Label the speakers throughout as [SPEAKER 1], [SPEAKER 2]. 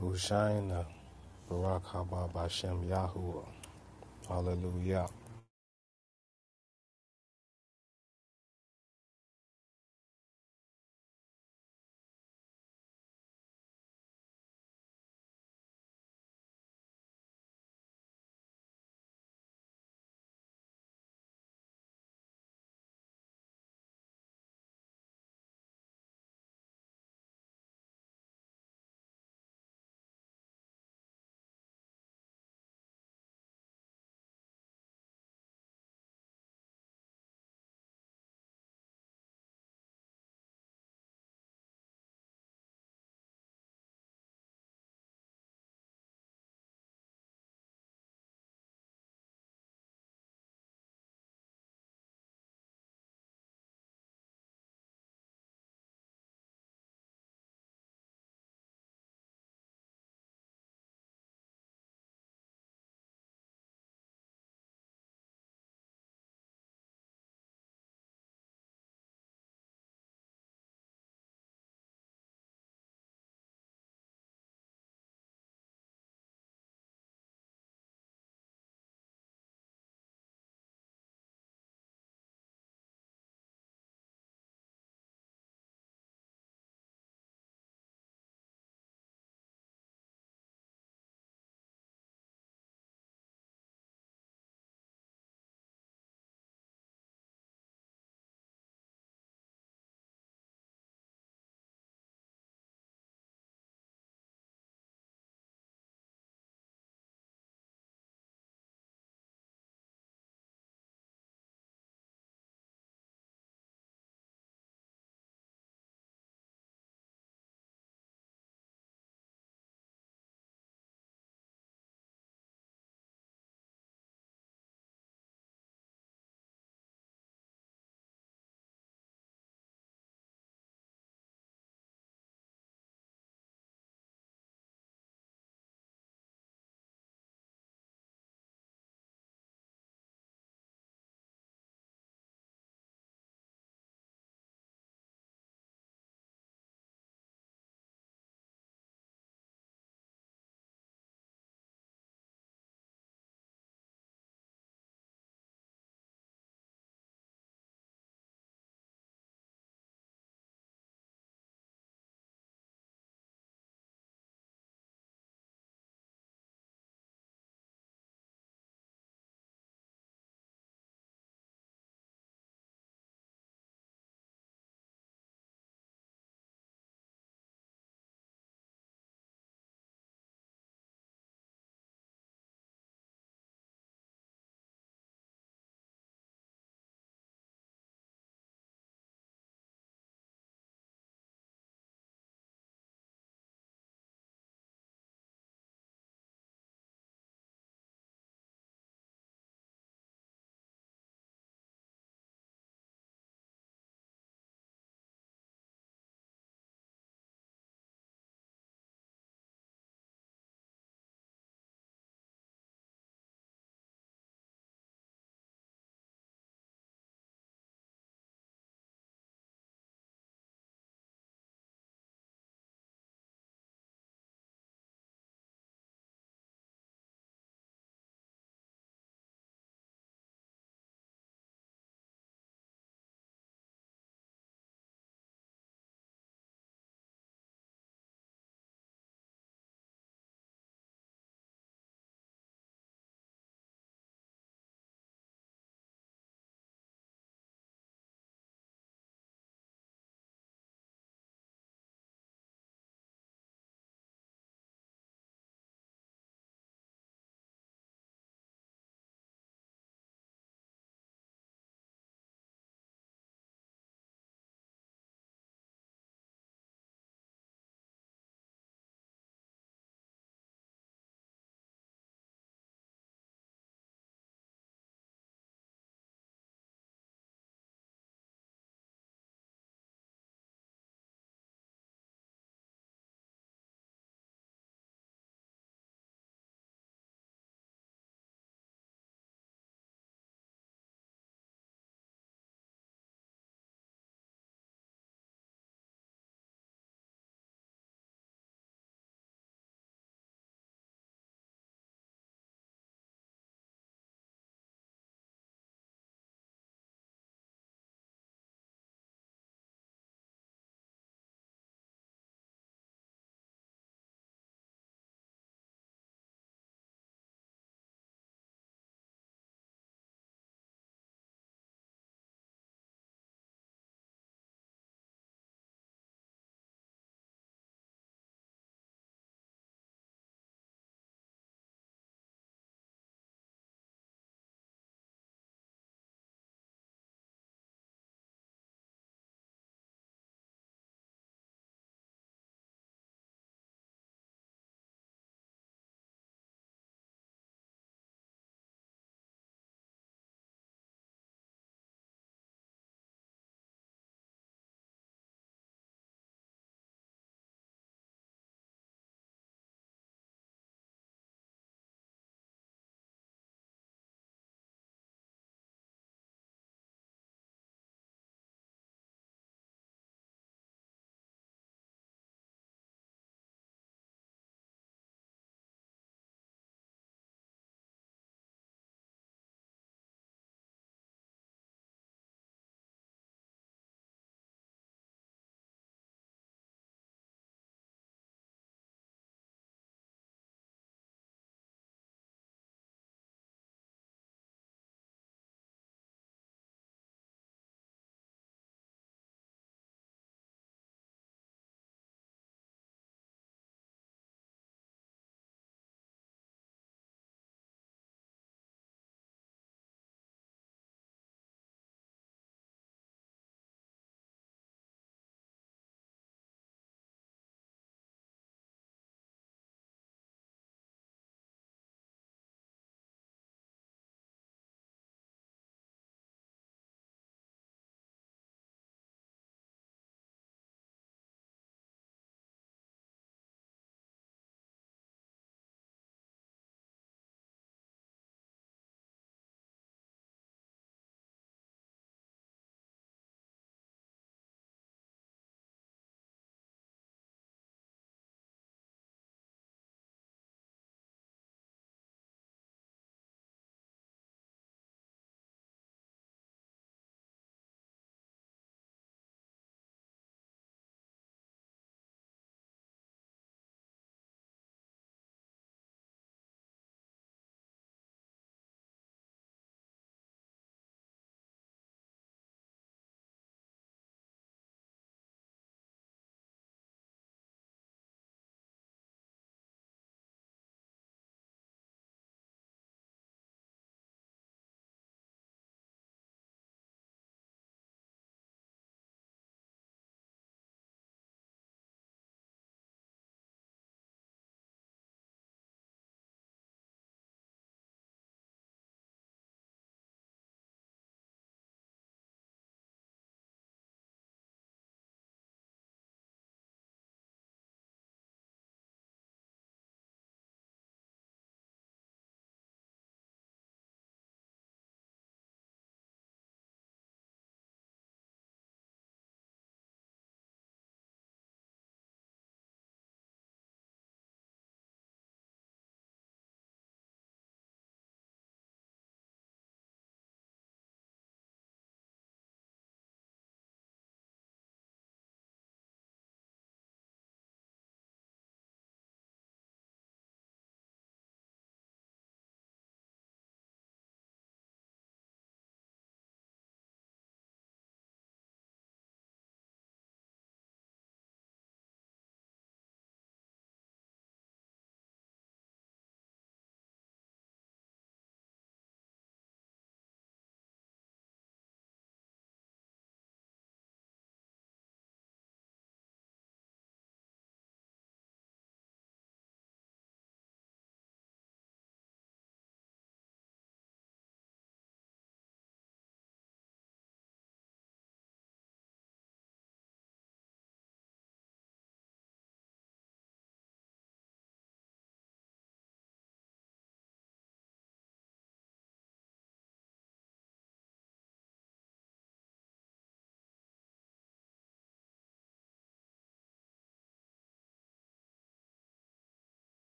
[SPEAKER 1] Hushaina, Barak Haba Bashem Yahuwah. Hallelujah.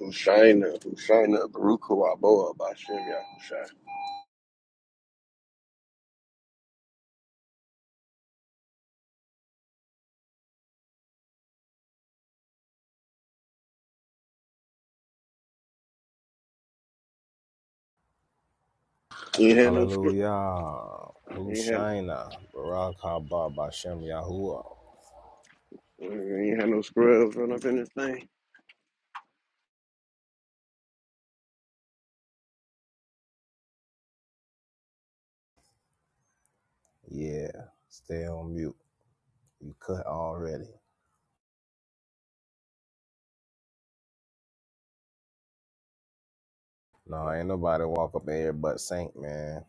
[SPEAKER 2] Hushaina, Hushaina, Baruch Huaboa, Bashem Yahushai. You ain't had no scrub.
[SPEAKER 1] Hallelujah.
[SPEAKER 2] You ain't had,
[SPEAKER 1] Hushaina, Barak Haba Bashem Yahuwah.
[SPEAKER 2] you ain't had no scrubs run up in this thing.
[SPEAKER 1] Yeah, stay on mute. You cut already. No, ain't nobody walk up in here but Saint, man.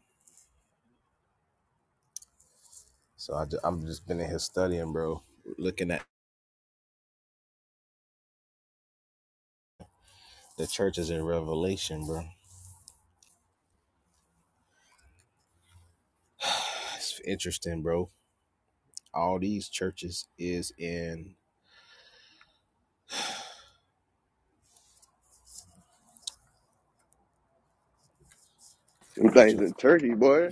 [SPEAKER 1] So I just, I'm just been in here studying, bro. Looking at the churches in Revelation, bro. It's interesting, bro. All these churches is in
[SPEAKER 2] Them
[SPEAKER 1] what
[SPEAKER 2] things
[SPEAKER 1] you
[SPEAKER 2] in turkey, boy.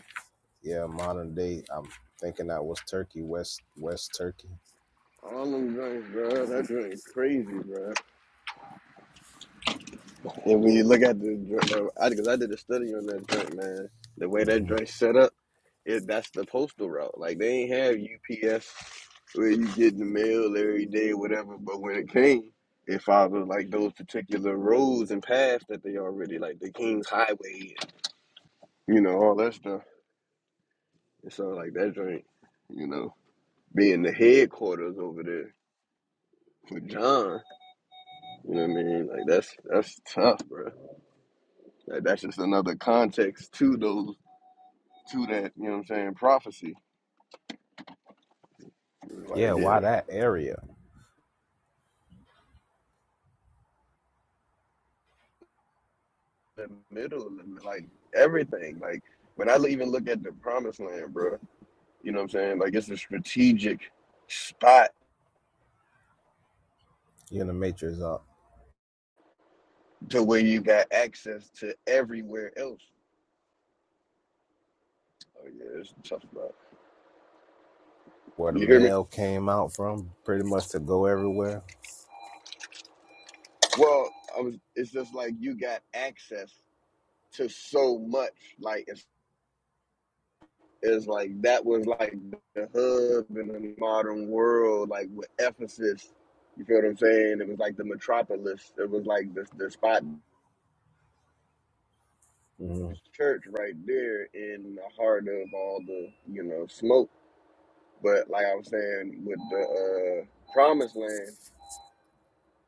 [SPEAKER 1] Yeah, modern day. I'm thinking that was Turkey, West West Turkey.
[SPEAKER 2] All them drinks, bro. That drink crazy, bro. And when you look at the drink, bro, I, cause I did a study on that drink, man. The way that
[SPEAKER 1] hmm
[SPEAKER 2] drink set up, it, that's the postal route. Like, they ain't have UPS where you get the mail every day, whatever. But when it came, it followed like those particular roads and paths that they already like the King's Highway you know, all that stuff. It sounds like that joint, you know, being the headquarters over there for John. You know what I mean? Like that's that's tough, bro. Like, that's just another context to those to that, you know what I'm saying, prophecy. It's
[SPEAKER 1] Yeah,
[SPEAKER 2] like
[SPEAKER 1] why
[SPEAKER 2] yeah.
[SPEAKER 1] that area?
[SPEAKER 2] The middle and like everything. Like when I even look at the promised land, bro, you know what I'm saying? Like it's a strategic spot
[SPEAKER 1] You in the Matrix up
[SPEAKER 2] to where you got access to everywhere else. Oh yeah, it's a tough, bro.
[SPEAKER 1] where the
[SPEAKER 2] You hear me?
[SPEAKER 1] mail came out from, pretty much to go everywhere.
[SPEAKER 2] Well, I was, it's just like you got access to so much. Like it's, it's like that was like the hub in the modern world, like with Ephesus. You feel what I'm saying? It was like the metropolis. It was like the the spot,
[SPEAKER 1] hmm
[SPEAKER 2] the church right there in the heart of all the you know smoke. But like I was saying, with the uh, promised land.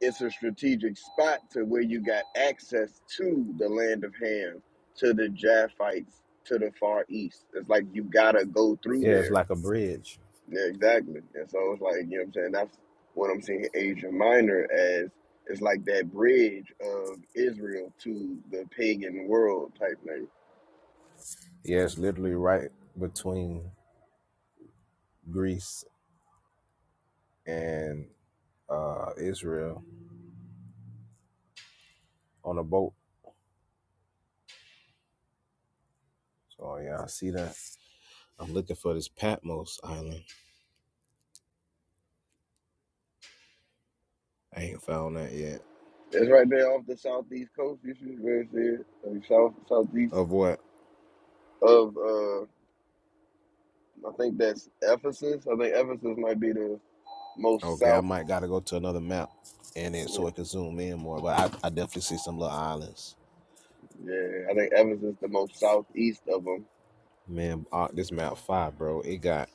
[SPEAKER 2] it's a strategic spot to where you got access to the land of Ham, to the Japhites, to the Far East. It's like you gotta go through
[SPEAKER 1] Yeah, it's
[SPEAKER 2] there.
[SPEAKER 1] like a bridge.
[SPEAKER 2] Yeah, exactly. And so it's like, you know what I'm saying? That's what I'm seeing Asia Minor as. It's like that bridge of Israel to the pagan world type thing.
[SPEAKER 1] Yeah, it's literally right between Greece and uh, Israel on a boat. So yeah, I see that. I'm looking for this Patmos Island. I ain't found that yet.
[SPEAKER 2] It's right there off the southeast coast. You should really see it. Like south, southeast
[SPEAKER 1] Of what?
[SPEAKER 2] of, uh, I think that's Ephesus. I think Ephesus might be the most
[SPEAKER 1] Okay, I
[SPEAKER 2] south.
[SPEAKER 1] might gotta go to another map and then
[SPEAKER 2] yeah,
[SPEAKER 1] so it can zoom in more. But I, I definitely see some little islands.
[SPEAKER 2] Yeah, I think Evanston's the most southeast of them.
[SPEAKER 1] Man, uh, this map five, bro. It got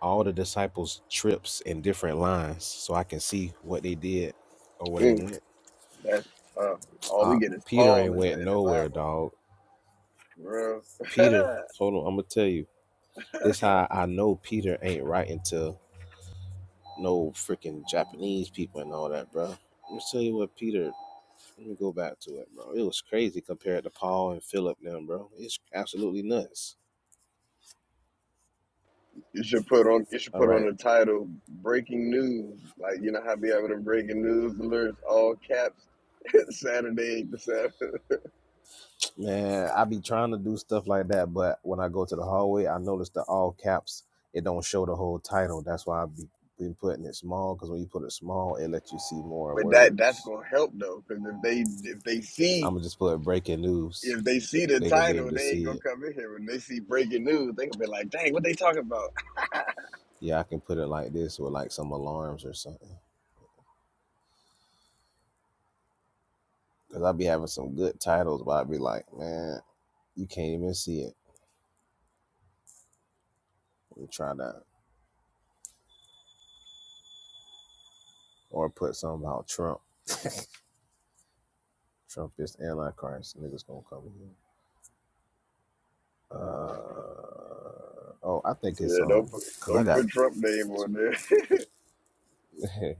[SPEAKER 1] all the disciples' trips in different lines, so I can see what they did or where they
[SPEAKER 2] Mm,
[SPEAKER 1] went.
[SPEAKER 2] that's tough. All
[SPEAKER 1] Uh,
[SPEAKER 2] we get is
[SPEAKER 1] Peter
[SPEAKER 2] Paul in
[SPEAKER 1] ain't
[SPEAKER 2] the
[SPEAKER 1] went
[SPEAKER 2] in the
[SPEAKER 1] nowhere,
[SPEAKER 2] Bible.
[SPEAKER 1] dog.
[SPEAKER 2] Bro.
[SPEAKER 1] Peter, hold on, I'm gonna tell you. This how I know Peter ain't writing to no freaking Japanese people and all that, bro. Let me tell you what Peter Let me go back to it, bro. It was crazy compared to Paul and Philip them, bro. It's absolutely nuts.
[SPEAKER 2] you should put on you should
[SPEAKER 1] All
[SPEAKER 2] put on
[SPEAKER 1] right,
[SPEAKER 2] the title "Breaking News." Like you know how be having the breaking news alerts, all caps. Saturday eight to seven.
[SPEAKER 1] man. I be trying to do stuff like that, but when I go to the hallway, I notice the all caps. It don't show the whole title. That's why I be been putting it small because when you put it small, it lets you see more
[SPEAKER 2] But that that's
[SPEAKER 1] words.
[SPEAKER 2] gonna help though, because if they if they see
[SPEAKER 1] I'm gonna just put breaking news.
[SPEAKER 2] if they see the
[SPEAKER 1] They gonna be able
[SPEAKER 2] title,
[SPEAKER 1] to
[SPEAKER 2] they ain't
[SPEAKER 1] see
[SPEAKER 2] gonna
[SPEAKER 1] it.
[SPEAKER 2] come in here. When they see breaking news, they gonna be like, "Dang, what they talking about?"
[SPEAKER 1] Yeah, I can put it like this with like some alarms or something. Cause I be having some good titles, but I be like, man, you can't even see it. Let me try that. or put something about Trump. Trump is antichrist. Niggas gonna come in. here. Uh, oh, I think
[SPEAKER 2] Yeah,
[SPEAKER 1] it's um,
[SPEAKER 2] don't put
[SPEAKER 1] cause I
[SPEAKER 2] don't
[SPEAKER 1] got
[SPEAKER 2] put Trump name on
[SPEAKER 1] two.
[SPEAKER 2] there.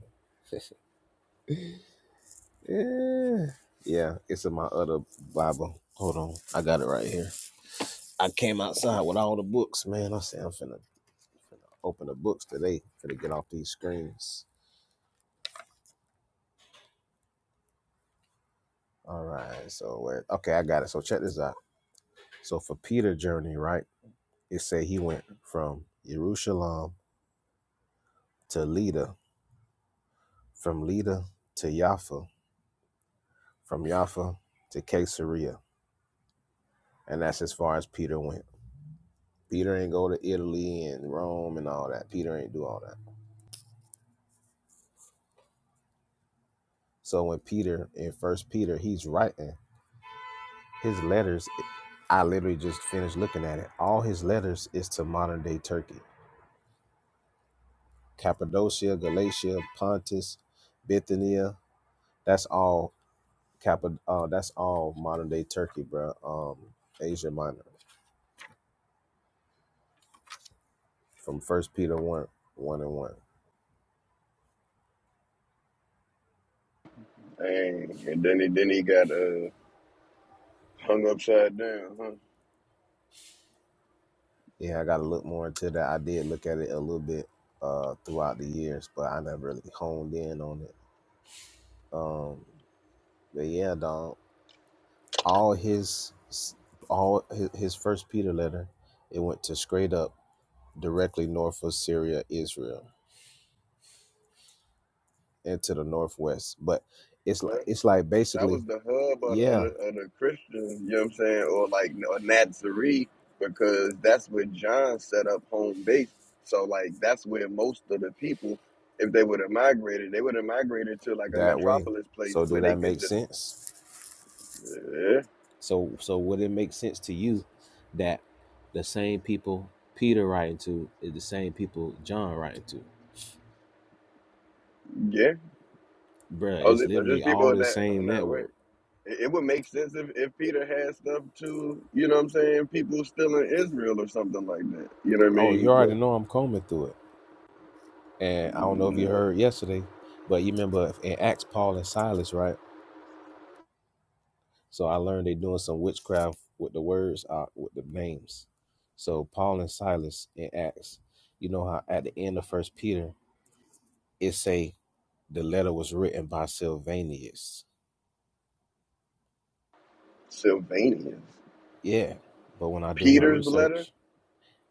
[SPEAKER 1] yeah, yeah, it's in my other Bible. Hold on, I got it right here. I came outside with all the books, man. I said I'm finna, finna open the books today. Finna get off these screens. All right, so where? Okay, I got it. So check this out. So for Peter's journey, right? It say he went from Jerusalem to Lydda from Lida to Jaffa, from Jaffa to Caesarea. And that's as far as Peter went. Peter ain't go to Italy and Rome and all that. Peter ain't do all that. So when Peter in First Peter, he's writing his letters. I literally just finished looking at it. All his letters is to modern day Turkey, Cappadocia, Galatia, Pontus, Bithynia. That's all Cappa. Uh, that's all modern day Turkey, bro. Um, Asia Minor, from First Peter one, one and one.
[SPEAKER 2] Dang. And then he then he got uh, hung upside down, huh?
[SPEAKER 1] Yeah, I got to look more into that. I did look at it a little bit uh throughout the years, but I never really honed in on it. Um, but yeah, dog, all his all his, his first Peter letter, it went to straight up directly north of Syria, Israel, and to the northwest. But it's like
[SPEAKER 2] Huh?
[SPEAKER 1] it's like
[SPEAKER 2] That was
[SPEAKER 1] basically,
[SPEAKER 2] the hub of, the, of,
[SPEAKER 1] yeah,
[SPEAKER 2] the, of the Christians, you know what I'm saying, or like or Nazarene, because that's where John set up home base. So like that's where most of the people, if they would have migrated, they would have migrated to like a
[SPEAKER 1] that way.
[SPEAKER 2] metropolis place
[SPEAKER 1] So do
[SPEAKER 2] where they
[SPEAKER 1] that make
[SPEAKER 2] could just
[SPEAKER 1] sense?
[SPEAKER 2] yeah,
[SPEAKER 1] So so would it make sense to you that the same people Peter writing to is the same people John writing to?
[SPEAKER 2] yeah.
[SPEAKER 1] Bruh,
[SPEAKER 2] Oh,
[SPEAKER 1] it's
[SPEAKER 2] they- they're
[SPEAKER 1] literally
[SPEAKER 2] just people
[SPEAKER 1] all
[SPEAKER 2] in
[SPEAKER 1] the
[SPEAKER 2] that
[SPEAKER 1] same
[SPEAKER 2] in that way.
[SPEAKER 1] network.
[SPEAKER 2] It, it would make sense if, if Peter had stuff to, you know what I'm saying, people still in Israel or something like that. You know what I
[SPEAKER 1] Oh, you
[SPEAKER 2] mean?
[SPEAKER 1] already know I'm combing through it. And I don't know if you heard yesterday, but you remember in Acts Paul and Silas, right? So I learned they doing some witchcraft with the words, uh, with the names. So Paul and Silas in Acts, you know how at the end of First Peter it say the letter was written by Sylvanus
[SPEAKER 2] Sylvania.
[SPEAKER 1] Yeah. But when I do my
[SPEAKER 2] Peter's letter?
[SPEAKER 1] research,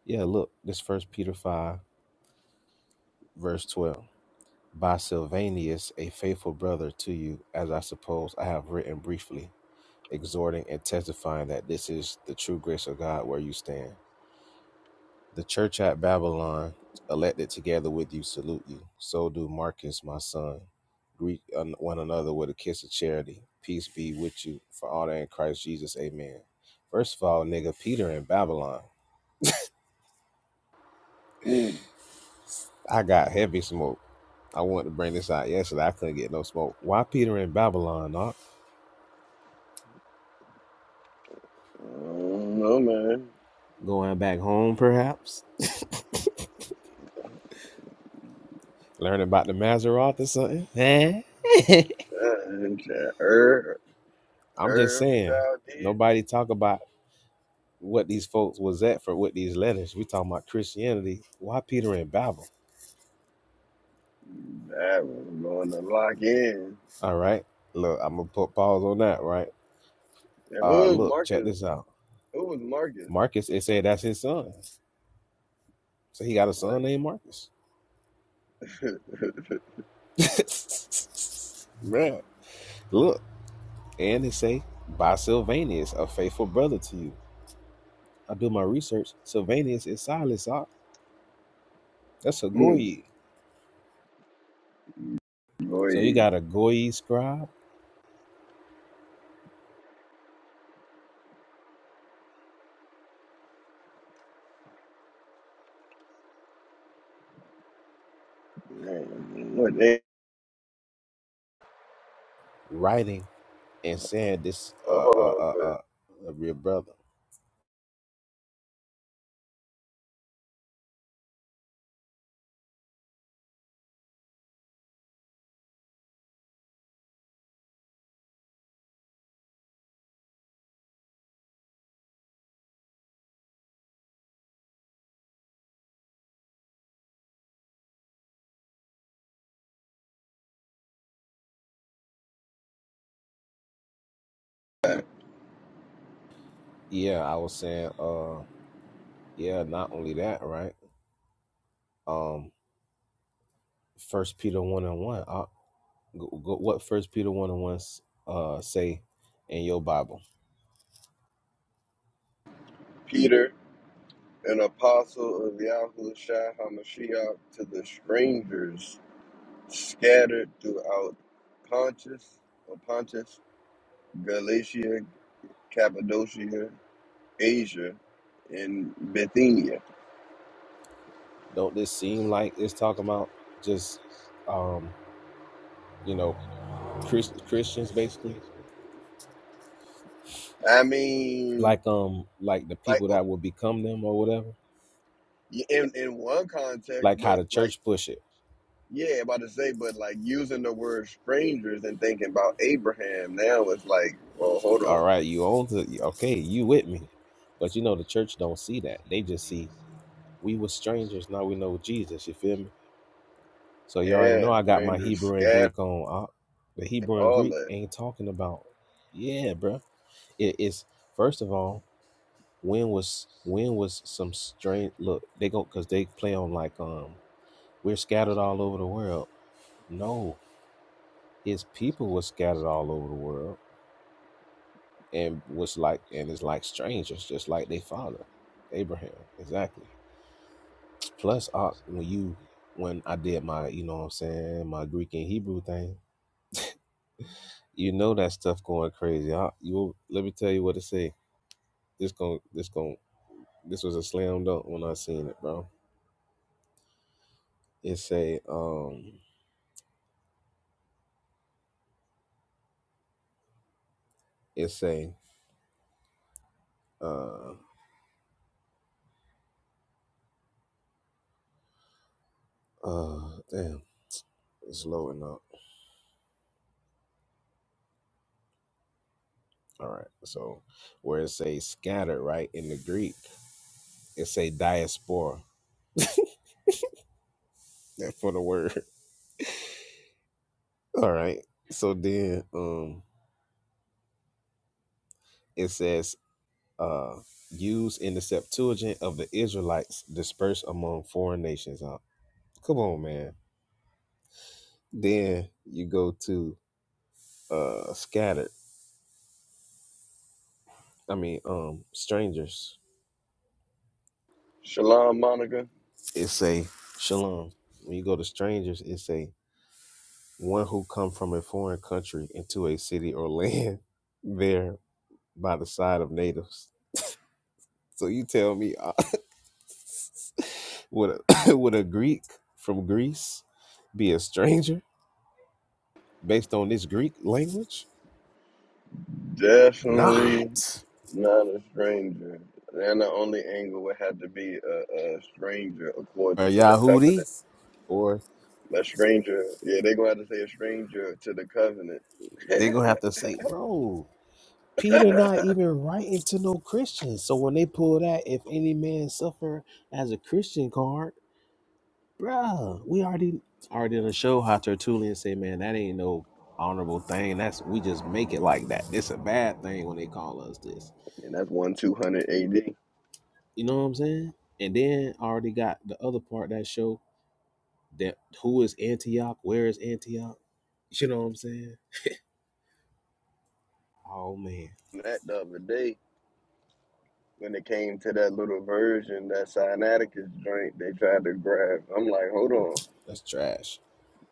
[SPEAKER 1] yeah, look, this first Peter five, verse twelve. By Sylvanus, a faithful brother to you, as I suppose I have written briefly, exhorting and testifying that this is the true grace of God where you stand. The church at Babylon, elected together with you, salute you. So do Marcus, my son. Greet un- one another with a kiss of charity. Peace be with you for all that in Christ Jesus. Amen. First of all, nigga, Peter in Babylon.
[SPEAKER 2] Hmm.
[SPEAKER 1] I got heavy smoke. I wanted to bring this out yesterday. I couldn't get no smoke. Why Peter in Babylon, Doc?
[SPEAKER 2] I don't know, man.
[SPEAKER 1] Going back home, perhaps? Learning about the Maseroth or something? Eh?
[SPEAKER 2] Uh, Herb,
[SPEAKER 1] I'm just
[SPEAKER 2] Herb the
[SPEAKER 1] saying,
[SPEAKER 2] child did?
[SPEAKER 1] nobody talk about what these folks was at for with these letters. We talking about Christianity. Why Peter in Babel?
[SPEAKER 2] That was going to lock in.
[SPEAKER 1] All right. Look, I'm gonna put pause on that, right?
[SPEAKER 2] And who
[SPEAKER 1] Uh
[SPEAKER 2] was
[SPEAKER 1] look, check
[SPEAKER 2] Marcus?
[SPEAKER 1] this out.
[SPEAKER 2] Who was Marcus?
[SPEAKER 1] Marcus, it said that's his son. So he got a son named Marcus.
[SPEAKER 2] Like,
[SPEAKER 1] Man, look. And it say, by Sylvanus, a faithful brother to you. I do my research. Sylvanus is Silas. ah. That's a
[SPEAKER 2] hmm.
[SPEAKER 1] Goyi. So you
[SPEAKER 2] boy,
[SPEAKER 1] got a Goyi scribe
[SPEAKER 2] man, what they?
[SPEAKER 1] writing and saying this
[SPEAKER 2] Well,
[SPEAKER 1] uh
[SPEAKER 2] hold
[SPEAKER 1] uh
[SPEAKER 2] on,
[SPEAKER 1] uh,
[SPEAKER 2] quick.
[SPEAKER 1] uh a real brother. Yeah, I was saying uh yeah, not only that, right? Um first Peter one and one. Uh, go, go, what first Peter one and one s- uh say in your Bible?
[SPEAKER 2] Peter, an apostle of Yahushua HaMashiach to the strangers scattered throughout Pontus, or Pontus Galatia, Cappadocia, Asia, and Bithynia.
[SPEAKER 1] Don't this seem like it's talking about just um you know Chris, Christians basically?
[SPEAKER 2] I mean,
[SPEAKER 1] like um like the
[SPEAKER 2] like
[SPEAKER 1] people
[SPEAKER 2] o-
[SPEAKER 1] that will become them or whatever
[SPEAKER 2] in in one context,
[SPEAKER 1] like how
[SPEAKER 2] but
[SPEAKER 1] the
[SPEAKER 2] like
[SPEAKER 1] church push it
[SPEAKER 2] yeah, about to say, but like using the word strangers and thinking about Abraham now it's like, well, hold
[SPEAKER 1] all
[SPEAKER 2] on,
[SPEAKER 1] right you own the okay you with me but you know the church don't see that they just see we were strangers now we know jesus you feel me so you already
[SPEAKER 2] yeah,
[SPEAKER 1] know i got my
[SPEAKER 2] strangers
[SPEAKER 1] hebrew and
[SPEAKER 2] scattered,
[SPEAKER 1] greek on uh, the hebrew and
[SPEAKER 2] all
[SPEAKER 1] greek
[SPEAKER 2] that.
[SPEAKER 1] ain't talking about yeah bruh. it, it's first of all when was when was some strange look they go because they play on like um we're scattered all over the world no his people was scattered all over the world and was like and is like strangers just like their father abraham exactly plus uh, when you when i did my you know what i'm saying my greek and hebrew thing you know that stuff going crazy I, you let me tell you what it say this going this going this was a slam dunk when i seen it bro it say um it say uh uh damn it's loading up all right so where it says scattered right in the greek It say diaspora. That for the word. All right. So then um it says uh used in the Septuagint of the Israelites dispersed among foreign nations. Uh, come on, man. Then you go to uh scattered. I mean um strangers.
[SPEAKER 2] Shalom, Monica.
[SPEAKER 1] It say shalom. When you go to strangers, it say one who come from a foreign country into a city or land there by the side of natives. So you tell me Would a, would a Greek from Greece be a stranger based on this Greek language?
[SPEAKER 2] Definitely
[SPEAKER 1] Not.
[SPEAKER 2] not a stranger. And the only angle would have to be a, a stranger
[SPEAKER 1] Or
[SPEAKER 2] according to the covenant
[SPEAKER 1] Yahudi. Or
[SPEAKER 2] A stranger, yeah, they gonna have to say a stranger to the covenant,
[SPEAKER 1] they're going to have to say, bro, Peter not even writing to no Christians. So when they pull that, if any man suffer as a Christian card, bruh, we already already done show how Tertullian say, man, that ain't no honorable thing. That's we just make it like that. It's a bad thing when they call us this.
[SPEAKER 2] and that's one two hundred A.D.
[SPEAKER 1] You know what I'm saying? And then I already got the other part of that show that who is Antioch? Where is Antioch? You know what I'm saying? Oh man,
[SPEAKER 2] That the other day when it came to that little version that Sinaiticus joint, they tried to grab. I'm like, hold on,
[SPEAKER 1] that's trash.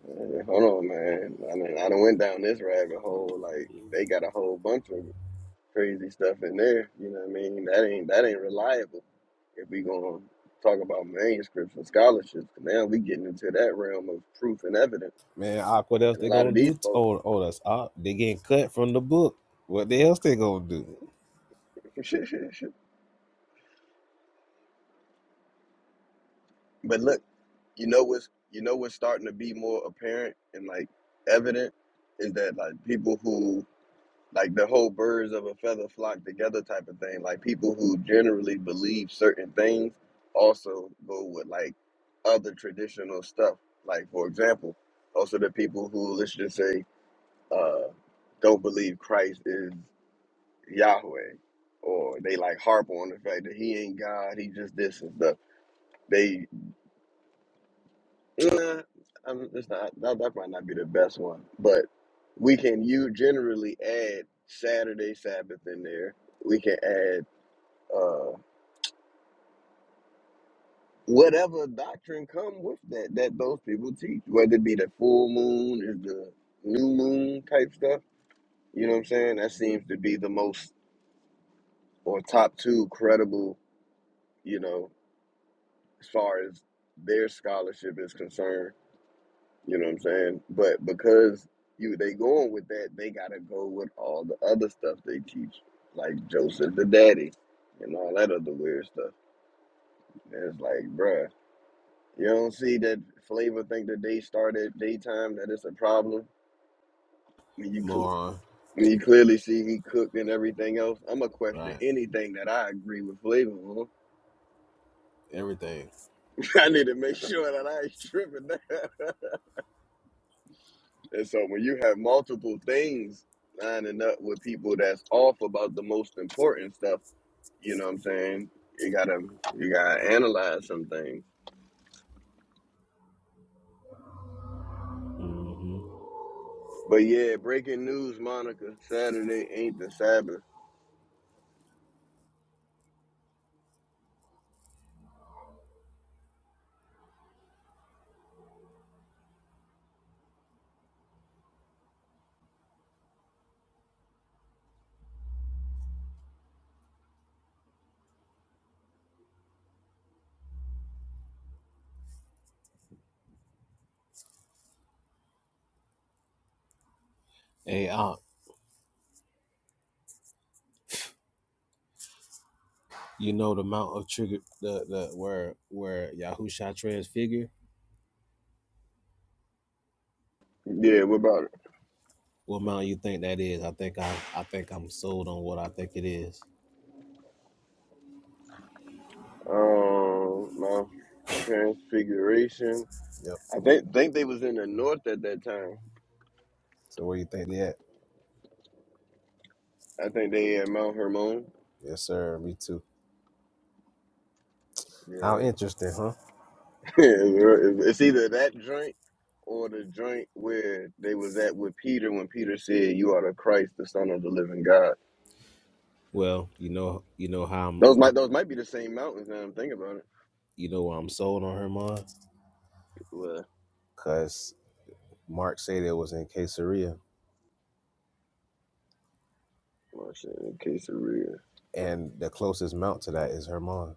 [SPEAKER 2] eh, hold on, man. I done, I done went down this rabbit hole. Like they got a whole bunch of crazy stuff in there. You know what I mean? That ain't that ain't reliable if we gonna talk about manuscripts and scholarships. Now we getting into that realm of proof and evidence,
[SPEAKER 1] Man, Ak, what else
[SPEAKER 2] and a
[SPEAKER 1] they
[SPEAKER 2] lot of
[SPEAKER 1] gonna do?
[SPEAKER 2] these
[SPEAKER 1] t-
[SPEAKER 2] folks.
[SPEAKER 1] oh, oh, that's Ak. They getting cut from the book. What the else they gonna do?
[SPEAKER 2] But look. you know what's you know what's starting to be more apparent and like evident is that like people who like the whole birds of a feather flock together type of thing like people who generally believe certain things also go with like other traditional stuff like for example also the people who let's just say uh don't believe christ is yahweh or they like harp on the fact that he ain't god he just this and stuff they. Yeah, um, it's not that, that might not be the best one, but we can you generally add Saturday Sabbath in there. We can add uh whatever doctrine come with that that those people teach, whether it be the full moon or the new moon type stuff. You know what I'm saying? That seems to be the most or top two credible. You know, as far as their scholarship is concerned You know what I'm saying? But because you they going with that, they gotta go with all the other stuff they teach, like Joseph the Daddy and all that other weird stuff. And it's like, bruh, you don't see that Flavor think that they started daytime that it's a problem. When you cl-
[SPEAKER 1] Moron.
[SPEAKER 2] when you clearly see he cooked and everything else, I'ma question
[SPEAKER 1] Right.
[SPEAKER 2] anything that I agree with Flavor on.
[SPEAKER 1] Everything.
[SPEAKER 2] I need to make sure that I ain't tripping. And so when you have multiple things lining up with people that's off about the most important stuff, you know what I'm saying? You gotta you gotta analyze some things.
[SPEAKER 1] Mm-hmm.
[SPEAKER 2] But yeah, breaking news, Monica, Saturday ain't the Sabbath.
[SPEAKER 1] Hey, Ak, you know the mount of trigger the the where where Yahusha transfigure?
[SPEAKER 2] Yeah, what about it?
[SPEAKER 1] What mount you think that is? I think I I think I'm sold on what I think it is.
[SPEAKER 2] Um Mount Transfiguration.
[SPEAKER 1] Yeah,
[SPEAKER 2] I think think they was in the north at that time.
[SPEAKER 1] So where you think they at?
[SPEAKER 2] I think they at Mount Hermon.
[SPEAKER 1] Yes, sir. Me too. How
[SPEAKER 2] Yeah.
[SPEAKER 1] interesting, huh?
[SPEAKER 2] Yeah, it's either that joint or the joint where they was at with Peter when Peter said, "You are the Christ, the Son of the Living God."
[SPEAKER 1] Well, you know, you know how I'm,
[SPEAKER 2] Those might
[SPEAKER 1] how-
[SPEAKER 2] those might be the same mountains. Now I'm thinking about it.
[SPEAKER 1] you know, why I'm sold on Herman.
[SPEAKER 2] Well,
[SPEAKER 1] Cause Mark said it was in Caesarea,
[SPEAKER 2] well shit, in case of real.
[SPEAKER 1] and the closest mount to that is Hermon.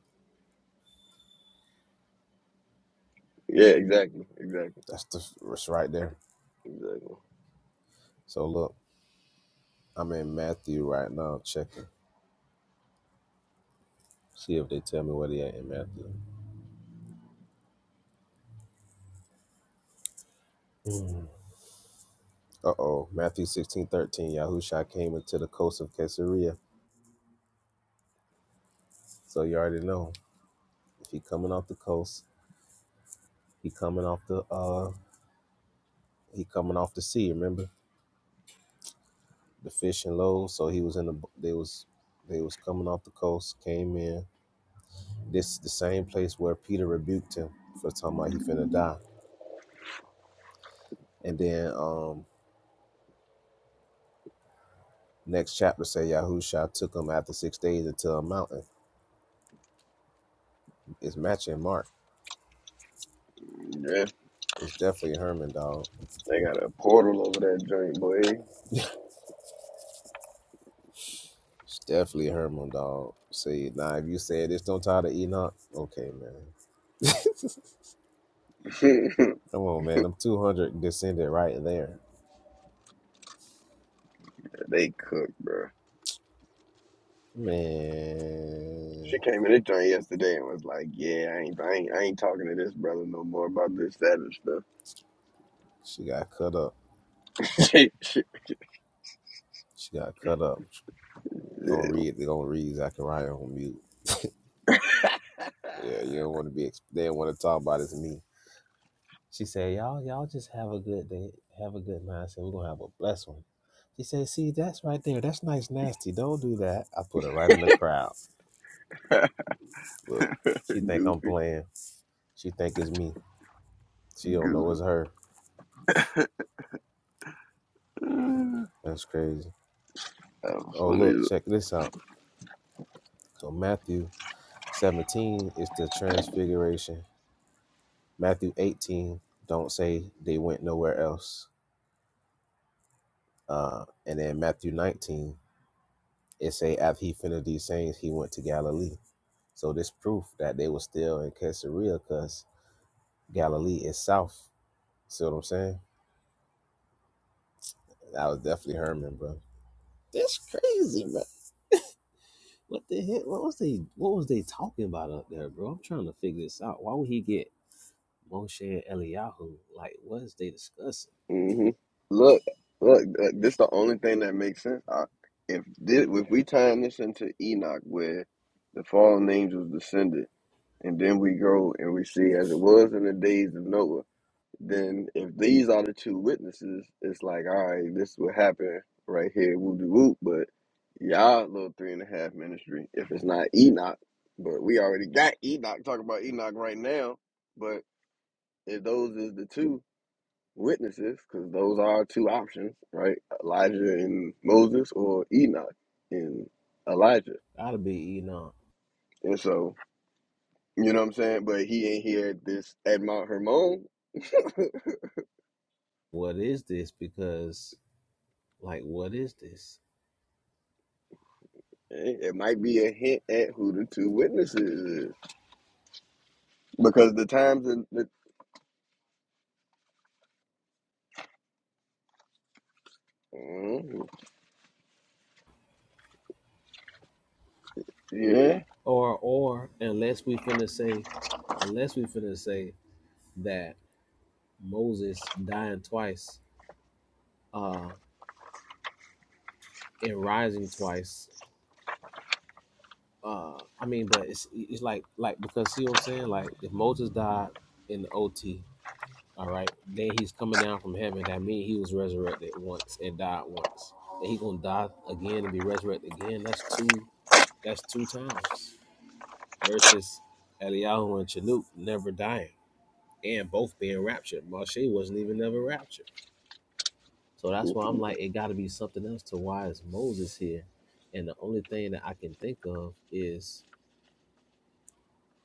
[SPEAKER 2] Yeah, exactly, exactly,
[SPEAKER 1] That's the it's right there.
[SPEAKER 2] exactly.
[SPEAKER 1] So look, I'm in Matthew right now, checking. See if they tell me where they at in Matthew. Mm. Uh oh, Matthew 16 13. Yahusha came into the coast of Caesarea. So you already know. If he coming off the coast, he coming off the uh He coming off the sea, remember? The fishing low, so he was in the they was they was coming off the coast, came in. This the same place where Peter rebuked him for talking about he finna die. And then um next chapter say Yahusha took him after six days into a mountain. It's matching Mark.
[SPEAKER 2] Yeah,
[SPEAKER 1] It's definitely Herman dog.
[SPEAKER 2] they got a portal over that joint, boy.
[SPEAKER 1] It's definitely Herman dog. See, now if you say this don't tie to Enoch, okay, man. Come on, man. I'm 200 descended right there.
[SPEAKER 2] they cook, bro.
[SPEAKER 1] Man.
[SPEAKER 2] She came in the joint yesterday and was like, "Yeah, I ain't, I ain't, I ain't talking to this brother no more about this, that, and stuff."
[SPEAKER 1] She got cut up.
[SPEAKER 2] Shit, shit.
[SPEAKER 1] She got cut up. Gonna
[SPEAKER 2] Yeah.
[SPEAKER 1] read. They gonna read Zachariah on mute. Yeah, you don't want to be. ex- They don't want to talk about It's me. She said, "Y'all, y'all just have a good day. Have a good night." I said, "We're gonna have a blessed one." She said, "See, that's right there. That's nice, nasty. Don't do that." I put her right in the crowd. Look, she think
[SPEAKER 2] Goofy.
[SPEAKER 1] I'm playing. She think it's me. She don't know it's
[SPEAKER 2] Goo.
[SPEAKER 1] her.
[SPEAKER 2] That
[SPEAKER 1] That's crazy.
[SPEAKER 2] was
[SPEAKER 1] Oh,
[SPEAKER 2] funny.
[SPEAKER 1] look, check this out. So Matthew 17 is the transfiguration Matthew 18, don't say they went nowhere else. Uh, and then Matthew 19, it say after he finished these sayings, he went to Galilee. So this proof that they were still in Caesarea because Galilee is south. See what I'm saying? That was definitely Herman, bro. That's crazy, bro. What the heck? What was they what was they talking about up there, bro? I'm trying to figure this out. Why would he get Moshe and Eliyahu? Like, what is they discussing?
[SPEAKER 2] hmm Look, look, look, this the only thing that makes sense. I, if this, if we time this into Enoch, where the fallen angels descended, and then we go and we see as it was in the days of Noah, then if these are the two witnesses, it's like, all right, this would happen right here, whoop de whoop. But y'all little three and a half ministry, if it's not Enoch, but we already got Enoch talking about Enoch right now, but. if those is the two witnesses, because those are two options, right? Elijah and Moses, or Enoch and Elijah.
[SPEAKER 1] Gotta be, you know,
[SPEAKER 2] And so, you know what I'm saying? But he ain't here at this at Mount Hermon.
[SPEAKER 1] what is this? Because Like, what is this?
[SPEAKER 2] eh, It might be a hint at who the two witnesses is, because the times and the Mhm. yeah,
[SPEAKER 1] Or, or unless we finna say, unless we finna say that Moses dying twice, uh, and rising twice. Uh, I mean, but it's it's like like because see what I'm saying. Like, if Moses died in the OT, all right, then he's coming down from heaven. That means he was resurrected once and died once. And he gonna die again and be resurrected again. That's two. That's two times versus Eliyahu and Chanuk never dying. and both being raptured. Moshe wasn't even ever raptured. So that's why I'm like, it got to be something else to why is Moses here? And the only thing that I can think of is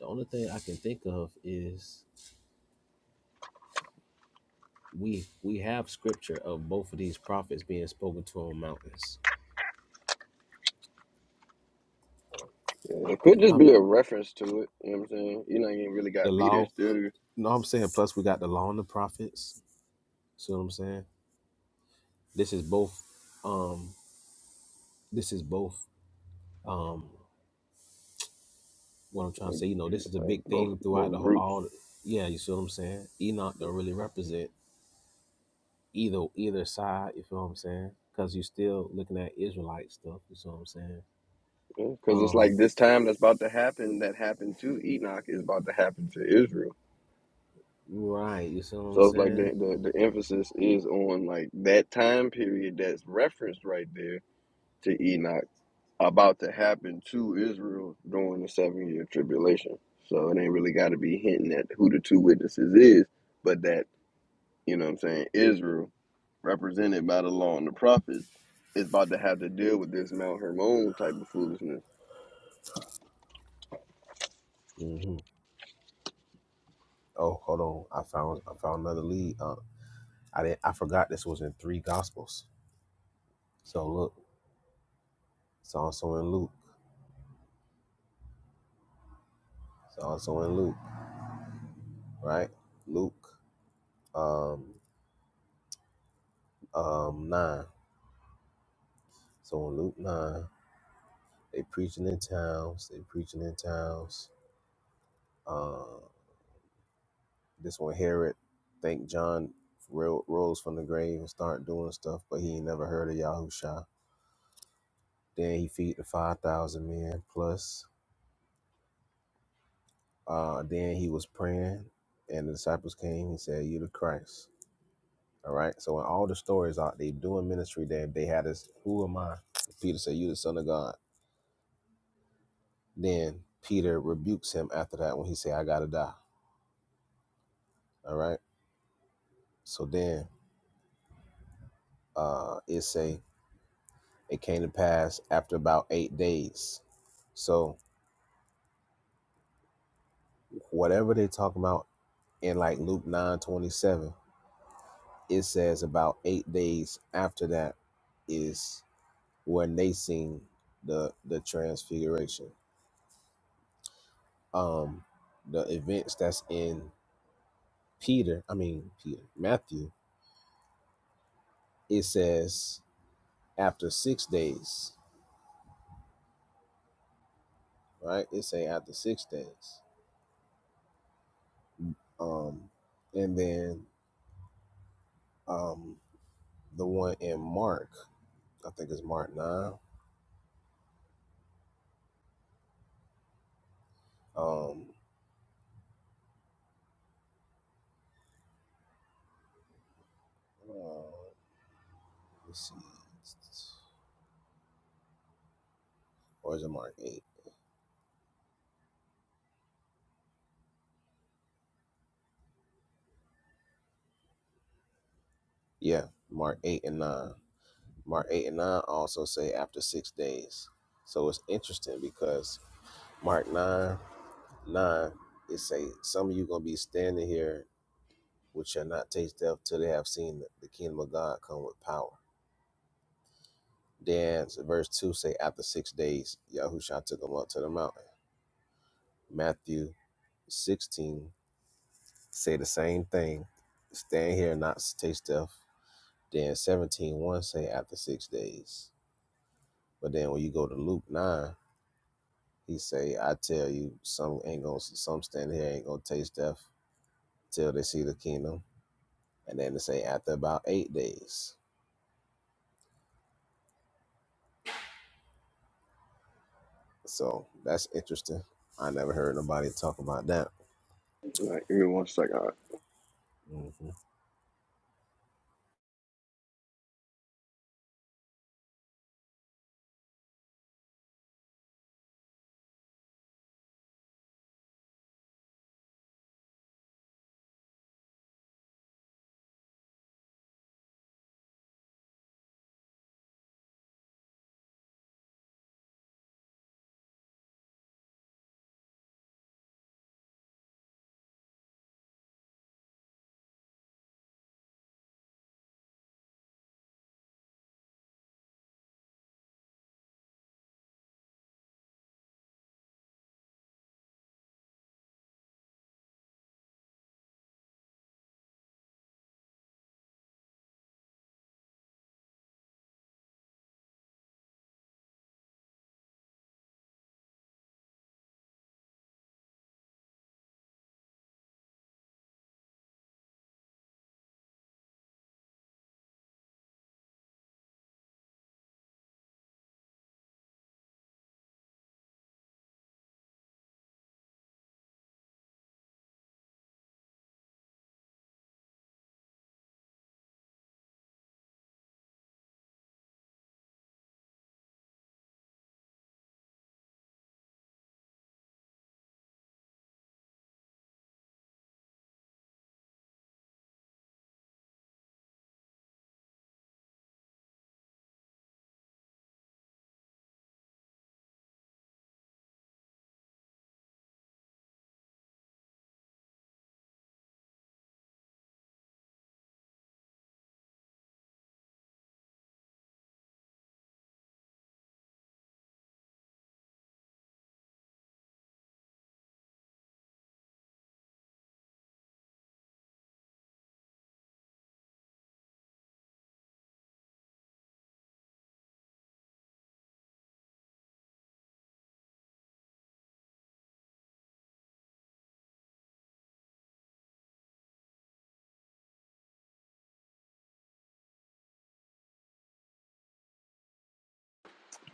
[SPEAKER 1] the only thing I can think of is we we have scripture of both of these prophets being spoken to on mountains.
[SPEAKER 2] it could just
[SPEAKER 1] I'm
[SPEAKER 2] be
[SPEAKER 1] not,
[SPEAKER 2] a reference to it. You know what I'm saying? Enoch ain't really
[SPEAKER 1] the
[SPEAKER 2] got beat there
[SPEAKER 1] law.
[SPEAKER 2] still,
[SPEAKER 1] No, I'm saying plus we got the law and the prophets. See what I'm saying? This is both. Um, this is both. Um, What I'm trying to
[SPEAKER 2] like,
[SPEAKER 1] say, you know, this is a
[SPEAKER 2] like
[SPEAKER 1] big
[SPEAKER 2] both
[SPEAKER 1] thing throughout the
[SPEAKER 2] both
[SPEAKER 1] whole,
[SPEAKER 2] groups.
[SPEAKER 1] all. The, yeah, you see what I'm saying? Enoch don't really represent either either side. You feel what I'm saying? Because you're still looking at Israelite stuff. You see what I'm saying?
[SPEAKER 2] Because it's
[SPEAKER 1] Um,
[SPEAKER 2] like this time that's about to happen, that happened to Enoch, is about to happen to Israel.
[SPEAKER 1] right. You see what I'm
[SPEAKER 2] So it's like
[SPEAKER 1] saying?
[SPEAKER 2] the, the, the emphasis is on like that time period that's referenced right there to Enoch about to happen to Israel during the seven year tribulation. So it ain't really got to be hinting at who the two witnesses is, but that, you know what I'm saying, Israel, represented by the law and the prophets, is about to have to deal with this Mount Hermon type of foolishness.
[SPEAKER 1] hmm Oh, hold on. I found I found another lead. Uh, I didn't. I forgot this was in three gospels. So look, it's also in Luke. It's also in Luke, right? Luke, um, um, nine. So in Luke nine. They preaching in towns. They preaching in towns. Uh, this one Herod think John ro- rose from the grave and start doing stuff, but he ain't never heard of Yahusha. Then he feed the five thousand men plus. Uh, then he was praying, and the disciples came. He said, "You the Christ." All right. So in all the stories out, they doing ministry. They they had this. Who am I? Peter said, "You the Son of God." Then Peter rebukes him after that when he said, "I gotta die." All right. So then uh, it say It came to pass after about eight days. So whatever they talk about in like Luke nine twenty seven, it says about eight days after that is when they seen the the transfiguration. Um the events that's in Peter, I mean Peter, Matthew, it says after six days, right? It say after six days. Um and then um the one in Mark. I think it's Mark nine. Um, uh, let's see, or is it Mark eight? Yeah, Mark eight and nine. Mark eight and nine also say after six days. So it's interesting because Mark nine nine it say some of you gonna be standing here which shall not taste death till they have seen the kingdom of God come with power. Then verse two say after six days Yahushua took them up to the mountain. Matthew sixteen say the same thing. Stand here and not taste death. Then seventeen one say after six days. But then when you go to Luke 9, he say, I tell you, some ain't gonna some stand here ain't gonna taste death till they see the kingdom. And then they say after about eight days. So that's interesting. I never heard nobody talk about that.
[SPEAKER 2] Like, give me one second.
[SPEAKER 1] Mm-hmm.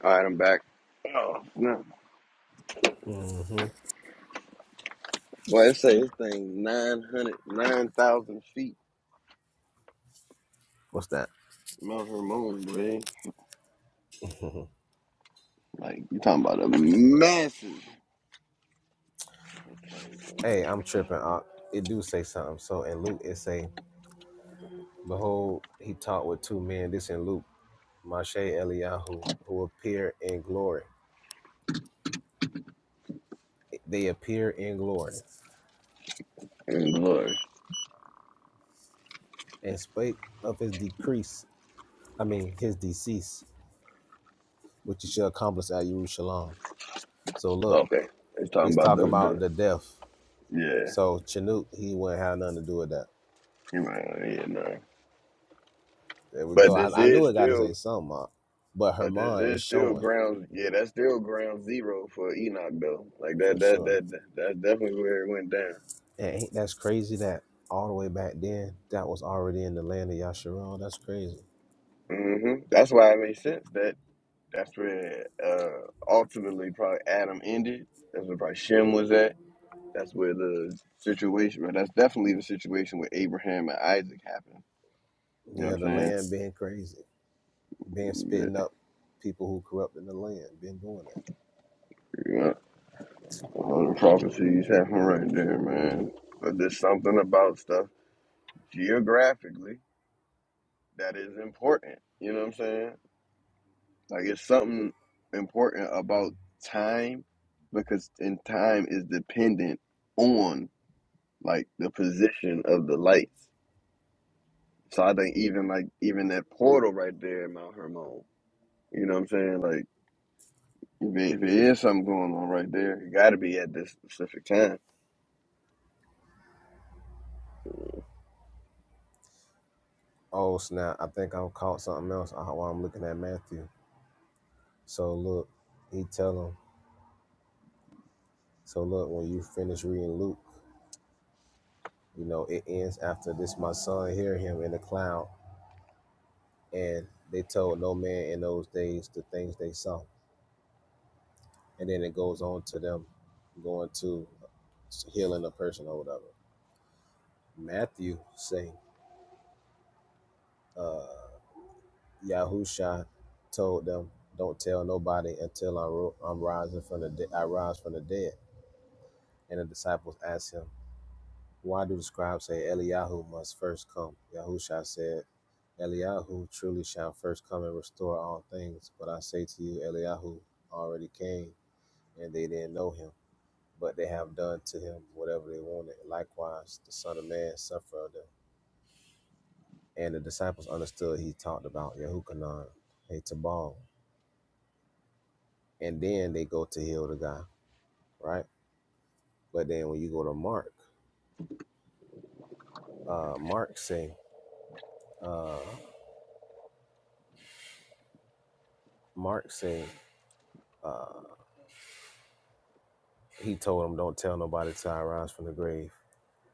[SPEAKER 2] All right, I'm back. Oh, no.
[SPEAKER 1] Mm-hmm.
[SPEAKER 2] Well, it say this thing 900, 9,000 feet.
[SPEAKER 1] What's that?
[SPEAKER 2] Mount Hermon, boy. Like, you talking about a massive.
[SPEAKER 1] hey, I'm tripping. I, it do say something. So in Luke it say, Behold, he talked with two men. This in Luke Mashe Eliyahu, who appear in glory. They appear in glory
[SPEAKER 2] And glory.
[SPEAKER 1] and spake of his decrease, I mean his decease, which he shall accomplish at Jerusalem. So look,
[SPEAKER 2] Okay. It's talking
[SPEAKER 1] he's
[SPEAKER 2] about the,
[SPEAKER 1] talking about
[SPEAKER 2] the
[SPEAKER 1] the death.
[SPEAKER 2] yeah.
[SPEAKER 1] So Chanute, he wouldn't have nothing to do with that.
[SPEAKER 2] You right, yeah, no.
[SPEAKER 1] There we
[SPEAKER 2] But
[SPEAKER 1] go.
[SPEAKER 2] this
[SPEAKER 1] I, I knew
[SPEAKER 2] is
[SPEAKER 1] it got to
[SPEAKER 2] still,
[SPEAKER 1] say something, uh, but
[SPEAKER 2] but this
[SPEAKER 1] Herman is
[SPEAKER 2] is still
[SPEAKER 1] showing
[SPEAKER 2] ground, yeah, that's still ground zero for Enoch, though. Like, that,
[SPEAKER 1] for
[SPEAKER 2] that,
[SPEAKER 1] sure.
[SPEAKER 2] that, that that's definitely where it went down.
[SPEAKER 1] And ain't that's crazy that all the way back then that was already in the land of Yasharon. That's crazy.
[SPEAKER 2] hmm That's why it makes sense that. That's where uh, ultimately probably Adam ended. That's where probably Shem was at. That's where the situation, but that's definitely the situation where Abraham and Isaac happened. You know
[SPEAKER 1] Yeah, the
[SPEAKER 2] what I'm
[SPEAKER 1] land being crazy. Been
[SPEAKER 2] saying?
[SPEAKER 1] spitting up people who corrupting the land. Been doing that.
[SPEAKER 2] Yeah, all the prophecies happen right there, man. But there's something about stuff geographically that is important. You know what I'm saying? Like it's something important about time because in time is dependent on like the position of the lights. So I think even like even that portal right there in Mount Hermon, you know what I'm saying? Like if it, if it is something going on right there, it got to be at this specific time.
[SPEAKER 1] Oh snap! I think I'm caught something else uh, while I'm looking at Matthew. So look, he tell him. So look, when you finish reading Luke, you know it ends after this. My son hear him in the cloud, and they told no man in those days the things they saw, and then it goes on to them going to healing a person or whatever. Matthew say, uh, Yahusha told them, "Don't tell nobody until I'm, ro- I'm rising from the de- I rise from the dead." And the disciples asked him, "Why do the scribes say Eliyahu must first come?" Yahusha said, "Eliyahu truly shall first come and restore all things. But I say to you, Eliyahu already came, and they didn't know him, but they have done to him whatever they wanted. Likewise, the Son of Man suffered of them." And the disciples understood he talked about Yehukanan, hey Tabal. and then they go to heal the guy, right? But then when you go to Mark, uh, Mark say, uh, Mark say, uh, he told them, "Don't tell nobody till I rise from the grave,"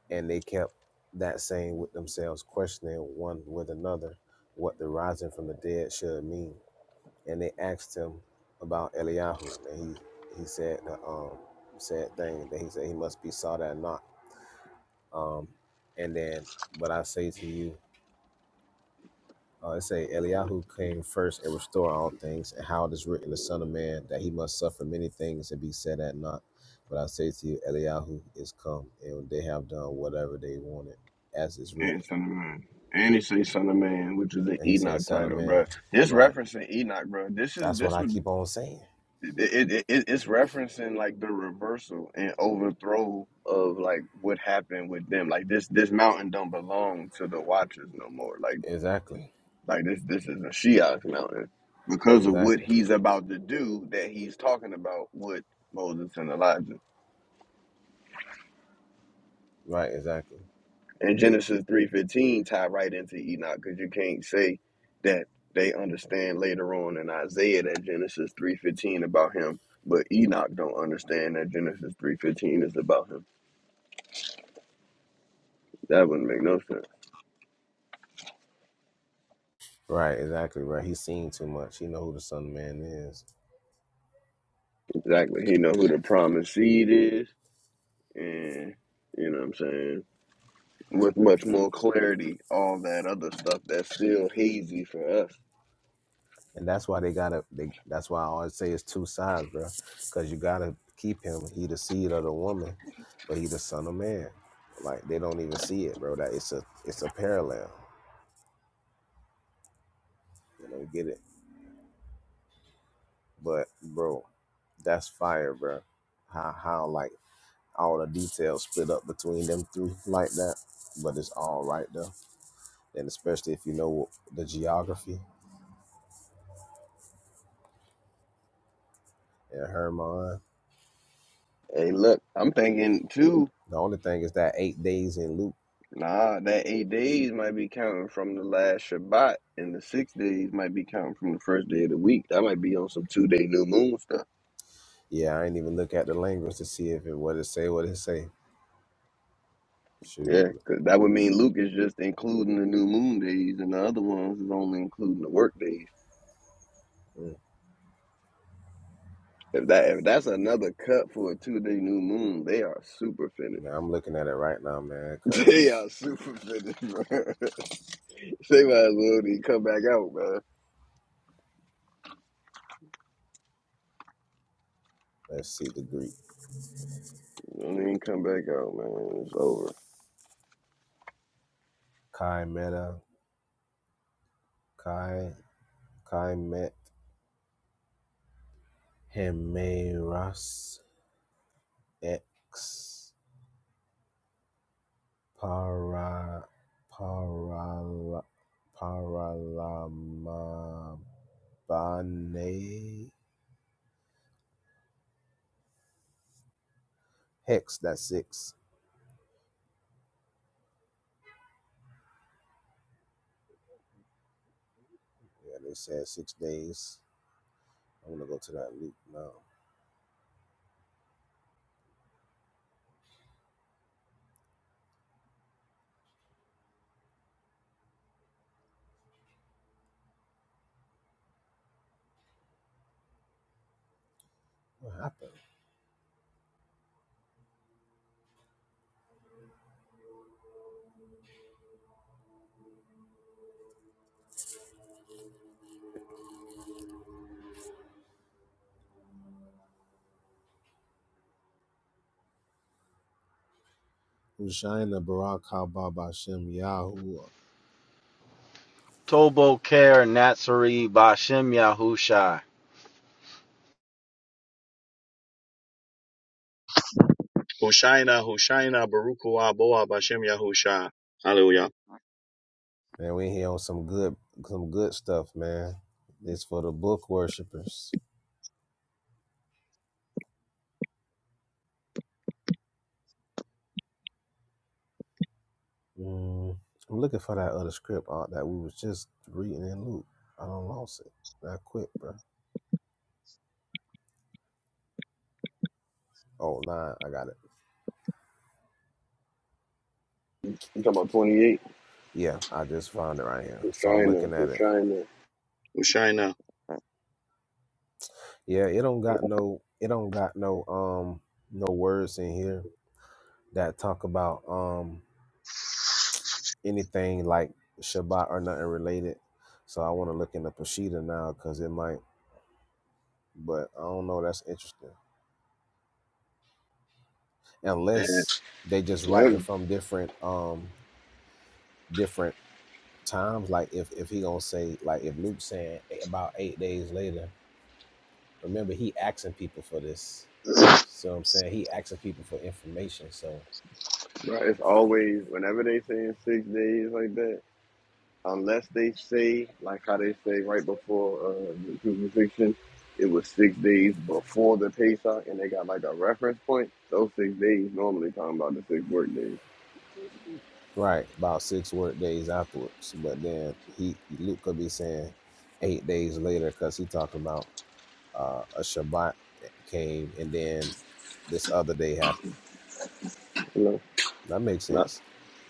[SPEAKER 1] and they kept that saying with themselves, questioning one with another what the rising from the dead should mean. And they asked him about Eliyahu, and he he said the um, said thing that he said he must be sought and not. Um, and then, but I say to you. Uh, it say Eliyahu came first and restore all things, and how it is written, the Son of Man, that he must suffer many things and be said at naught. But I say to you, Eliyahu is come, and they have done whatever they wanted, as is written.
[SPEAKER 2] And Son of Man, and he say Son of Man, which is an
[SPEAKER 1] And he say,
[SPEAKER 2] Enoch
[SPEAKER 1] Son of
[SPEAKER 2] title,
[SPEAKER 1] Man,
[SPEAKER 2] bro. It's
[SPEAKER 1] right?
[SPEAKER 2] referencing Enoch, bro. This is
[SPEAKER 1] That's what
[SPEAKER 2] this
[SPEAKER 1] I
[SPEAKER 2] would
[SPEAKER 1] keep on saying.
[SPEAKER 2] it, it, it it's referencing like the reversal and overthrow of like what happened with them. Like this this mountain don't belong to the Watchers no more. Like
[SPEAKER 1] Exactly,
[SPEAKER 2] Like this, this is a Shiach mountain because of what
[SPEAKER 1] exactly,
[SPEAKER 2] he's about to do. That he's talking about with Moses and Elijah.
[SPEAKER 1] right, exactly,
[SPEAKER 2] And Genesis three fifteen tie right into Enoch because you can't say that they understand later on in Isaiah that Genesis three fifteen about him, but Enoch don't understand that Genesis three fifteen is about him. That wouldn't make no sense.
[SPEAKER 1] right, exactly, right. He's seen too much. He know who the Son of Man is.
[SPEAKER 2] Exactly. He know who the promised seed is, and you know what I'm saying. with much more clarity, all that other stuff that's still hazy for us.
[SPEAKER 1] and that's why they gotta. They, that's why I always say it's two sides, bro. Because you gotta keep him. He the seed of the woman, but he the son of man. Like they don't even see it, bro. That it's a it's a parallel. You know, you get it. But bro, that's fire, bro. How how like all the details split up between them three like that, but it's all right though. And especially if you know the geography and Hermon.
[SPEAKER 2] Hey, look, I'm thinking too.
[SPEAKER 1] The only thing is that eight days in Luke.
[SPEAKER 2] Nah, that eight days might be counting from the last Shabbat, and the six days might be counting from the first day of the week. That might be on some two day new moon stuff.
[SPEAKER 1] Yeah, I ain't even look at the language to see if it what it say, what it say.
[SPEAKER 2] Yeah,
[SPEAKER 1] Shoot,
[SPEAKER 2] because that would mean Luke is just including the new moon days, and the other ones is only including the work days.
[SPEAKER 1] Mm.
[SPEAKER 2] If that if that's another cut for a two day new moon, they are super finished.
[SPEAKER 1] man, I'm looking at it right now, man.
[SPEAKER 2] They
[SPEAKER 1] Cause
[SPEAKER 2] are super finished, bro. They might as well didn't come back out, man.
[SPEAKER 1] let's see the Greek.
[SPEAKER 2] Don't even come back out, man. It's over.
[SPEAKER 1] Kai meta, kai kai met hemeras ex para para paralamabane hex. That's six. Yeah, they said six days. I'm gonna go to that loop now. Hushaina Barak Haba Bashem Yahuwah.
[SPEAKER 3] Tobo Ker Natsari Bashem Yahushai.
[SPEAKER 4] Hushaina, Hushaina, Baruch Hu Boa Bashem Yahusha. Hallelujah.
[SPEAKER 1] Man, we here on some good some good stuff, man. It's for the book worshipers. Mm, I'm looking for that other script art that we was just reading in Luke. I don't lost it. I quit, bro. Oh nah, I got it.
[SPEAKER 2] You talking about 28?
[SPEAKER 1] Yeah, I just found it right here.
[SPEAKER 2] It's
[SPEAKER 1] So I'm
[SPEAKER 2] China.
[SPEAKER 1] looking at
[SPEAKER 2] It's
[SPEAKER 1] it.
[SPEAKER 2] China.
[SPEAKER 4] Hushaina.
[SPEAKER 1] Yeah, it don't got no it don't got no um no words in here that talk about um anything like Shabbat or nothing related. So I want to look into Peshitta now because it might, but I don't know. That's interesting. Unless they just
[SPEAKER 2] Yeah,
[SPEAKER 1] writing from different um different times. Like if if he gonna say like if Luke saying eight- about eight days later. Remember he asking people for this. So I'm saying he asking people for information. So
[SPEAKER 2] bro, it's always, whenever they say in six days like that, unless they say, like how they say right before uh, the crucifixion, it was six days before the Pesach, and they got like a reference point. Those six days normally talking about the six work days.
[SPEAKER 1] right about six work days afterwards. But then he Luke could be saying eight days later because he talking about uh, a Shabbat came, and then this other day happened.
[SPEAKER 2] You know?
[SPEAKER 1] That makes
[SPEAKER 2] Now,
[SPEAKER 1] sense.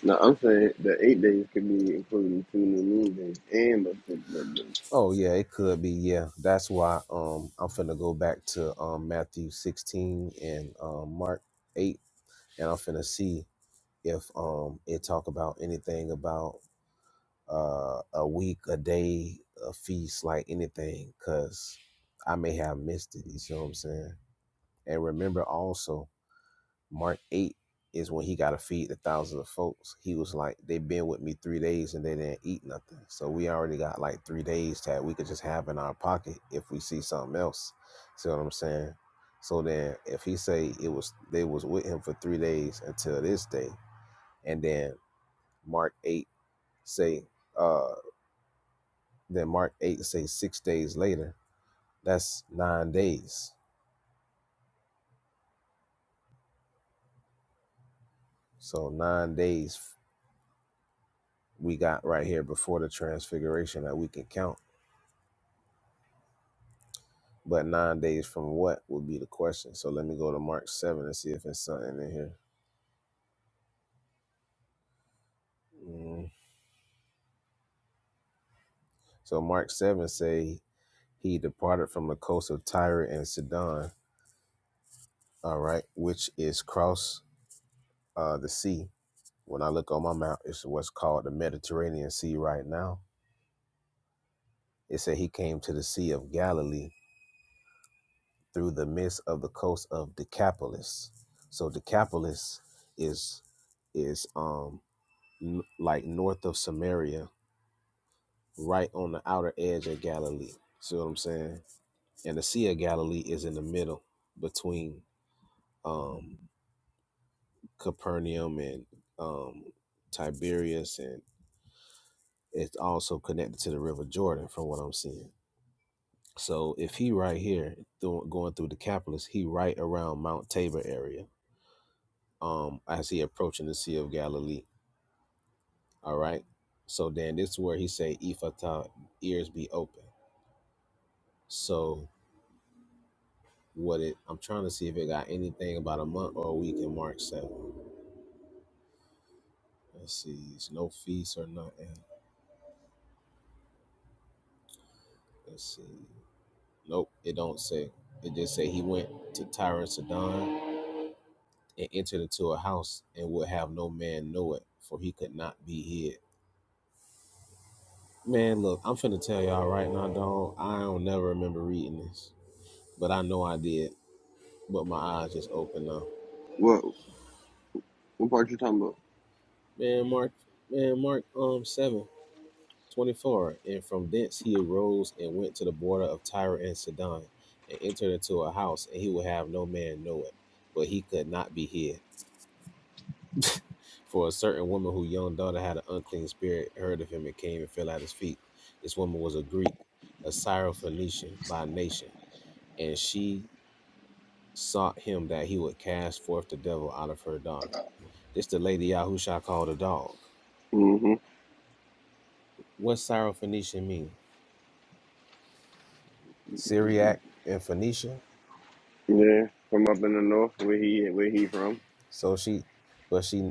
[SPEAKER 2] now I'm saying the eight days could be including two new moon days and the six work days.
[SPEAKER 1] Oh yeah, it could be. Yeah, that's why. Um, I'm finna go back to um Matthew 16 and um Mark 8, and I'm finna see if um it talk about anything about uh a week, a day, a feast, like anything, cause I may have missed it. You see what I'm saying? And remember also. Mark 8 is when he got to feed the thousands of folks. He was like, they've been with me three days and they didn't eat nothing. So we already got like three days that we could just have in our pocket if we see something else. See what I'm saying? So then if he say it was they was with him for three days until this day, and then Mark 8 say uh then Mark 8 say six days later, that's nine days. So nine days we got right here before the transfiguration that we can count But nine days from what would be the question. So let me go to Mark 7 and see if it's something in here. Mm. So Mark 7 say he departed from the coast of Tyre and Sidon, all right, which is cross uh, the sea. When I look on my map, it's what's called the Mediterranean Sea right now. It said he came to the Sea of Galilee through the midst of the coast of Decapolis. So Decapolis is is um n- like north of Samaria right on the outer edge of Galilee. See what I'm saying? And the Sea of Galilee is in the middle between um, Capernaum and um, Tiberias, and it's also connected to the River Jordan, from what I'm seeing. So if he right here doing, going through the Decapolis, he right around Mount Tabor area, um, as he approaching the Sea of Galilee. All right. So then this is where he say, "Ephata, ears be open." So what it I'm trying to see if it got anything about a month or a week in March 7. Let's see. It's no feast or nothing. Let's see. Nope, it don't say. It just say he went to Tyre and Sidon and entered into a house and would have no man know it, for he could not be hid. Man, look, I'm finna tell y'all right now, dog. I don't never remember reading this, but I know I did. But my eyes just opened now.
[SPEAKER 2] What What part you talking about?
[SPEAKER 1] Man, Mark, man, Mark, um, seven. 24. And from thence he arose and went to the border of Tyre and Sidon, and entered into a house, and he would have no man know it. But he could not be hid. For a certain woman whose young daughter had an unclean spirit heard of him and came and fell at his feet. This woman was a Greek, a Syrophoenician by nation, and she sought him that he would cast forth the devil out of her daughter. This the lady Yahusha called a dog.
[SPEAKER 2] hmm
[SPEAKER 1] What Syrophoenician mean? Syriac and Phoenicia?
[SPEAKER 2] Yeah, from up in the north, where he where he from?
[SPEAKER 1] So she, but she,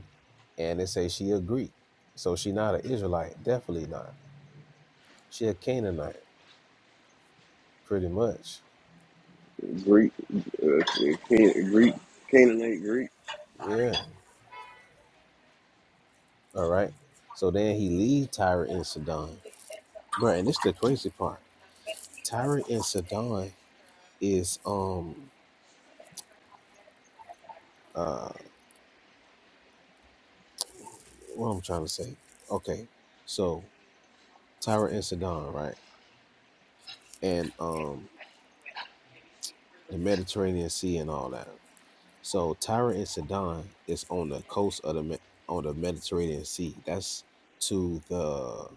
[SPEAKER 1] and they say she a Greek. So she not an Israelite, definitely not. She a Canaanite, pretty much.
[SPEAKER 2] Greek, uh, Can- Greek, Canaanite Greek,
[SPEAKER 1] Yeah. All right. So then he leave Tyre and Sidon, bro. And this the crazy part. Tyre and Sidon is um uh what I'm trying to say. Okay, so Tyre and Sidon, right? And um the Mediterranean Sea and all that. So Tyre and Sidon is on the coast of the Me- on the Mediterranean Sea. That's to the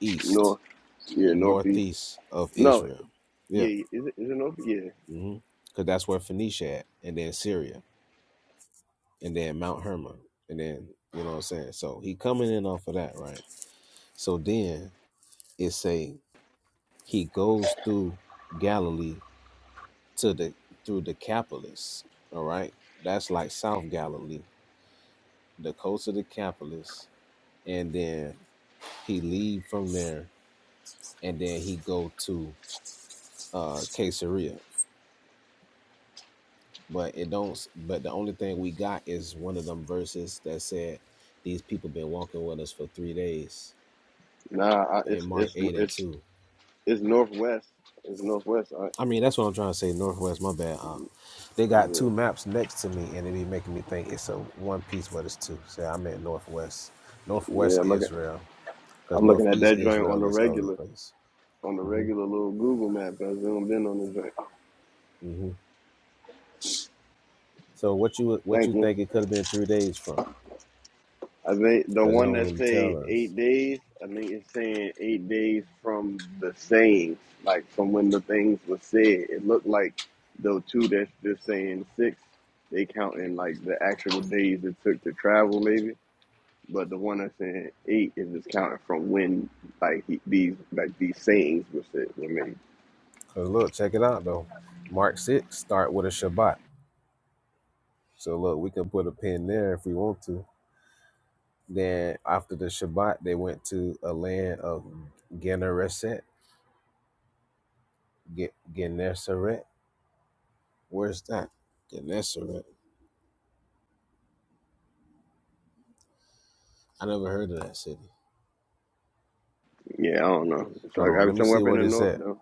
[SPEAKER 1] east,
[SPEAKER 2] north. Yeah, northeast.
[SPEAKER 1] northeast of
[SPEAKER 2] No,
[SPEAKER 1] Israel. Yeah,
[SPEAKER 2] yeah, is it is it north? Yeah,
[SPEAKER 1] mm-hmm. because that's where Phoenicia at, and then Syria, and then Mount Hermon, and then you know what I'm saying. So he coming in off of that, right? So then it say he goes through Galilee to the through Decapolis. All right, that's like South Galilee, the coast of Decapolis, and then He leave from there and then he go to uh Caesarea. But it don't but the only thing we got is one of them verses that said these people been walking with us for three days
[SPEAKER 2] nah, I,
[SPEAKER 1] in
[SPEAKER 2] it's
[SPEAKER 1] Mark
[SPEAKER 2] it's
[SPEAKER 1] eight and
[SPEAKER 2] it's
[SPEAKER 1] two.
[SPEAKER 2] it's northwest. It's northwest. I,
[SPEAKER 1] I mean that's what I'm trying to say, Northwest, my bad. Uh, they got
[SPEAKER 2] yeah,
[SPEAKER 1] two maps next to me and it be making me think it's a one piece but it's two. So i meant Northwest.
[SPEAKER 2] yeah.
[SPEAKER 1] Northwest
[SPEAKER 2] I'm looking
[SPEAKER 1] Israel. Because
[SPEAKER 2] I'm looking at
[SPEAKER 1] Northeast
[SPEAKER 2] that joint on
[SPEAKER 1] Israel
[SPEAKER 2] the
[SPEAKER 1] is all over the
[SPEAKER 2] regular
[SPEAKER 1] place.
[SPEAKER 2] on the
[SPEAKER 1] hmm
[SPEAKER 2] regular little Google map. I've been on this joint.
[SPEAKER 1] hmm So what you what
[SPEAKER 2] Thank
[SPEAKER 1] you
[SPEAKER 2] you.
[SPEAKER 1] think it could have been three days from?
[SPEAKER 2] I think the
[SPEAKER 1] because it
[SPEAKER 2] one
[SPEAKER 1] don't
[SPEAKER 2] that
[SPEAKER 1] really
[SPEAKER 2] say
[SPEAKER 1] tell us.
[SPEAKER 2] eight days, I think it's saying eight days from the saying, like from when the things were said. It looked like the two that's just saying six, they counting like the actual days it took to travel, maybe. But the one that's saying eight is just counting from when like he, these like these sayings were said I mean,
[SPEAKER 1] Because look, check it out though. Mark 6 start with a Shabbat. So look, we can put a pin there if we want to. Then after the Shabbat, they went to a land of Gennesaret. Ge- Gennesaret. Where's that? Gennesaret. I never heard of that city.
[SPEAKER 2] Yeah, I don't know. So
[SPEAKER 1] Hold
[SPEAKER 2] I
[SPEAKER 1] on, let
[SPEAKER 2] got
[SPEAKER 1] me
[SPEAKER 2] somewhere
[SPEAKER 1] see
[SPEAKER 2] up in
[SPEAKER 1] where
[SPEAKER 2] the
[SPEAKER 1] this
[SPEAKER 2] north
[SPEAKER 1] at.
[SPEAKER 2] though.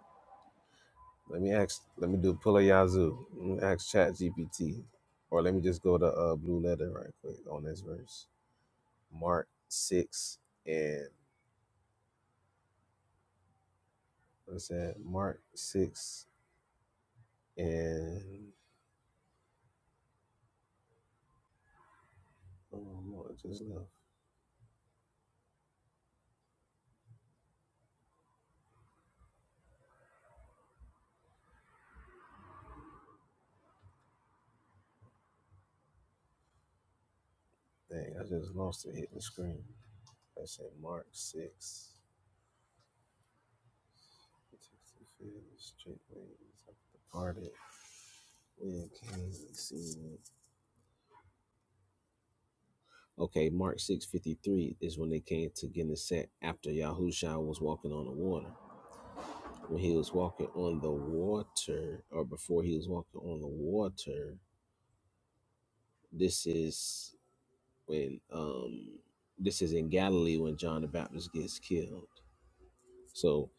[SPEAKER 1] Let me ask. Let me do Pula Yazoo. Let me ask Chat GPT, or let me just go to uh, Blue Letter right quick on this verse. Mark six and I said Mark six and oh no, it just left. Dang, I just lost it hitting the screen. I said Mark six. Texas straight ways, I've departed. When can see Okay, Mark six fifty three is when they came to Gennesaret after Yahushua was walking on the water. When he was walking on the water, or before he was walking on the water, this is when um this is in Galilee when John the Baptist gets killed. So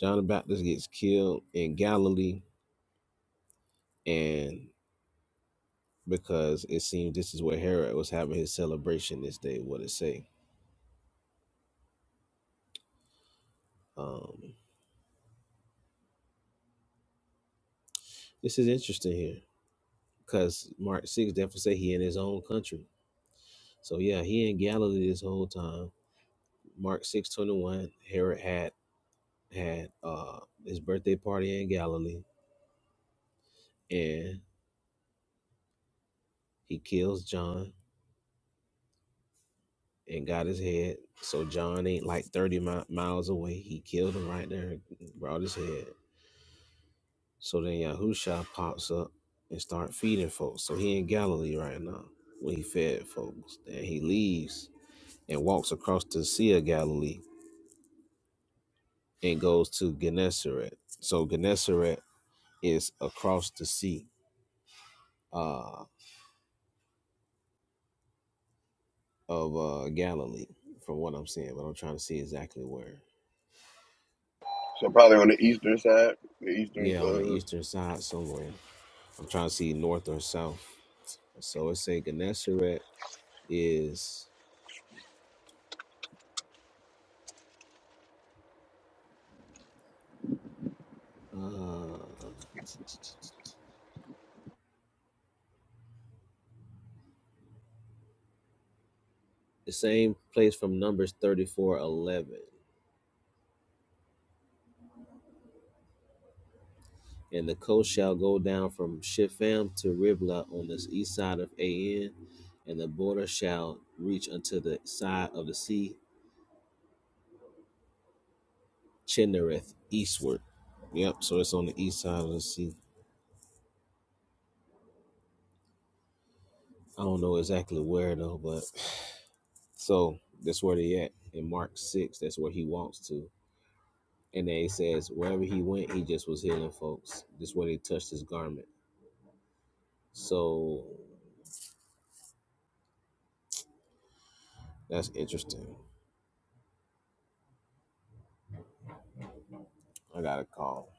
[SPEAKER 1] John the Baptist gets killed in Galilee and because it seems this is where Herod was having his celebration this day, what it say. Um this is interesting here because Mark 6 definitely say he in his own country. So yeah, he in Galilee this whole time. Mark 6 21 Herod had had uh his birthday party in Galilee and he kills John and got his head. So John ain't like 30 mi- miles away. He killed him right there and brought his head. So then Yahusha pops up and start feeding folks. So he in Galilee right now when he fed folks. Then he leaves and walks across the Sea of Galilee and goes to Gennesaret. So Gennesaret is across the sea uh, of uh, Galilee from what I'm seeing, but I'm trying to see exactly where.
[SPEAKER 2] So probably on the eastern side, the eastern
[SPEAKER 1] Yeah, on the
[SPEAKER 2] uh,
[SPEAKER 1] eastern side somewhere. I'm trying to see north or south So it's saying Gennesaret is uh, the same place from Numbers thirty four eleven, And the coast shall go down from Shipham to Riblah on the east side of An, and the border shall reach unto the side of the sea, Chinnereth, eastward. Yep, so it's on the east side of the sea. I don't know exactly where though, but so that's where they at in Mark six. That's where he walks to And they says, wherever he went, he just was healing folks. This way they touched his garment. So that's interesting. I got a call.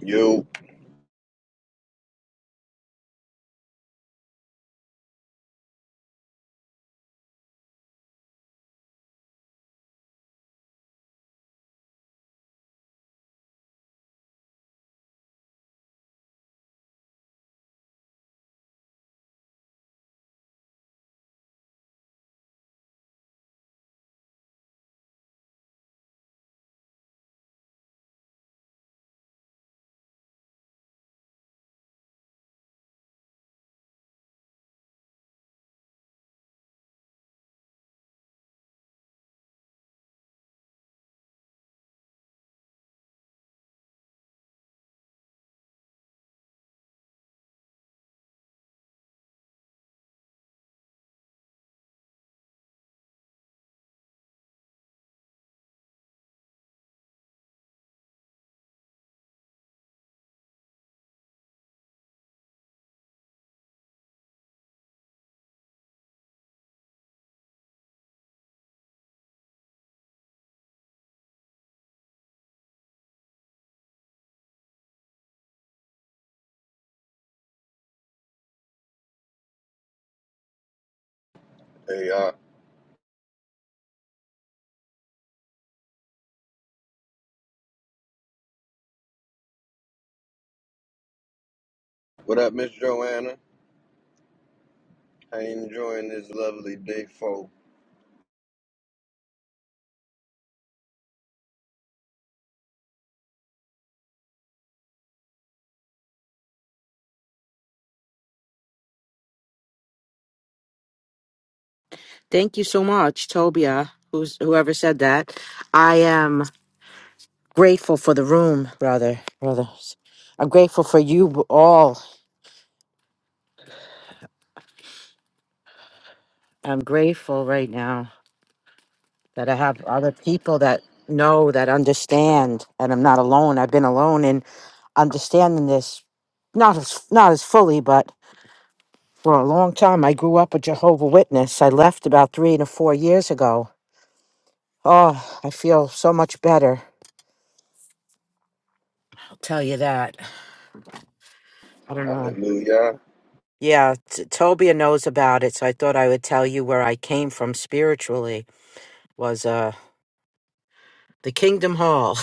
[SPEAKER 2] yo, hey, uh, what up, Miss Joanna? I enjoying this lovely day, folk.
[SPEAKER 5] Thank you so much, Tobia, who's whoever said that. I am grateful for the room, brother, brothers. I'm grateful for you all. I'm grateful right now that I have other people that know that understand and I'm not alone. I've been alone in understanding this not as not as fully, but for a long time I grew up a Jehovah Witness. I left about three to four years ago. Oh, I feel so much better. I'll tell you that. I don't know.
[SPEAKER 2] Hallelujah.
[SPEAKER 5] Yeah, T- Tobia knows about it, so I thought I would tell you where I came from spiritually was uh the Kingdom Hall.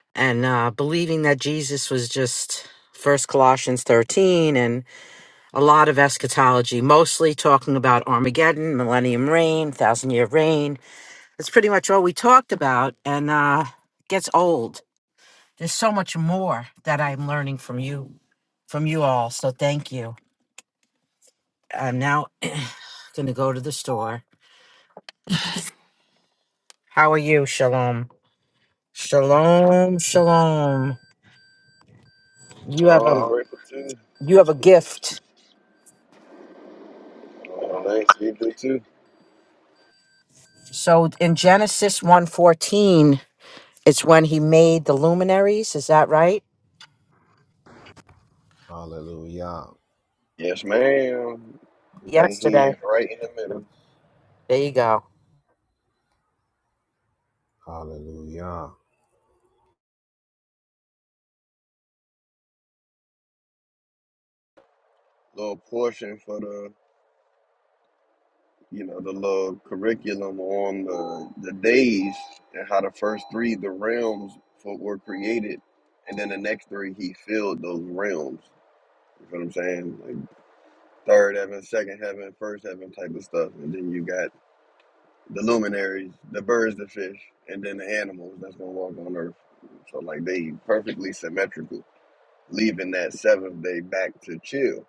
[SPEAKER 5] and uh believing that Jesus was just first Colossians 13 and a lot of eschatology, mostly talking about Armageddon, millennium reign, thousand year reign. That's pretty much all we talked about and uh gets old. There's so much more that I'm learning from you from you all, so thank you. I'm now going to go to the store How are you, Shalom? Shalom, Shalom. You have a
[SPEAKER 2] Oh, I'm
[SPEAKER 5] Oh.
[SPEAKER 2] grateful too.
[SPEAKER 5] you have a gift.
[SPEAKER 2] Oh, thanks. You do too.
[SPEAKER 5] So in Genesis one fourteen, it's when he made the luminaries, is that right?
[SPEAKER 1] Hallelujah.
[SPEAKER 2] Yes, ma'am. Thank he
[SPEAKER 5] Yesterday.
[SPEAKER 2] right in the middle.
[SPEAKER 5] There you go.
[SPEAKER 1] Hallelujah.
[SPEAKER 2] Little portion for the, you know, the little curriculum on the the days and how the first three, the realms for, were created, and then the next three he filled those realms. You know what I'm saying? Like third heaven, second heaven, first heaven type of stuff, and then you got the luminaries, the birds, the fish, and then the animals that's gonna walk on earth. So like they perfectly symmetrical, leaving that seventh day back to chill.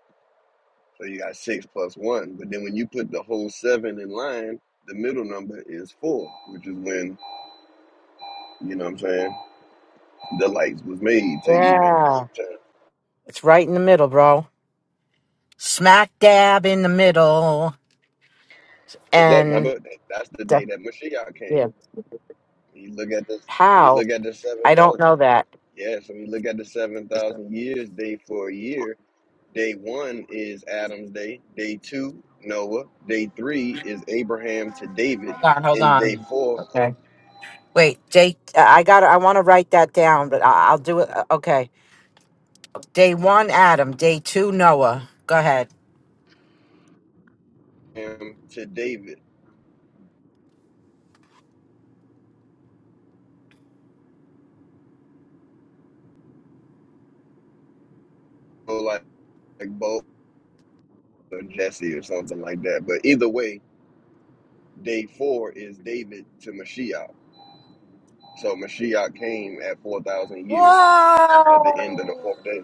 [SPEAKER 2] So you got six plus one. But then when you put the whole seven in line, the middle number is four, which is when, you know what I'm saying, the lights was made to even
[SPEAKER 5] Yeah.
[SPEAKER 2] keep time.
[SPEAKER 5] It's right in the middle, bro. Smack dab in the middle.
[SPEAKER 2] To let
[SPEAKER 5] And
[SPEAKER 2] remember that that's the
[SPEAKER 5] the,
[SPEAKER 2] day that Mashiach
[SPEAKER 5] yeah.
[SPEAKER 2] came. When you look at this when you
[SPEAKER 5] How?
[SPEAKER 2] look at the seven
[SPEAKER 5] I don't
[SPEAKER 2] thousand
[SPEAKER 5] know that.
[SPEAKER 2] yes, when you look at the seven thousand years day for a year, Day one is Adam's day. Day two, Noah. Day three is Abraham to David.
[SPEAKER 5] Hold on, hold
[SPEAKER 2] And day
[SPEAKER 5] on.
[SPEAKER 2] four,
[SPEAKER 5] Okay. Wait, Jake, I got to I want to write that down, but I, I'll do it. uh, Okay. Day one, Adam. Day two, Noah. Go ahead.
[SPEAKER 2] Abraham to David. So like, like both or Jesse or something like that. But either way, day four is David to Mashiach. So Mashiach came at 4,000 years at the end of the
[SPEAKER 5] Whoa.
[SPEAKER 2] fourth day.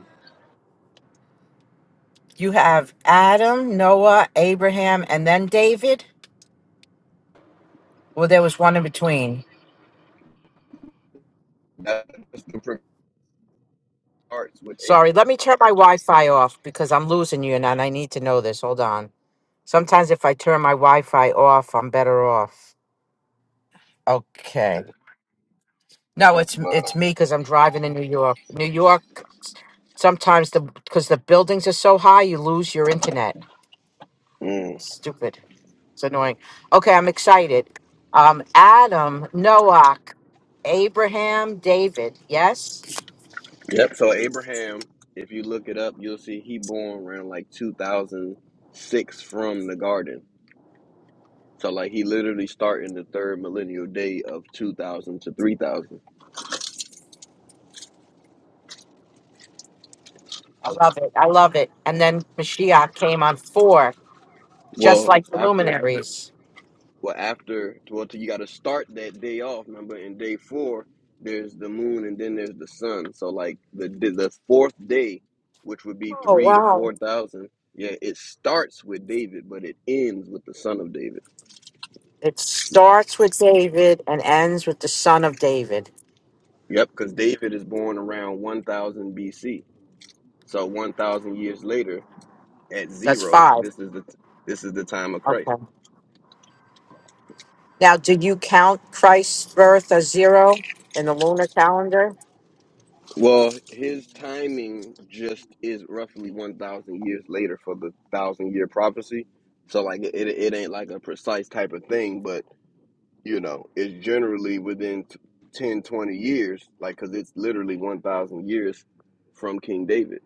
[SPEAKER 5] You have Adam, Noah, Abraham, and then David. Well, there was one in between.
[SPEAKER 2] That's the parts with
[SPEAKER 5] Sorry,
[SPEAKER 2] Abraham.
[SPEAKER 5] let me turn my Wi Fi off because I'm losing you and I need to know this. Hold on. Sometimes if I turn my Wi Fi off, I'm better off. Okay. No,
[SPEAKER 2] Uh,
[SPEAKER 5] it's
[SPEAKER 2] but,
[SPEAKER 5] it's me because I'm driving in New York. New York, sometimes the because the buildings are so high, you lose your internet.
[SPEAKER 2] mm.
[SPEAKER 5] Stupid. It's annoying. Okay, I'm excited. Um, Adam, Noah, Abraham, David. Yes,
[SPEAKER 2] Yep. So Abraham, if you look it up, you'll see he born around like 2006 from the garden. So like he literally start in the third millennial day of 2000 to 3000.
[SPEAKER 5] I love it. I love it. And then Mashiach came on four, just
[SPEAKER 2] Well,
[SPEAKER 5] like the
[SPEAKER 2] after
[SPEAKER 5] luminaries.
[SPEAKER 2] well after well you got to start that day off. Remember, in day four there's the moon and then there's the sun. So like the the the fourth day, which would be
[SPEAKER 5] Oh
[SPEAKER 2] three to
[SPEAKER 5] wow!
[SPEAKER 2] four thousand. Yeah, it starts with David, but it ends with the son of David.
[SPEAKER 5] It starts with David and ends with the son of David.
[SPEAKER 2] Yep, because David is born around 1000 BC. So 1000 years later, at
[SPEAKER 5] That's
[SPEAKER 2] zero,
[SPEAKER 5] five.
[SPEAKER 2] this is the this is the time of Christ.
[SPEAKER 5] Okay. Now, did you count Christ's birth as zero in the lunar calendar?
[SPEAKER 2] Well, his timing just is roughly 1000 years later for the 1000 year prophecy. So like it it it ain't like a precise type of thing, but you know, it's generally within t- 10 twenty years like cuz it's literally 1000 years from King David.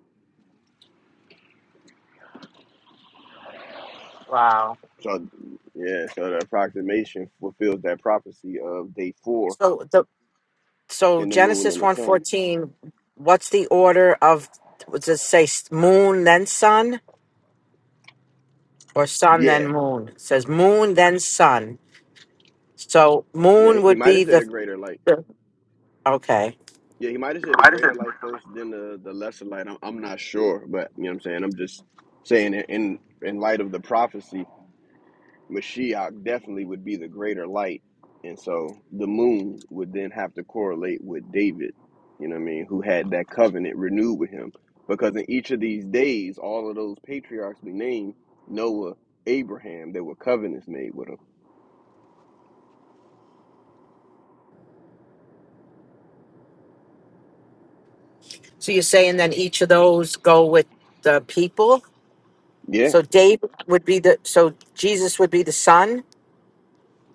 [SPEAKER 5] Wow.
[SPEAKER 2] So yeah, so the approximation fulfills that prophecy of day 4
[SPEAKER 5] So the so
[SPEAKER 2] and the moon
[SPEAKER 5] Genesis
[SPEAKER 2] and the sun.
[SPEAKER 5] 114, what's the order of does it say s- moon then sun or sun then
[SPEAKER 2] Yeah,
[SPEAKER 5] moon? It says moon then sun. So
[SPEAKER 2] yeah.
[SPEAKER 5] moon
[SPEAKER 2] He, he
[SPEAKER 5] would
[SPEAKER 2] might have
[SPEAKER 5] be
[SPEAKER 2] said
[SPEAKER 5] the
[SPEAKER 2] a greater light.
[SPEAKER 5] the- okay.
[SPEAKER 2] Yeah, he might have said the greater light first, then the the lesser light. I'm I'm not sure, but you know what I'm saying. I'm just saying in in in light of the prophecy, Mashiach definitely would be the greater light, and so the moon would then have to correlate with David. You know what I mean? Who had that covenant renewed with him? Because in each of these days, all of those patriarchs we named, Noah, Abraham, there were covenants made with him.
[SPEAKER 5] So you're saying then each of those go with the people?
[SPEAKER 2] Yeah.
[SPEAKER 5] So David would be the so Jesus would be the sun?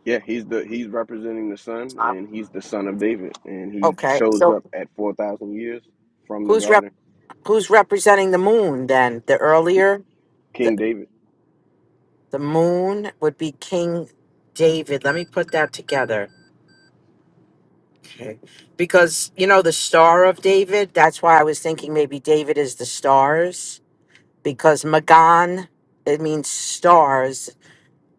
[SPEAKER 2] Yeah, he's the he's representing the son, and he's the son of David, and he
[SPEAKER 5] Okay.
[SPEAKER 2] shows
[SPEAKER 5] So
[SPEAKER 2] up at four thousand years from the
[SPEAKER 5] who's rep
[SPEAKER 2] garden.
[SPEAKER 5] who's representing the moon then? The
[SPEAKER 2] Ki
[SPEAKER 5] earlier?
[SPEAKER 2] King David,
[SPEAKER 5] The moon would be King David. Let me put that together. Okay. Because, you know, the Star of David, that's why I was thinking maybe David is the stars, because Magan, it means stars.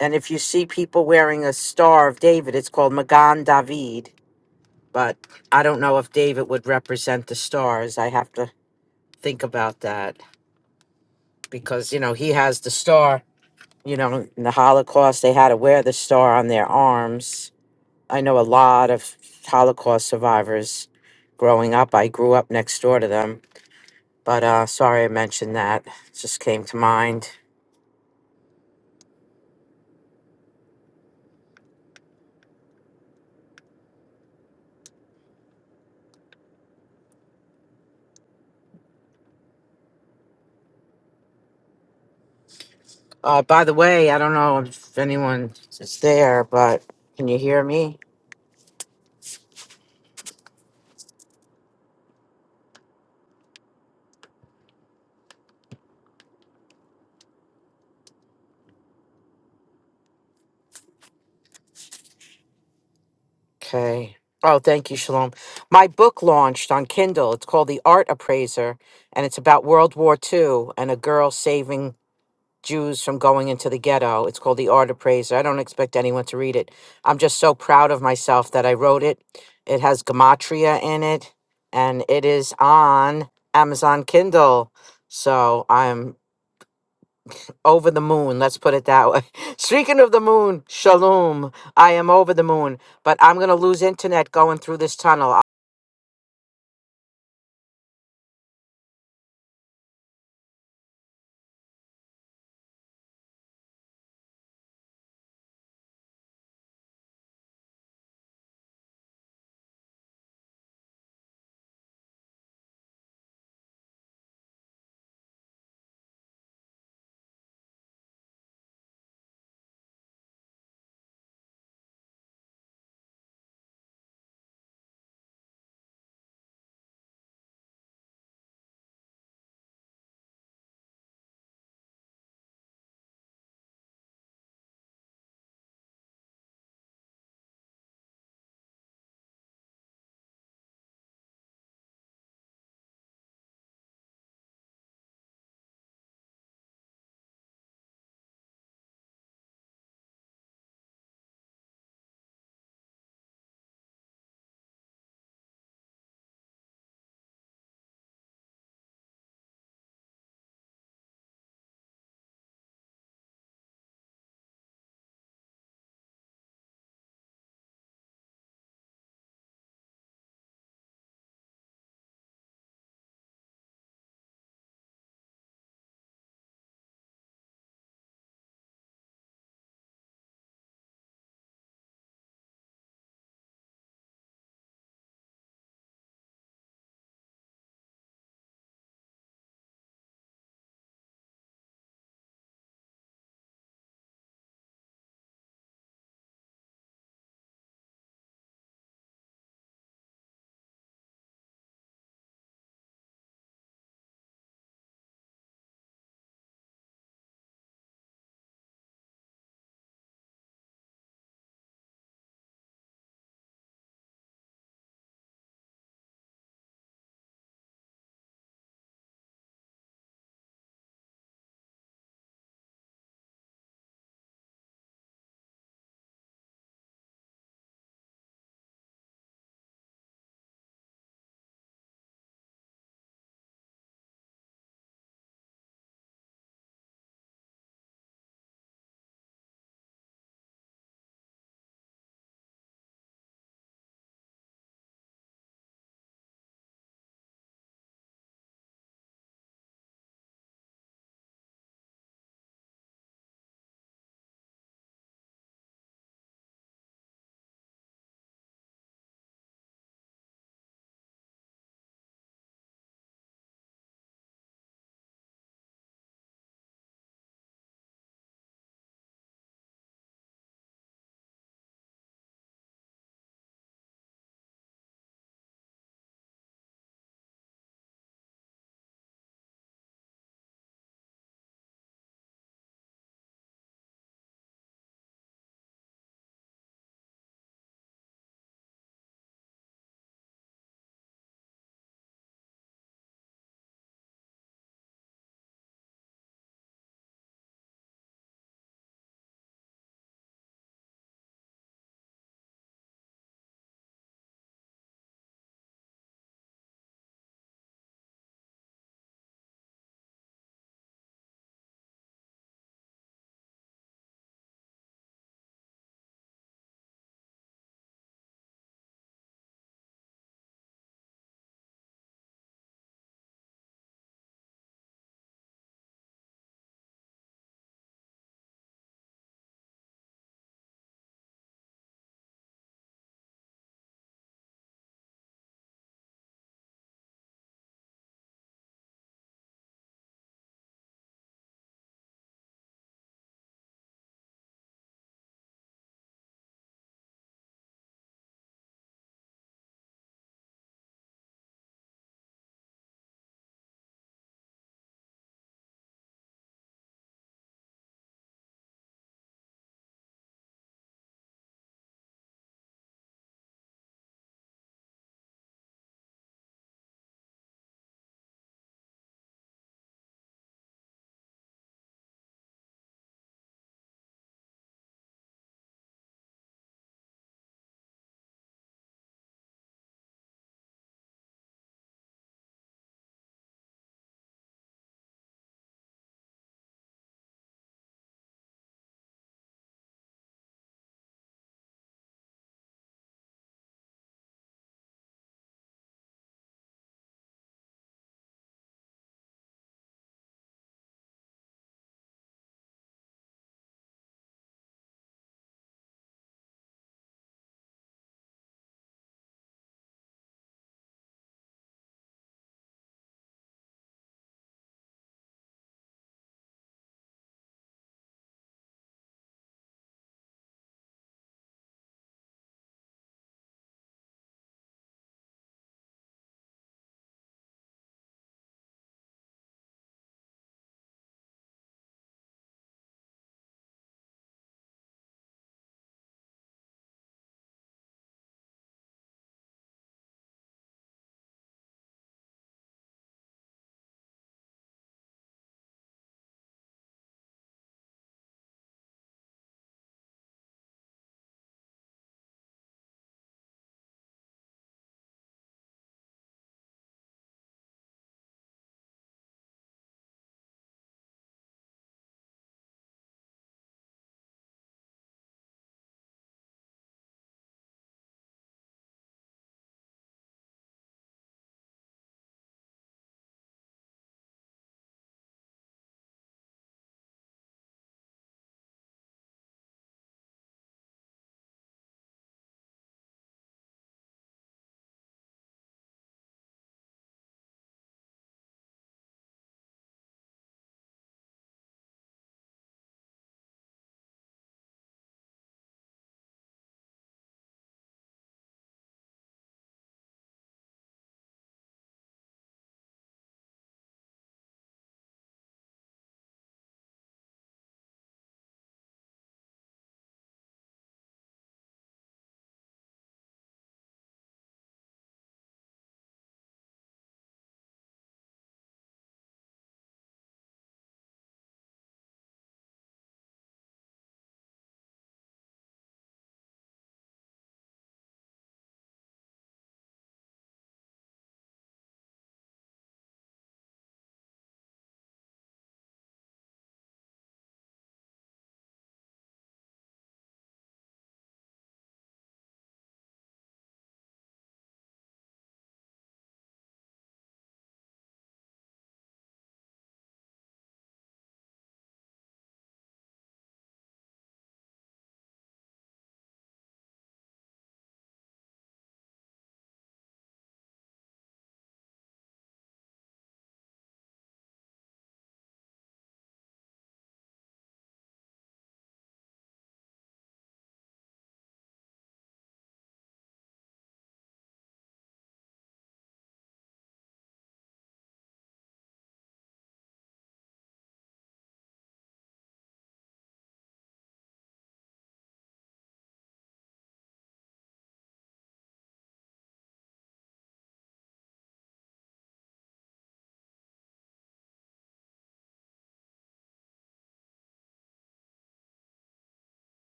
[SPEAKER 5] And if you see people wearing a Star of David, it's called Magan David. But I don't know if David would represent the stars. I have to think about that because, you know, he has the star. You know, in the Holocaust, they had to wear the star on their arms I know a lot of Holocaust survivors growing up. I grew up next door to them. But uh, sorry I mentioned that. It just came to mind. Uh, by the way, I don't know if anyone is there, but can you hear me? Okay. Oh, thank you, Shalom. My book launched on Kindle. It's called The Art Appraiser, and it's about World War II and a girl saving Jews from going into the ghetto. It's called The Art of Praise. I don't expect anyone to read it. I'm just so proud of myself that I wrote it. It has Gematria in it, and it is on Amazon Kindle. So I'm over the moon, let's put it that way. Speaking of the moon, shalom. I am over the moon, but I'm going to lose internet going through this tunnel.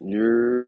[SPEAKER 2] you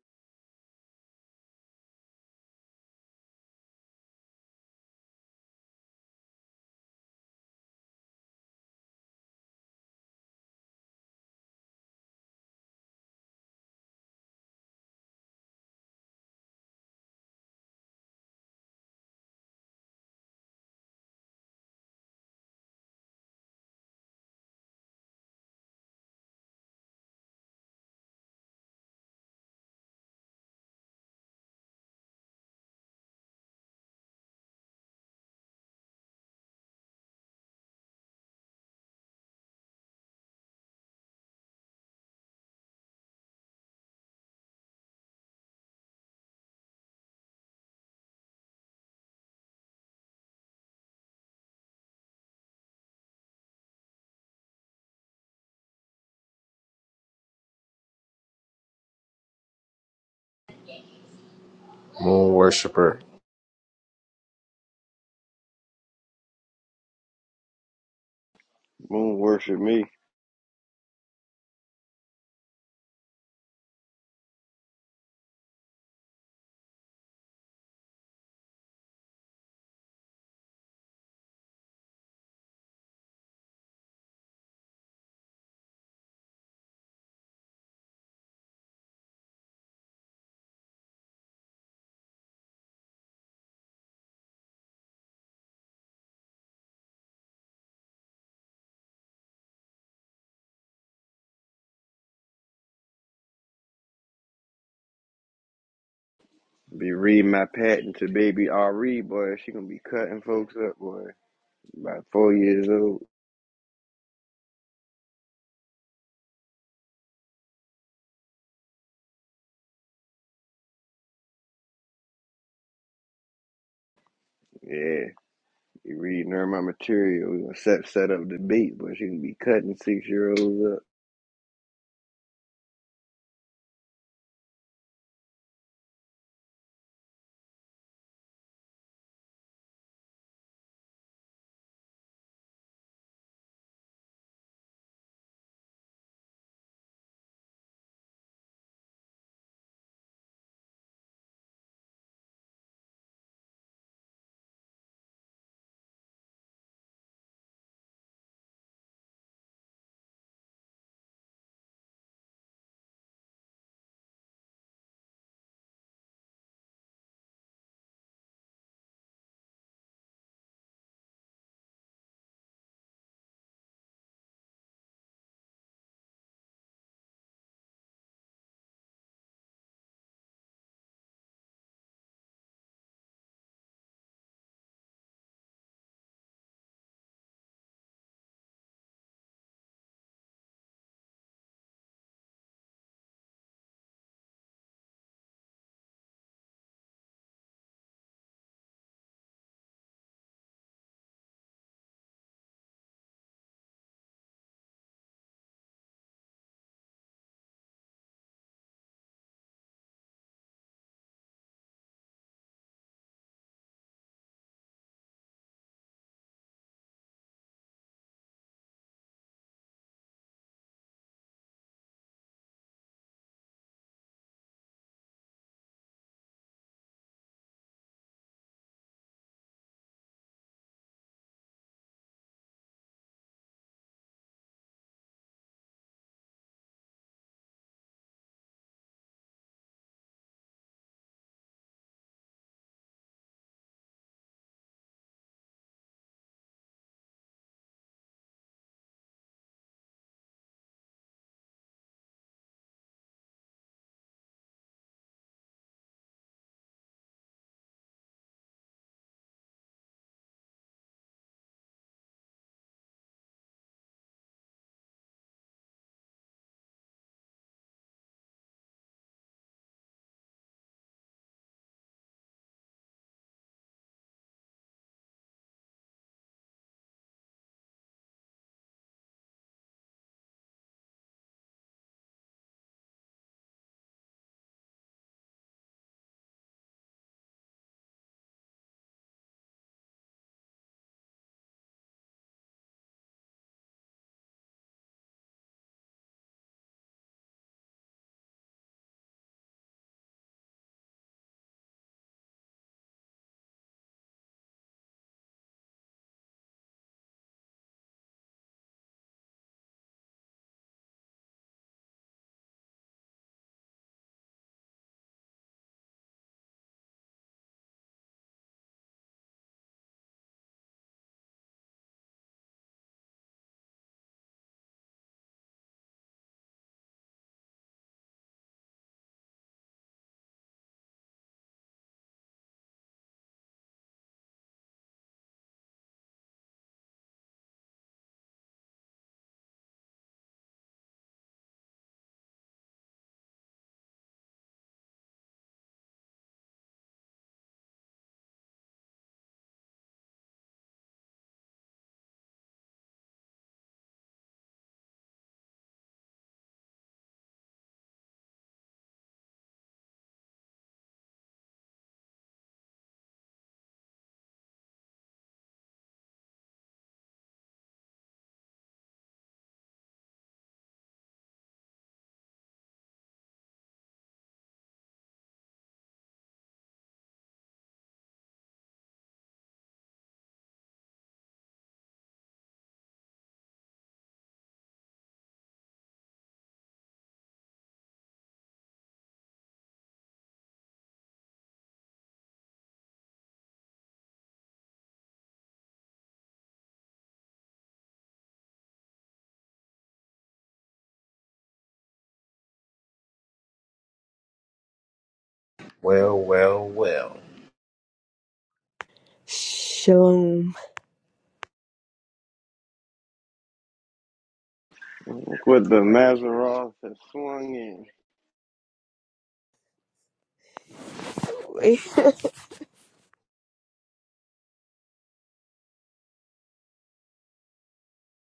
[SPEAKER 1] Moon worshiper.
[SPEAKER 2] won't worship me. Be reading my patent to baby Ari, boy. She gonna be cutting folks up, boy. About four years old. Yeah, be reading her my material. We gonna set set up debate, boy. She gonna be cutting six year olds up
[SPEAKER 1] Well, well, well.
[SPEAKER 6] Shalom.
[SPEAKER 2] with the Maseroth has swung in.
[SPEAKER 6] Wait,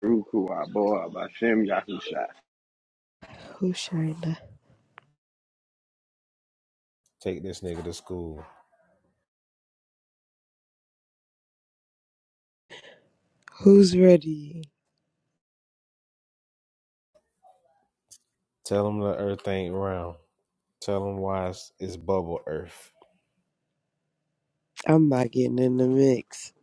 [SPEAKER 2] Ruku Aboa Bashem Yahusha.
[SPEAKER 6] who's Shina?
[SPEAKER 1] Take this nigga to school.
[SPEAKER 6] Who's ready?
[SPEAKER 1] Tell him the earth ain't round. Tell them why it's, it's bubble earth.
[SPEAKER 6] I'm not getting in the mix.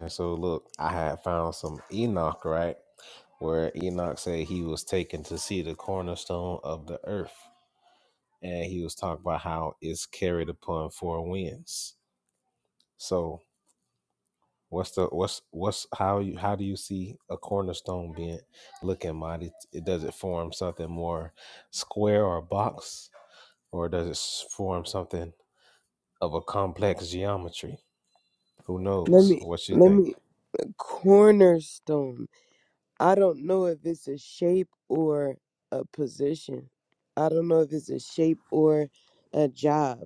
[SPEAKER 1] And so look, I had found some Enoch, right? Where Enoch said he was taken to see the cornerstone of the earth. And he was talking about how it's carried upon four winds. So what's the what's what's how you how do you see a cornerstone being looking mighty? It does it form something more square or box? Or does it s- form something of a complex geometry? Who
[SPEAKER 6] Let
[SPEAKER 1] knows?
[SPEAKER 6] me,
[SPEAKER 1] What you
[SPEAKER 6] let
[SPEAKER 1] think?
[SPEAKER 6] me, cornerstone. I don't know if it's a shape or a position. I don't know if it's a shape or a job.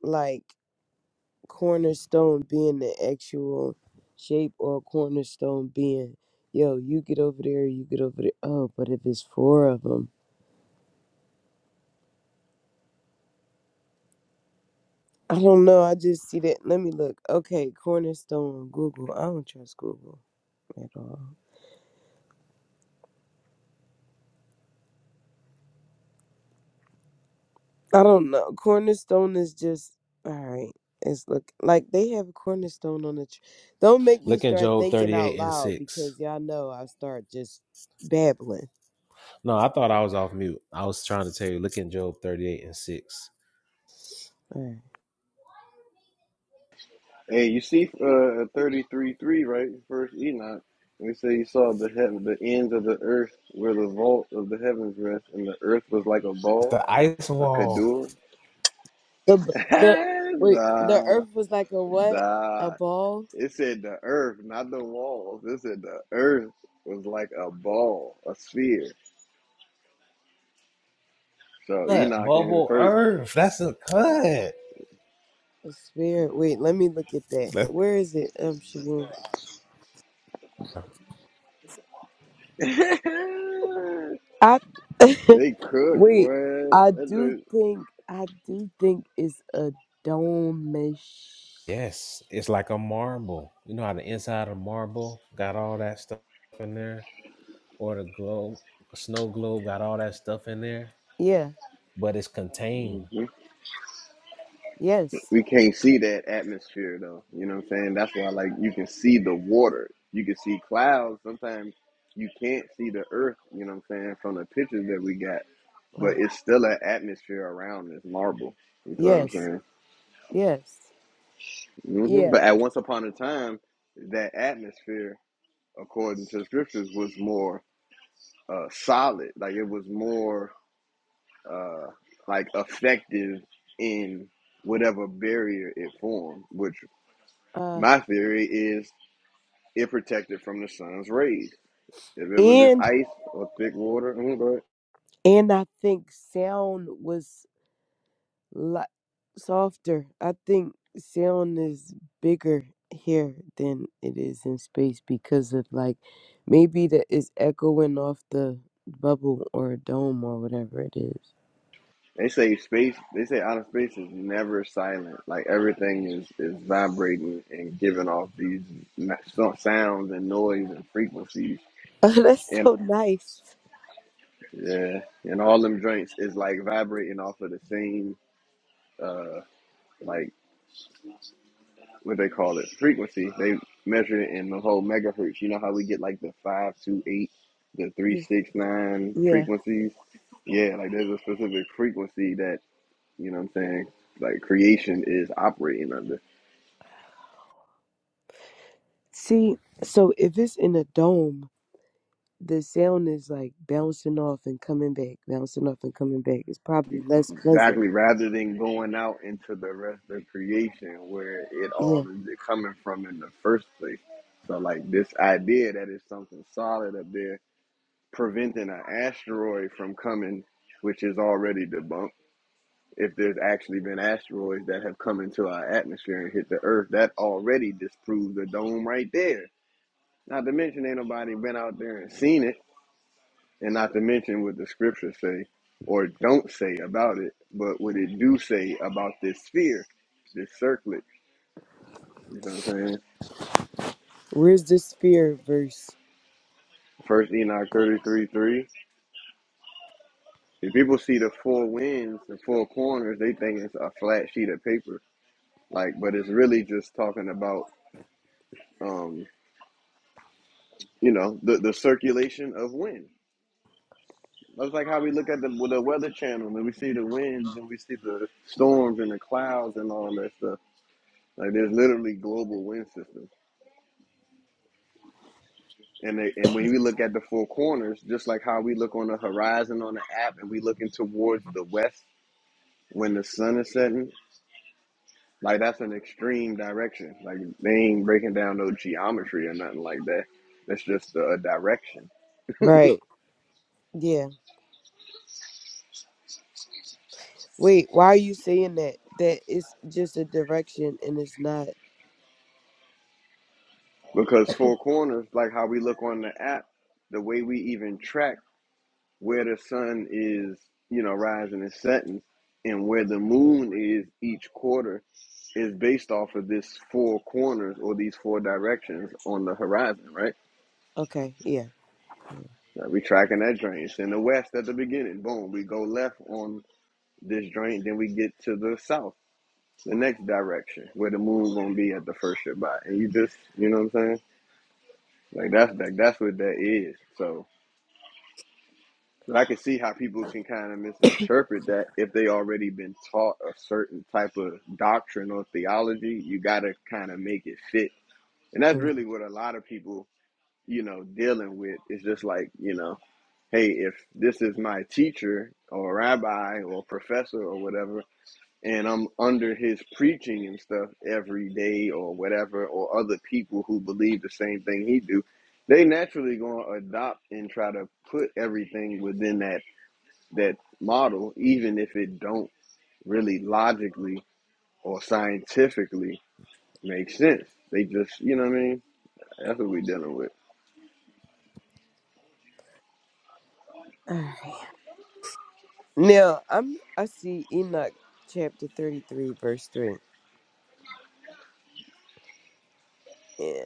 [SPEAKER 6] Like, cornerstone being the actual shape or cornerstone being, yo, you get over there, you get over there. Oh, but if it's four of 'em. I don't know. I just see that. Let me look. Okay, Cornerstone, Google. I don't trust Google at all. I don't know. Cornerstone is just all right. It's look like they have a cornerstone on the. Tr- don't make me
[SPEAKER 1] Look in
[SPEAKER 6] start
[SPEAKER 1] Job
[SPEAKER 6] thinking out
[SPEAKER 1] 38 and
[SPEAKER 6] loud
[SPEAKER 1] 6.
[SPEAKER 6] because y'all know I start just babbling.
[SPEAKER 1] No, I thought I was off mute. I was trying to tell you, look in Job 38 and 6.
[SPEAKER 6] All right.
[SPEAKER 2] Hey, you see uh, thirty-three 3 right? First Enoch. And it say you saw the heaven, the ends of the earth where the vault of the heavens rest, and the earth was like a ball,
[SPEAKER 1] the ice
[SPEAKER 2] a
[SPEAKER 1] wall.
[SPEAKER 2] kadur.
[SPEAKER 6] The b- the wait, the
[SPEAKER 2] nah,
[SPEAKER 6] Earth was like a what? A
[SPEAKER 2] nah.
[SPEAKER 6] ball?
[SPEAKER 2] It said the earth, not the walls. It said the earth was like a ball, a sphere. So
[SPEAKER 1] Cut,
[SPEAKER 2] Enoch in
[SPEAKER 1] bubble
[SPEAKER 2] first.
[SPEAKER 1] earth. That's a cut.
[SPEAKER 6] A sphere? Wait, let me look at that.
[SPEAKER 1] That's-
[SPEAKER 6] Where is it? Um, Shaboom.
[SPEAKER 2] they cook,
[SPEAKER 6] Wait,
[SPEAKER 2] what?
[SPEAKER 6] I do
[SPEAKER 2] That's
[SPEAKER 6] think I do think it's a domish.
[SPEAKER 1] yes, it's like a marble. You know how the inside of marble got all that stuff in there? Or the globe, the snow globe got all that stuff in there?
[SPEAKER 6] Yeah.
[SPEAKER 1] But it's contained.
[SPEAKER 2] a,
[SPEAKER 6] Yes.
[SPEAKER 2] we can't see that atmosphere though. You know what I'm saying? That's why like you can see the water. You can see clouds. Sometimes you can't see the earth, you know what I'm saying, from the pictures that we got. But
[SPEAKER 6] Right.
[SPEAKER 2] it's still an atmosphere around this marble. You know what I'm
[SPEAKER 6] Yes.
[SPEAKER 2] saying?
[SPEAKER 6] Yes.
[SPEAKER 2] hmm
[SPEAKER 6] Yeah.
[SPEAKER 2] But at once upon a time, that atmosphere, according to scriptures, was more uh, solid. Like it was more uh, like effective in whatever barrier it formed. Which
[SPEAKER 6] Uh
[SPEAKER 2] my theory is it protected from the sun's rays. If it was just
[SPEAKER 6] and
[SPEAKER 2] ice or thick water, mm, go
[SPEAKER 6] and I think sound was like softer. I think sound is bigger here than it is in space because of like maybe that is echoing off the bubble or dome or whatever it is.
[SPEAKER 2] they say space. They say outer space is never silent. Like everything is is vibrating and giving off these so- sounds and noise and frequencies.
[SPEAKER 6] Oh, that's
[SPEAKER 2] And
[SPEAKER 6] so nice.
[SPEAKER 2] yeah, and all them joints is like vibrating off of the same uh like what they call it frequency. They measure it in the whole megahertz. You know how we get like the five two eight, the three
[SPEAKER 6] Yeah.
[SPEAKER 2] six nine
[SPEAKER 6] Yeah.
[SPEAKER 2] frequencies Yeah, like there's a specific frequency that, you know what I'm saying, like creation is operating under.
[SPEAKER 6] See, so if it's in a dome, the sound is like bouncing off and coming back, bouncing off and coming back. It's probably less pleasant.
[SPEAKER 2] Exactly. Rather than going out into the rest of creation where it all
[SPEAKER 6] Yeah.
[SPEAKER 2] is coming from in the first place. So like this idea that it's something solid up there preventing an asteroid from coming, which is already debunked. If there's actually been asteroids that have come into our atmosphere and hit the earth, that already disproves the dome right there. Not to mention ain't nobody been out there and seen it. and not to mention what the scriptures say or don't say about it, but what it do say about this sphere, this circlet. You know what I'm saying?
[SPEAKER 6] Where's the sphere verse?
[SPEAKER 2] First Enoch 33 3. If people see the four winds, the four corners, they think it's a flat sheet of paper. Like, but it's really just talking about, um, you know, the, the circulation of wind. That's like how we look at the, with the weather channel and we see the winds and we see the storms and the clouds and all that stuff. Like, there's literally global wind systems. And they, and when we look at the four corners, just like how we look on the horizon on the app, and we looking towards the west when the sun is setting, like that's an extreme direction. Like they ain't breaking down no geometry or nothing like that. That's just a direction.
[SPEAKER 6] Right. Yeah. Wait, why are you saying that? That it's just a direction and it's not.
[SPEAKER 2] Because four corners, like how we look on the app, the way we even track where the sun is, you know, rising and setting, and where the moon is each quarter is based off of this four corners or these four directions on the horizon, right?
[SPEAKER 6] Okay. Yeah.
[SPEAKER 2] Like we tracking that drain. It's in the west at the beginning. Boom, we go left on this drain, then we get to the south, the next direction where the moon's gonna be at the first Shabbat. And you just, you know what I'm saying? Like that's like that's what that is. So, but I can see how people can kind of misinterpret that if they already been taught a certain type of doctrine or theology. You gotta kind of make it fit and that's
[SPEAKER 6] Mm.
[SPEAKER 2] really what a lot of people you know, dealing with. It's just like, you know, hey, if this is my teacher or rabbi or professor or whatever, and I'm under his preaching and stuff every day or whatever, or other people who believe the same thing he do, they naturally gonna adopt and try to put everything within that that model, even if it don't really logically or scientifically make sense. They just, you know what I mean? That's what we dealing with.
[SPEAKER 6] All right. Now, I'm I see Enoch chapter 33 verse 3. Yeah.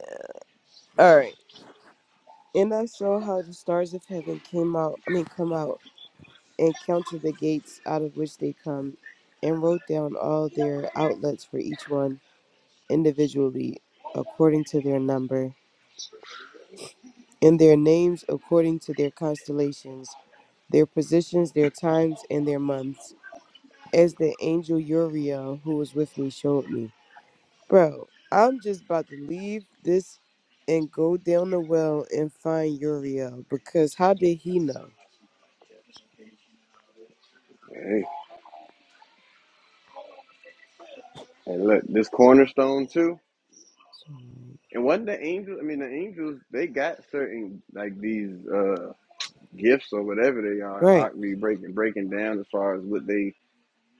[SPEAKER 6] All right. And I saw how the stars of heaven came out, I mean come out and counted the gates out of which they come, and wrote down all their outlets for each one individually, according to their number, and their names according to their constellations, their positions, their times, and their months, as the angel Uriel, who was with me, showed me. Bro, I'm just about to leave this and go down the well and find Uriel because how did he know?
[SPEAKER 2] hey. And look, this cornerstone too. And wasn't the angels? I mean, the angels they got certain like these uh gifts or whatever they are.
[SPEAKER 6] Right.
[SPEAKER 2] Ockley breaking breaking down as far as what they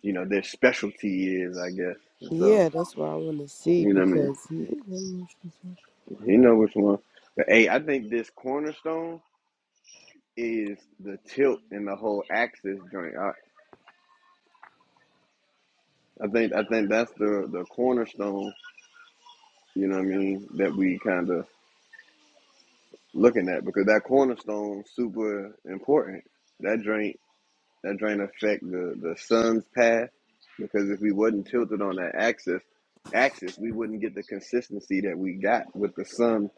[SPEAKER 2] you know their specialty is, I guess. And So
[SPEAKER 6] Yeah, that's what I want to see
[SPEAKER 2] you know what I mean.
[SPEAKER 6] because he,
[SPEAKER 2] You know which one. But hey, I think this cornerstone is the tilt in the whole axis joint. I, I think I think that's the the cornerstone. You know what I mean that we kind of looking at because that cornerstone super important. That joint That drain affect the, the sun's path because if we wasn't tilted on that axis, axis, we wouldn't get the consistency that we got with the sun,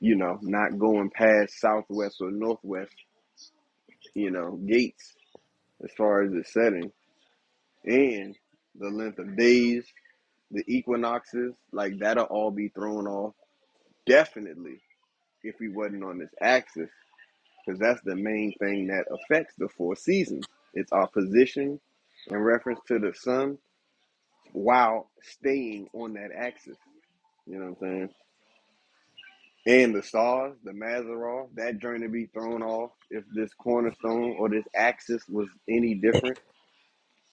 [SPEAKER 2] you know, not going past southwest or northwest, you know, gates as far as its setting and the length of days, the equinoxes, like that'll all be thrown off definitely if we wasn't on this axis because that's the main thing that affects the four seasons. It's our position in reference to the sun while staying on that axis. You know what I'm saying? And the stars, the Mazaroff, that journey be thrown off if this cornerstone or this axis was any different,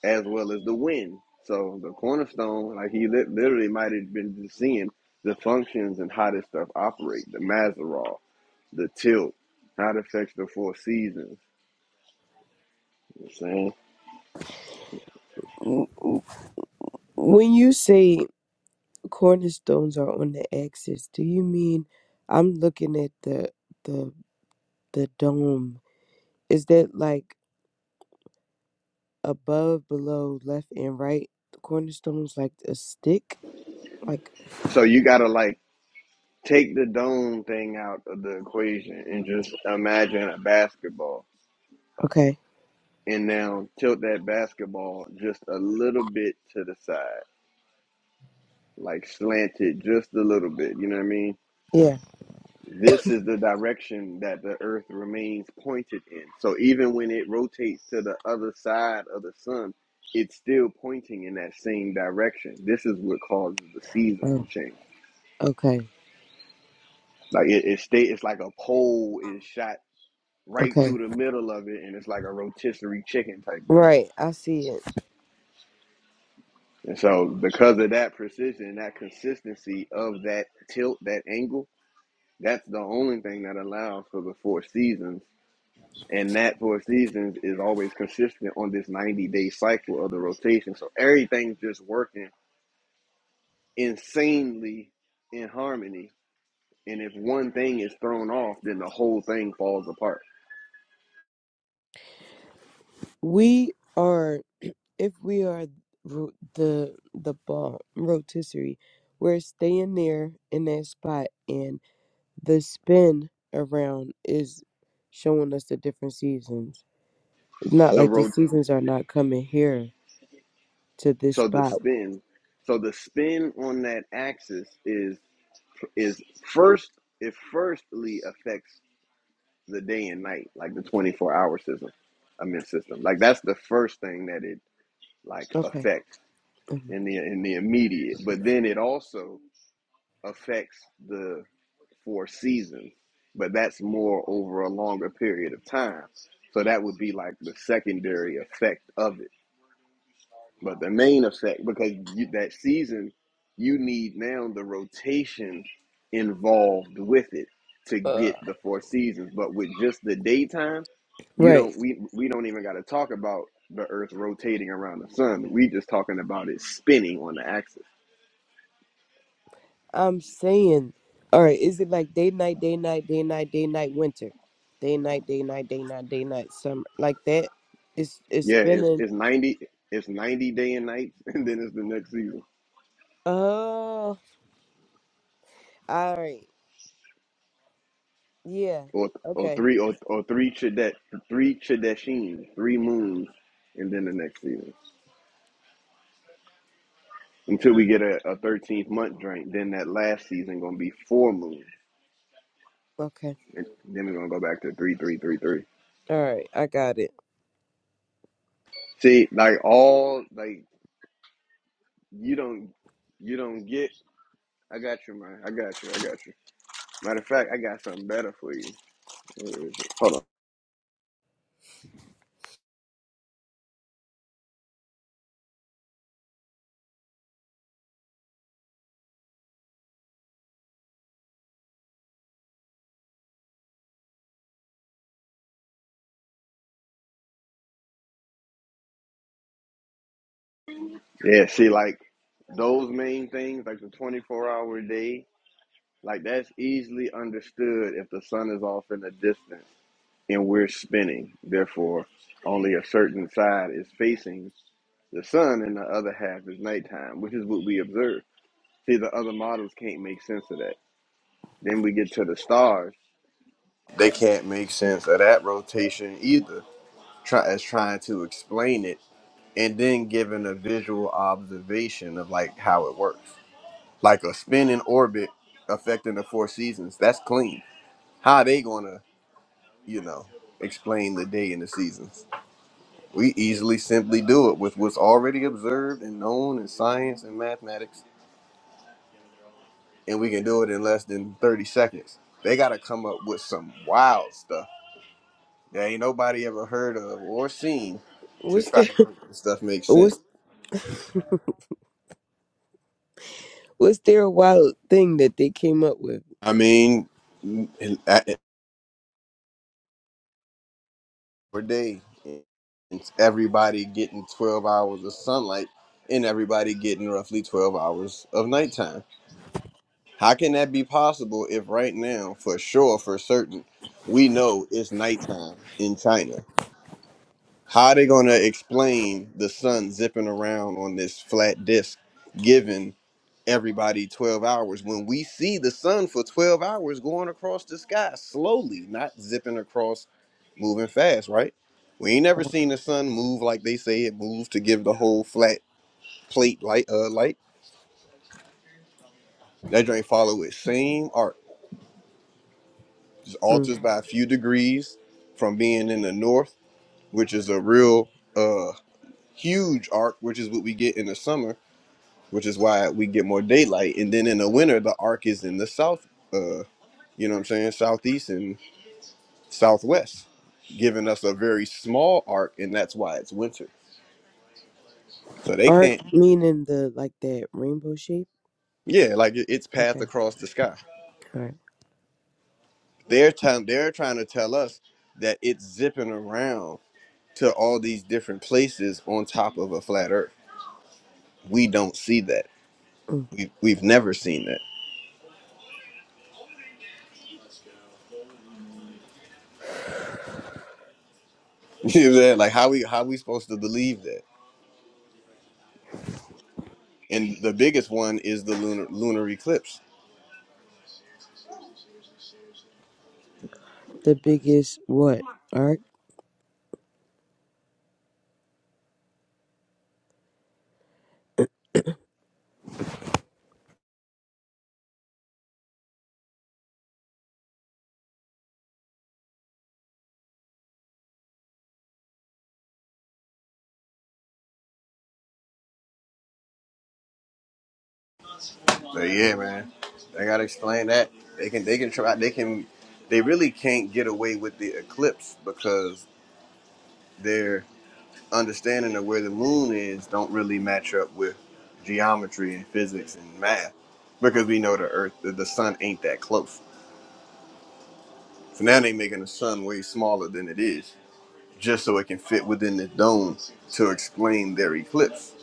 [SPEAKER 2] as well as the wind. So the cornerstone, like he lit literally might have been just seeing the functions and how this stuff operates, the Mazaroff, the tilt, how it affects the four seasons. You know what I'm saying?
[SPEAKER 6] when you say cornerstones are on the axis, do you mean I'm looking at the the the dome? Is that like above, below, left, and right? The cornerstones like a stick? Like
[SPEAKER 2] So you gotta like take the dome thing out of the equation and just imagine a basketball
[SPEAKER 6] okay,
[SPEAKER 2] and now tilt that basketball just a little bit to the side, like slant it just a little bit. You know what I mean?
[SPEAKER 6] yeah,
[SPEAKER 2] This is the direction that the earth remains pointed in. So even when it rotates to the other side of the sun, it's still pointing in that same direction. This is what causes the seasons
[SPEAKER 6] oh,
[SPEAKER 2] to change.
[SPEAKER 6] okay,
[SPEAKER 2] Like it, it stay, it's like a pole is shot right
[SPEAKER 6] okay,
[SPEAKER 2] through the middle of it, and it's like a rotisserie chicken type thing.
[SPEAKER 6] right. I see it.
[SPEAKER 2] And so, because of that precision and that consistency of that tilt, that angle, that's the only thing that allows for the four seasons. And that four seasons is always consistent on this 90 day cycle of the rotation. So, everything's just working insanely in harmony. And if one thing is thrown off, then the whole thing falls apart.
[SPEAKER 6] We are. if we are ro- the the bomb rotisserie, we're staying there in that spot, and the spin around is showing us the different seasons. It's not
[SPEAKER 2] The
[SPEAKER 6] like the
[SPEAKER 2] road,
[SPEAKER 6] seasons are not coming here to this
[SPEAKER 2] so the
[SPEAKER 6] spot.
[SPEAKER 2] spin, so the spin on that axis is is first it firstly affects the day and night, like the 24 hour system, I mean system. Like that's the first thing that it like
[SPEAKER 6] Okay,
[SPEAKER 2] affects
[SPEAKER 6] mhm.
[SPEAKER 2] in the in the immediate. But then it also affects the four seasons, but that's more over a longer period of time. So that would be like the secondary effect of it but the main effect, because you, that season, you need now the rotation involved with it to
[SPEAKER 6] Uh,
[SPEAKER 2] get the four seasons. But with just the daytime, you
[SPEAKER 6] right.
[SPEAKER 2] don't we we don't even got to talk about the Earth rotating around the sun. We just talking about it spinning on the axis.
[SPEAKER 6] I'm saying, all right. Is it like day night, day night, day night, day night, winter, day night, day night, day night, day night, summer, like that? It's it's
[SPEAKER 2] Yeah, it's
[SPEAKER 6] spinning.
[SPEAKER 2] it's ninety it's ninety day and nights, and then it's the next season.
[SPEAKER 6] Oh, all right. Yeah.
[SPEAKER 2] Or, or
[SPEAKER 6] Okay.
[SPEAKER 2] three or, or three Chadet, three Chadeshim, three moons, and then the next season. until we get a, a 13th month drink. Then that last season gonna be four moon,
[SPEAKER 6] Okay.
[SPEAKER 2] and then we're gonna go back to three, three, three, three.
[SPEAKER 6] All right. I got it.
[SPEAKER 2] See, like all like you don't you don't get. I got you, man. I got you. I got you. Matter of fact, I got something better for you. Hold on. Yeah, see, like those main things, like the 24 hour day, like that's easily understood if the sun is off in the distance and we're spinning. Therefore, only a certain side is facing The sun, in the other half, is nighttime, which is what we observe. See, the other models can't make sense of that. Then we get to the stars. They can't make sense of that rotation either, try, as trying to explain it and then giving a visual observation of like how it works. Like a spin in orbit affecting the four seasons, that's clean. How are they going to, you know, explain the day and the seasons? We easily simply do it with what's already observed and known in science and mathematics and we can do it in less than 30 seconds. They got to come up with some wild stuff that ain't nobody ever heard of or seen to
[SPEAKER 6] What's
[SPEAKER 2] try
[SPEAKER 6] the
[SPEAKER 2] to make this stuff make sense.
[SPEAKER 6] what's what's their wild thing that they came up with?
[SPEAKER 2] I mean, n- per day, it's everybody getting 12 hours of sunlight and everybody getting roughly 12 hours of nighttime. How can that be possible if right now, for sure, for certain, we know it's nighttime in China? How are they going to explain the sun zipping around on this flat disk giving everybody 12 hours when we see the sun for 12 hours going across the sky slowly, not zipping across, moving fast, right? We ain't never
[SPEAKER 6] Like,
[SPEAKER 2] seen the sun move like they say it moves to give the whole flat plate light uh light. That joint follow its same arc. Just
[SPEAKER 6] Mm.
[SPEAKER 2] alters by a few degrees from being in the north, which is a real uh huge arc, which is what we get in the summer which is why we get more daylight. And then in the winter, the arc is in the south, uh, you know what I'm saying, southeast and southwest, giving us a very small arc, and that's why it's winter. So they
[SPEAKER 6] Arc
[SPEAKER 2] can't,
[SPEAKER 6] meaning the like that rainbow shape.
[SPEAKER 2] yeah, like it- it's path
[SPEAKER 6] Okay.
[SPEAKER 2] across the sky.
[SPEAKER 6] All right.
[SPEAKER 2] They're trying, they're trying to tell us that it's zipping around to all these different places on top of a flat Earth. We don't see that.
[SPEAKER 6] Mm.
[SPEAKER 2] We we've never seen that. You know what I'm saying? Like how we how we supposed to believe that? And the biggest one is the lunar lunar eclipse
[SPEAKER 6] The biggest what? Arc.
[SPEAKER 2] So yeah, man, I gotta explain that. They can they can try they can they really can't get away with the eclipse because their understanding of where the moon is don't really match up with geometry and physics and math because we know the Earth the the sun ain't that close. So now they making the sun way smaller than it is just so it can fit within the dome to explain their eclipse.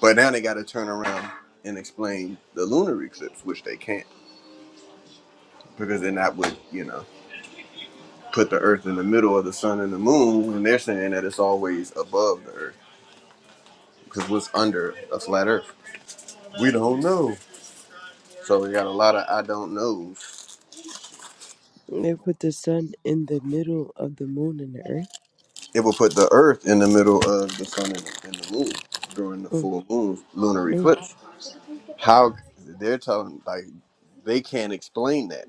[SPEAKER 2] But now they got to turn around and explain the lunar eclipse, which they can't because they're not with you know. put the earth in the middle of the sun and the moon, and they're saying that it's always above the earth because what's under a flat earth? We don't know. So we got a lot of I don't knows.
[SPEAKER 6] They put the sun in the middle of the moon and the earth.
[SPEAKER 2] It will put the earth in the middle of the sun and, and the moon during the
[SPEAKER 6] Mm.
[SPEAKER 2] full moon lunar
[SPEAKER 6] Mm.
[SPEAKER 2] eclipse. How they're telling like they can't explain that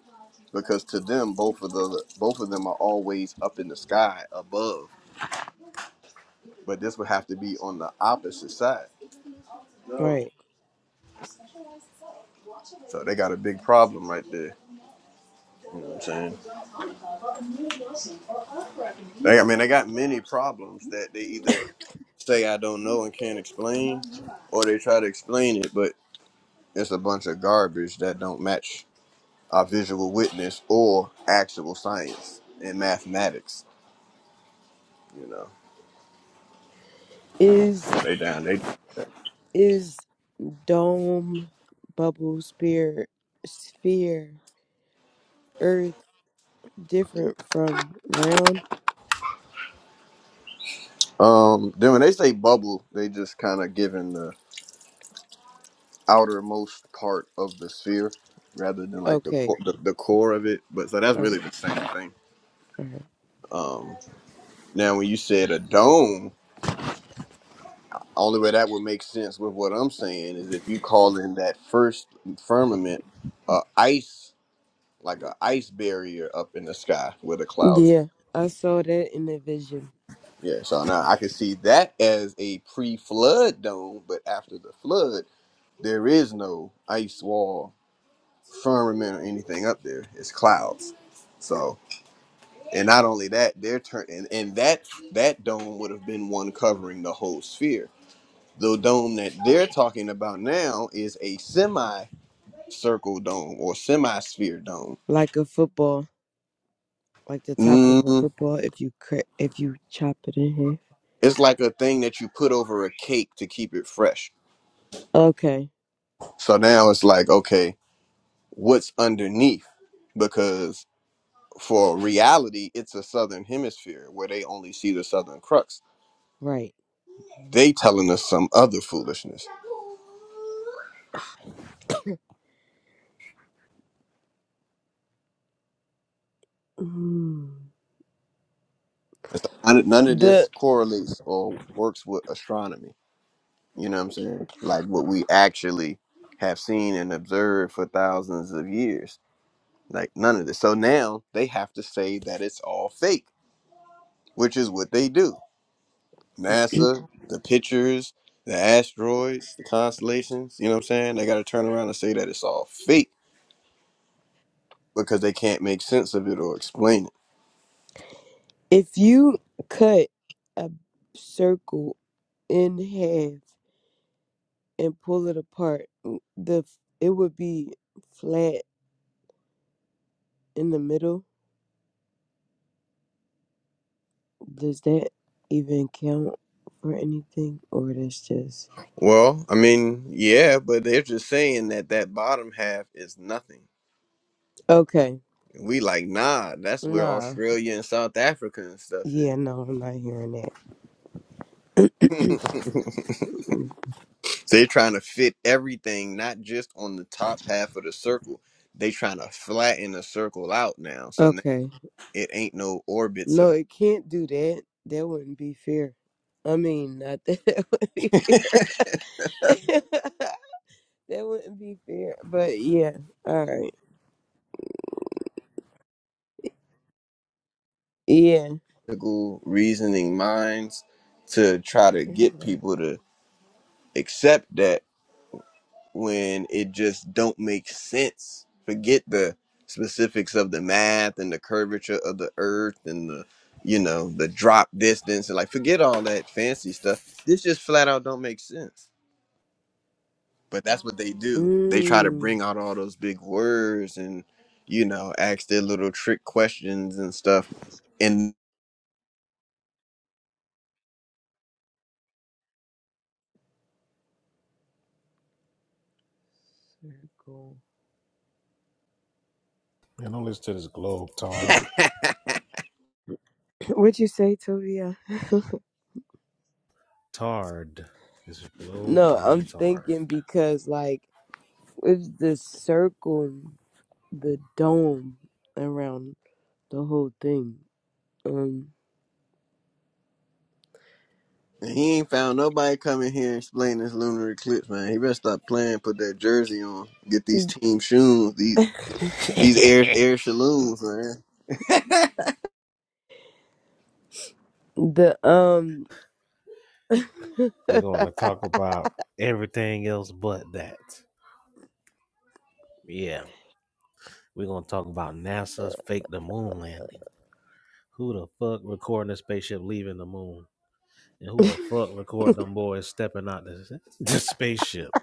[SPEAKER 2] because to them both of the both of them are always up in the sky above, but this would have to be on the opposite side.
[SPEAKER 6] Right.
[SPEAKER 2] So they got a big problem right there. You know what I'm saying? They, I mean, they got many problems that they either say I don't know and can't explain, or they try to explain it, but it's a bunch of garbage that don't match our visual witness or actual science and mathematics. You know,
[SPEAKER 6] Is
[SPEAKER 2] so they down, they down with that.
[SPEAKER 6] is dome, bubble, spear, sphere, earth different from round?
[SPEAKER 2] Um, then when they say bubble, they just kind of giving the outermost part of the sphere rather than like the, co-
[SPEAKER 6] Okay.
[SPEAKER 2] the the core of it. But so that's
[SPEAKER 6] All
[SPEAKER 2] really
[SPEAKER 6] right.
[SPEAKER 2] the same thing.
[SPEAKER 6] All right.
[SPEAKER 2] Um, now when you said a dome. Only way that would make sense with what I'm saying is if you call in that first firmament uh, ice, like a ice barrier up in the sky where the clouds are.
[SPEAKER 6] Yeah, I saw that in the vision,
[SPEAKER 2] Yeah, so now I can see that as a pre-flood dome, but after the flood, there is no ice wall, firmament, or anything up there. It's clouds. So, and not only that, they're turn and, and that that dome would have been one covering the whole sphere. The dome that they're talking about now is a semi. circle dome or semi-sphere dome.
[SPEAKER 6] like a football, like the top of a
[SPEAKER 2] Mm,
[SPEAKER 6] football. If you cra- if you chop it in
[SPEAKER 2] it's like a thing that you put over a cake to keep it fresh.
[SPEAKER 6] half. Okay,
[SPEAKER 2] So now it's like, okay, what's underneath? Because for reality, it's a southern hemisphere where they only see the southern crux.
[SPEAKER 6] right.
[SPEAKER 2] They telling us some other foolishness.
[SPEAKER 6] Mm.
[SPEAKER 2] And so none none of
[SPEAKER 6] The
[SPEAKER 2] this correlates or works with astronomy. You know what I'm saying? Like what we actually have seen and observed for thousands of years Like none of this. So now they have to say that it's all fake, which is what they do. NASA, the pictures, the asteroids, the constellations, you know what I'm saying? They got to turn around and say that it's all fake because they can't make sense of it or explain it.
[SPEAKER 6] if you cut a circle in half and pull it apart, mm, the it would be flat in the middle. Does that even count for anything, or that's just
[SPEAKER 2] Well, I mean, yeah, but they're just saying that that bottom half is nothing.
[SPEAKER 6] okay?
[SPEAKER 2] And we like, nah, that's where
[SPEAKER 6] Nah.
[SPEAKER 2] Australia and South Africa and stuff
[SPEAKER 6] Yeah, no, I'm not hearing that.
[SPEAKER 2] is. They're trying to fit everything, not just on the top half of the circle. They trying to flatten the circle out now, so n-
[SPEAKER 6] Okay.
[SPEAKER 2] it ain't no orbits
[SPEAKER 6] No,
[SPEAKER 2] of
[SPEAKER 6] it can't do that. That wouldn't be fair. I mean, not that that would be fair. that wouldn't be fair. But yeah. All right. Yeah.
[SPEAKER 2] logical reasoning minds to try to get
[SPEAKER 6] Yeah.
[SPEAKER 2] people to accept that when it just don't make sense. Forget the specifics of the math and the curvature of the Earth and the you know the drop distance and like forget all that fancy stuff. This just flat out don't make sense. But that's what they do. They try to
[SPEAKER 6] Mm.
[SPEAKER 2] bring out all those big words and, you know, ask their little trick questions and stuff. And
[SPEAKER 6] Circle.
[SPEAKER 7] Man, don't listen to this globe tard.
[SPEAKER 6] What'd you say, Tovia?
[SPEAKER 7] Tard. It's a globe
[SPEAKER 6] No, I'm
[SPEAKER 7] retard.
[SPEAKER 6] thinking because like with the circle, the dome around the whole thing. Um,
[SPEAKER 2] he ain't found nobody coming here and explain this lunar eclipse, man. He better stop playing, put that jersey on, get these team shoes, these these air air saloons, man.
[SPEAKER 6] the um.
[SPEAKER 7] We're going to talk about everything else but that. Yeah. We're going to talk about NASA's fake the moon landing. Who the fuck recording the spaceship leaving the moon? And who the fuck recording them boys stepping out the, the spaceship?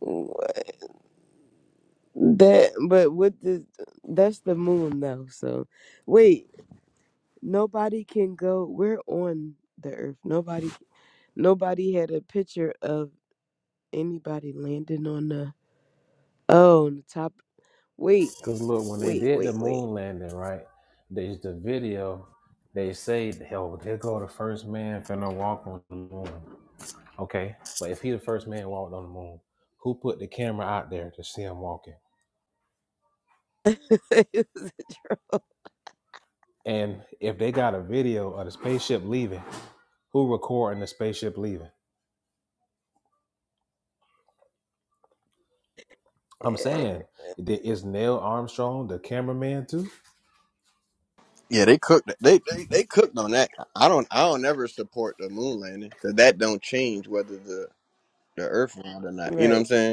[SPEAKER 6] That, but with the, that's the moon though. So, wait, nobody can go. We're on the Earth. Nobody, nobody had a picture of anybody landing on the. Oh, on the top. Wait,
[SPEAKER 7] Cause look, when they
[SPEAKER 6] wait,
[SPEAKER 7] did the
[SPEAKER 6] wait, wait.
[SPEAKER 7] moon landing, right? There's the video. They say, "Hell, there go the first man finna walk on the moon." Okay, but if he the first man walked on the moon, who put the camera out there to see him walking?
[SPEAKER 6] It was a
[SPEAKER 7] And if they got a video of the spaceship leaving, who recording the spaceship leaving? I'm
[SPEAKER 6] drone.
[SPEAKER 7] saying, i- is Neil Armstrong the cameraman too?
[SPEAKER 2] Yeah, they cooked. They, they they cooked on that. I don't I don't ever support the moon landing because that don't change whether the the Earth round or not. You know what I'm
[SPEAKER 6] right.
[SPEAKER 2] saying?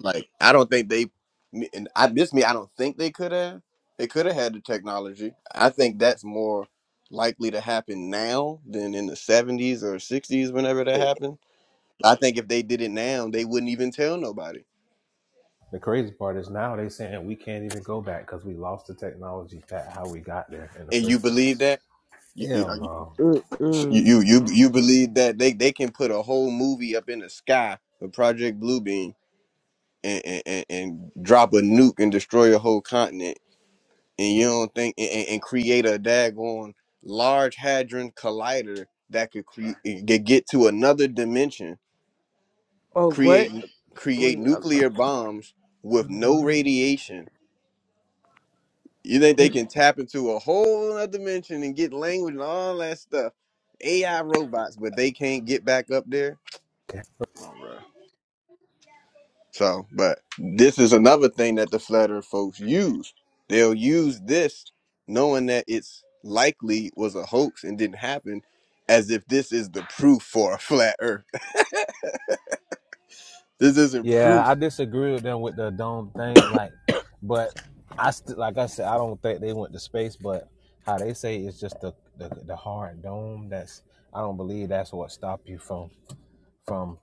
[SPEAKER 2] Like I don't think they me- and I this me I don't think they could have they could have had the technology. I think that's more likely to happen now than in the 70s or 60s whenever that
[SPEAKER 6] right.
[SPEAKER 2] happened. I think if they did it now, they wouldn't even tell nobody.
[SPEAKER 7] The crazy part is now they saying we can't even go back because we lost the technology that how we got there in the
[SPEAKER 2] And you
[SPEAKER 7] first
[SPEAKER 2] believe
[SPEAKER 7] place.
[SPEAKER 2] that? You you
[SPEAKER 7] Hell
[SPEAKER 2] are you
[SPEAKER 7] no.
[SPEAKER 6] Mm-mm.
[SPEAKER 2] you you you believe that they they can put a whole movie up in the sky with Project Bluebeam and and, and and drop a nuke and destroy a whole continent and you don't think and, and and create a daggone large hadron collider that could create get get to another dimension,
[SPEAKER 6] Oh,
[SPEAKER 2] create
[SPEAKER 6] what?
[SPEAKER 2] create
[SPEAKER 6] Wait. I'm,
[SPEAKER 2] nuclear bombs with no
[SPEAKER 6] I'm
[SPEAKER 2] radiation. You think they can tap into a whole other dimension and get language and all that stuff? AI robots, but they can't get back up there.
[SPEAKER 7] Okay.
[SPEAKER 2] So, but this is another thing that the flat earth folks use. They'll use this knowing that it's likely was a hoax and didn't happen as if this is the proof for a flat earth. this isn't
[SPEAKER 7] Yeah,
[SPEAKER 2] proof.
[SPEAKER 7] I disagree with them with the dome thing. Like, but
[SPEAKER 6] sorry.
[SPEAKER 7] I st- like I said, I don't think they went to space. But how they say it's just the, the the hard dome. That's I don't believe that's what stopped you from from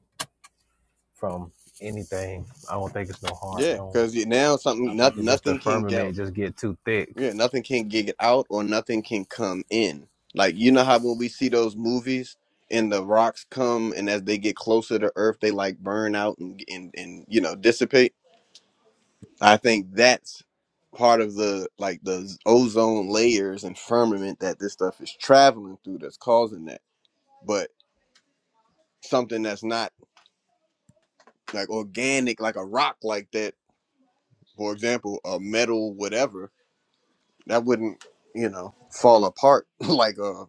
[SPEAKER 7] from anything. I don't think it's no hard
[SPEAKER 2] Yeah,
[SPEAKER 7] dome.
[SPEAKER 2] because now
[SPEAKER 7] I
[SPEAKER 2] something
[SPEAKER 7] think
[SPEAKER 2] not,
[SPEAKER 7] it's just the
[SPEAKER 2] nothing can get
[SPEAKER 7] firmament just get too thick.
[SPEAKER 2] yeah, nothing can get out or nothing can come in. Like you know how when we see those movies and the rocks come and as they get closer to earth they like burn out and and, and you know dissipate I think that's part of the like the ozone layers and firmament that this stuff is traveling through that's causing that. But something that's not like organic, like a rock like that, for example, a metal, whatever, that wouldn't, you know, fall apart like a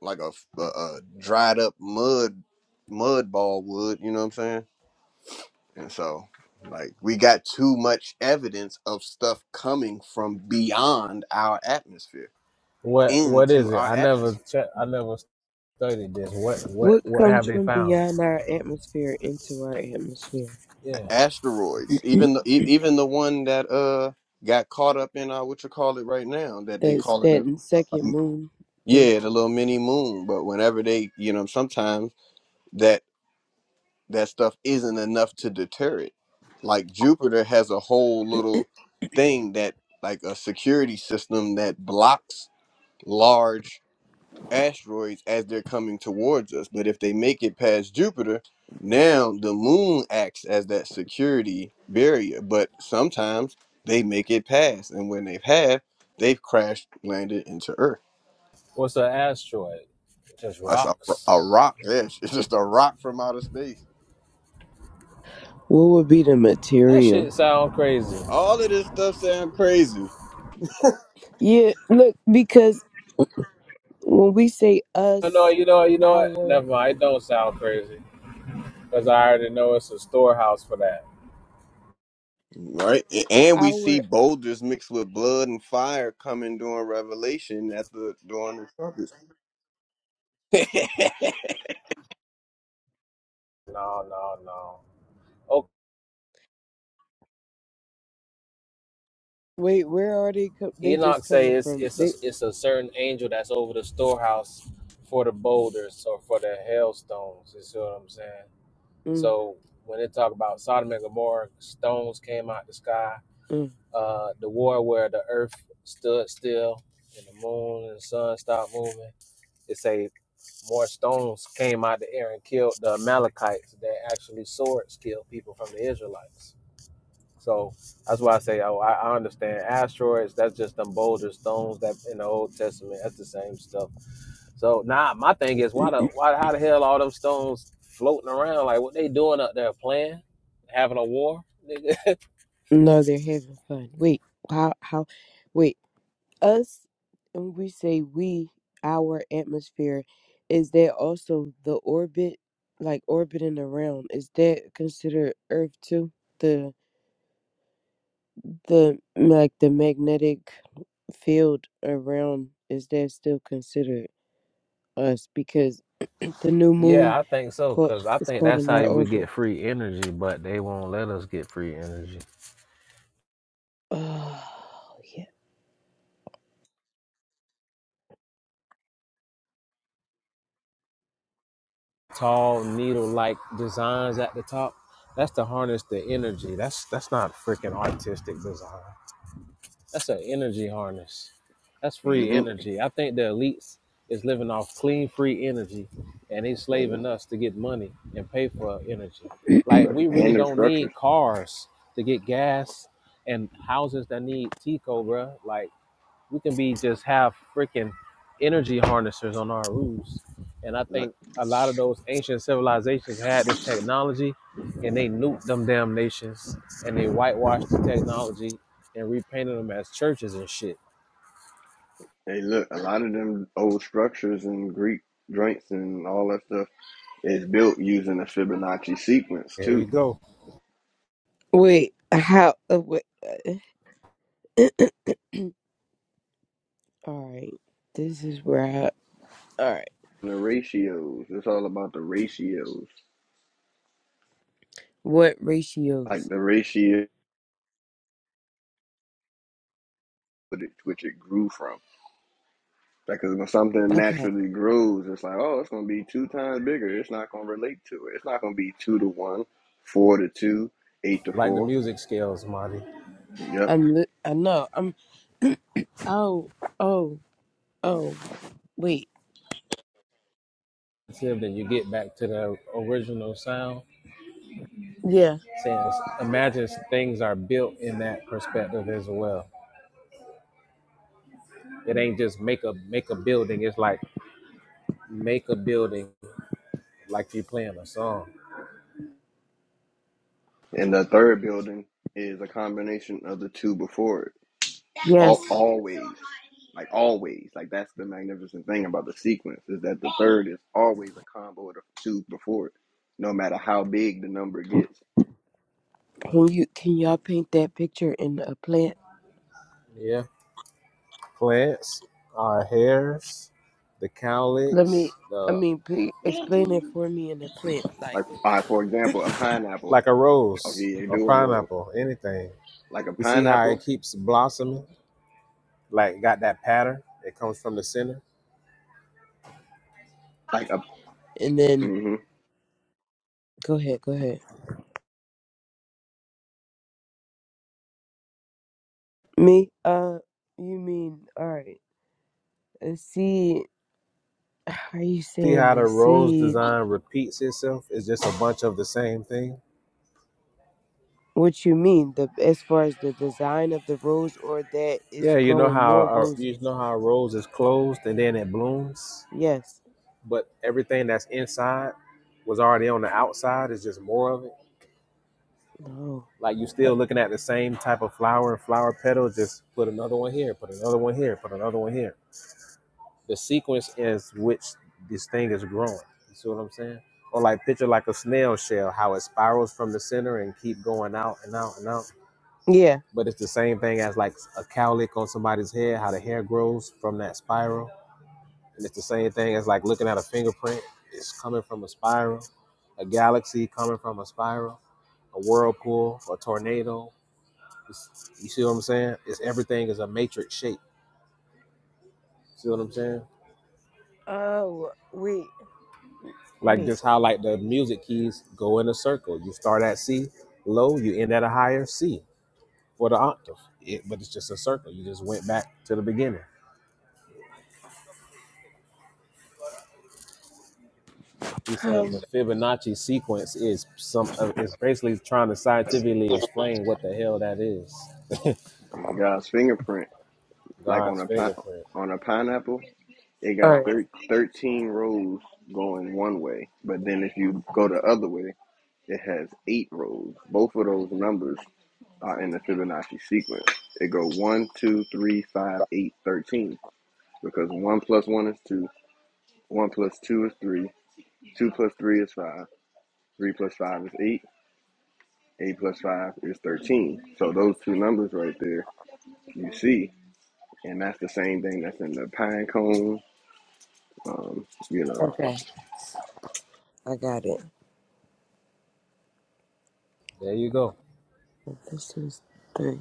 [SPEAKER 2] like a, a, a dried up mud mud ball would. You know what I'm saying? And so, like, we got too much evidence of stuff coming from beyond our atmosphere
[SPEAKER 7] What what
[SPEAKER 2] into
[SPEAKER 7] is it?
[SPEAKER 2] our
[SPEAKER 7] I never
[SPEAKER 2] atmosphere.
[SPEAKER 7] check. I never studied this. What what
[SPEAKER 6] what
[SPEAKER 7] what have
[SPEAKER 6] comes
[SPEAKER 7] they
[SPEAKER 6] from
[SPEAKER 7] found?
[SPEAKER 6] beyond our atmosphere into our atmosphere?
[SPEAKER 7] Yeah,
[SPEAKER 2] Asteroids, even the, e- even the one that uh got caught up in uh what you call it right now that they
[SPEAKER 6] That's
[SPEAKER 2] calling it
[SPEAKER 6] that second
[SPEAKER 2] um,
[SPEAKER 6] moon thing.
[SPEAKER 2] yeah the little mini moon. But whenever they you know sometimes that that stuff isn't enough to deter it. Like Jupiter has a whole little thing that like a security system that blocks large asteroids as they're coming towards us. But if they make it past Jupiter, now the moon acts as that security barrier. But sometimes they make it past, and when they have, they've crashed landed into Earth.
[SPEAKER 7] what's an asteroid? Just
[SPEAKER 2] That's a,
[SPEAKER 7] rocks.
[SPEAKER 2] a rock. Yes, it's just a rock from outer space.
[SPEAKER 6] What would be the
[SPEAKER 7] That
[SPEAKER 6] material?
[SPEAKER 7] shit sound crazy.
[SPEAKER 2] All of this stuff sounds crazy,
[SPEAKER 6] Yeah, look, because when we say
[SPEAKER 7] No, no,
[SPEAKER 6] us,
[SPEAKER 7] you know, you know what?
[SPEAKER 6] our,
[SPEAKER 7] Never mind. It don't sound crazy because I already know it's a storehouse for that.
[SPEAKER 2] right? A- And we see
[SPEAKER 6] our,
[SPEAKER 2] boulders mixed with blood and fire coming during Revelation at the during the trumpets.
[SPEAKER 7] No, no, no. Oh,
[SPEAKER 6] Wait, where are they? Co- they
[SPEAKER 7] Enoch
[SPEAKER 6] just
[SPEAKER 7] say
[SPEAKER 6] coming
[SPEAKER 7] it's
[SPEAKER 6] from?
[SPEAKER 7] it's a
[SPEAKER 6] They
[SPEAKER 7] it's a certain angel that's over the storehouse for the boulders or for the hailstones. You see what I'm saying?
[SPEAKER 6] mm,
[SPEAKER 7] So when they talk about Sodom and Gomorrah, stones came out the sky.
[SPEAKER 6] mm.
[SPEAKER 7] Uh, the war where the earth stood still and the moon and the sun stopped moving. it say more stones came out of the air and killed the Amalekites than actually swords killed people from the Israelites. So that's why I say, oh, I, I understand asteroids. That's just them boulder stones that in the Old Testament. That's the same stuff. So now nah, my thing is, why the why how the hell all them stones floating around? Like what they doing up there? Playing, having a war? nigga?
[SPEAKER 6] no, they're having fun. Wait, how how? Wait, us and we say we our atmosphere is that also the orbit, like orbiting around? Is that considered Earth too? The the like the magnetic field around is that still considered us because the new moon
[SPEAKER 7] yeah, I think so.
[SPEAKER 6] caught
[SPEAKER 7] Cause I
[SPEAKER 6] is
[SPEAKER 7] think
[SPEAKER 6] caught
[SPEAKER 7] that's
[SPEAKER 6] in
[SPEAKER 7] how
[SPEAKER 6] our
[SPEAKER 7] we
[SPEAKER 6] orbit.
[SPEAKER 7] get free energy, but they won't let us get free energy.
[SPEAKER 6] Oh yeah.
[SPEAKER 7] tall needle-like designs at the top. That's to harness the energy. That's that's not freaking artistic design. That's an energy harness. That's free
[SPEAKER 2] hmm
[SPEAKER 7] energy. I think the elites is living off clean, free energy, and they
[SPEAKER 2] And,
[SPEAKER 7] slaving us to get money and pay for energy. Like
[SPEAKER 2] look,
[SPEAKER 7] we really
[SPEAKER 2] and the
[SPEAKER 7] don't
[SPEAKER 2] structures.
[SPEAKER 7] need cars to get gas and houses that need Tico, bruh. Like we can be just have freaking energy harnessers on our roofs. And I think a lot of those ancient civilizations had this technology and they nuked them damn nations and they whitewashed the technology and repainted them as churches and shit.
[SPEAKER 2] Hey, look, a lot of them old structures and Greek joints and all that stuff is built using the Fibonacci sequence
[SPEAKER 7] There
[SPEAKER 2] too.
[SPEAKER 7] you go.
[SPEAKER 6] Wait, how? Uh, wait, uh, all right. This is where I. All right.
[SPEAKER 2] the ratios, it's all about the ratios,
[SPEAKER 6] What
[SPEAKER 2] like
[SPEAKER 6] ratios?
[SPEAKER 2] the ratio which it which it grew from. Because when something
[SPEAKER 6] Okay.
[SPEAKER 2] naturally grows, it's like, oh, it's going to be two times bigger. It's not going to relate to it. It's not going to be two to one, four to two, eight to
[SPEAKER 7] Like the
[SPEAKER 2] four.
[SPEAKER 7] music scales, Marty.
[SPEAKER 2] Yep.
[SPEAKER 6] I'm. Li- I know. I'm. Oh. Oh. Oh. Wait.
[SPEAKER 7] Until then you get back to the original sound.
[SPEAKER 6] Yeah.
[SPEAKER 7] Since imagine things are built in that perspective as well. It ain't just make a make a building, it's like make a building like you're playing a song.
[SPEAKER 2] And the third building is a combination of the two before it. Al-
[SPEAKER 6] Yes.
[SPEAKER 2] always, like always, like that's the magnificent thing about the sequence is that the third is always a combo of the two before it, no matter how big the number gets.
[SPEAKER 6] Can you? Can y'all paint that picture in a plant?
[SPEAKER 7] Yeah, plants, our hairs, the
[SPEAKER 6] Let me.
[SPEAKER 7] cowlicks,
[SPEAKER 6] I
[SPEAKER 7] the
[SPEAKER 6] mean, p- explain it for me in a plant, like,
[SPEAKER 2] Like, uh, for example, a pineapple.
[SPEAKER 7] like a
[SPEAKER 2] Okay,
[SPEAKER 7] rose
[SPEAKER 2] you
[SPEAKER 7] or
[SPEAKER 2] do a roll.
[SPEAKER 7] pineapple, anything.
[SPEAKER 2] Like a
[SPEAKER 7] You see how
[SPEAKER 2] pineapple,
[SPEAKER 7] it keeps blossoming, like got that pattern. It comes from the center.
[SPEAKER 2] like a
[SPEAKER 6] and then
[SPEAKER 2] mm-hmm,
[SPEAKER 6] Go ahead, go ahead. Me? Uh, you mean, alright, a seed, how are you
[SPEAKER 7] See
[SPEAKER 6] saying
[SPEAKER 7] how
[SPEAKER 6] the
[SPEAKER 7] the rose
[SPEAKER 6] seed?
[SPEAKER 7] design repeats itself? It's just a bunch of the same thing.
[SPEAKER 6] What you mean, the as far as the design of the rose or that it's
[SPEAKER 7] Yeah, you know
[SPEAKER 6] growing
[SPEAKER 7] how
[SPEAKER 6] more
[SPEAKER 7] a, you
[SPEAKER 6] roses?
[SPEAKER 7] know how a rose is closed and then it blooms,
[SPEAKER 6] Yes.
[SPEAKER 7] but everything that's inside was already on the outside. It's just more of it.
[SPEAKER 6] No.
[SPEAKER 7] Like you
[SPEAKER 6] Eh,
[SPEAKER 7] still looking at the same type of flower flower petal, just put another one here, put another one here, put another one here. The sequence is which this thing is growing. You see what I'm saying? Or like picture like a snail shell, how it spirals from the center and keep going out and out and out.
[SPEAKER 6] Yeah.
[SPEAKER 7] But it's the same thing as like a cowlick on somebody's head, how the hair grows from that spiral. And it's the same thing as like looking at a fingerprint. It's coming from a spiral, a galaxy coming from a spiral a whirlpool, a tornado. It's- you see what I'm saying? It's everything is a matrix shape. See what I'm saying?
[SPEAKER 6] Oh, wait,
[SPEAKER 7] Like
[SPEAKER 6] wait.
[SPEAKER 7] just how like the music keys go in a circle. You start at C low, you end at a higher C for the octave. It, but it's just a circle. You just went back to the beginning. He's saying
[SPEAKER 6] Um,
[SPEAKER 7] the Fibonacci sequence is some uh, is basically trying to scientifically explain what the hell that is.
[SPEAKER 2] it's God's fingerprint. Like on
[SPEAKER 7] God's
[SPEAKER 2] a pi-
[SPEAKER 7] fingerprint.
[SPEAKER 2] on a pineapple, it got
[SPEAKER 6] alright,
[SPEAKER 2] thir- 13 rows going one way, but then if you go the other way, it has eight rows. Both of those numbers uh, in the Fibonacci sequence. It go one, two, three, five, eight, thirteen. Because one plus one is two, one plus two is three, two plus three is five, three plus five is eight, eight plus five is thirteen. So those two numbers right there, you see, and that's the same thing that's in the pine cone, um, you know,
[SPEAKER 6] okay, I got it.
[SPEAKER 7] There you go.
[SPEAKER 6] This is three.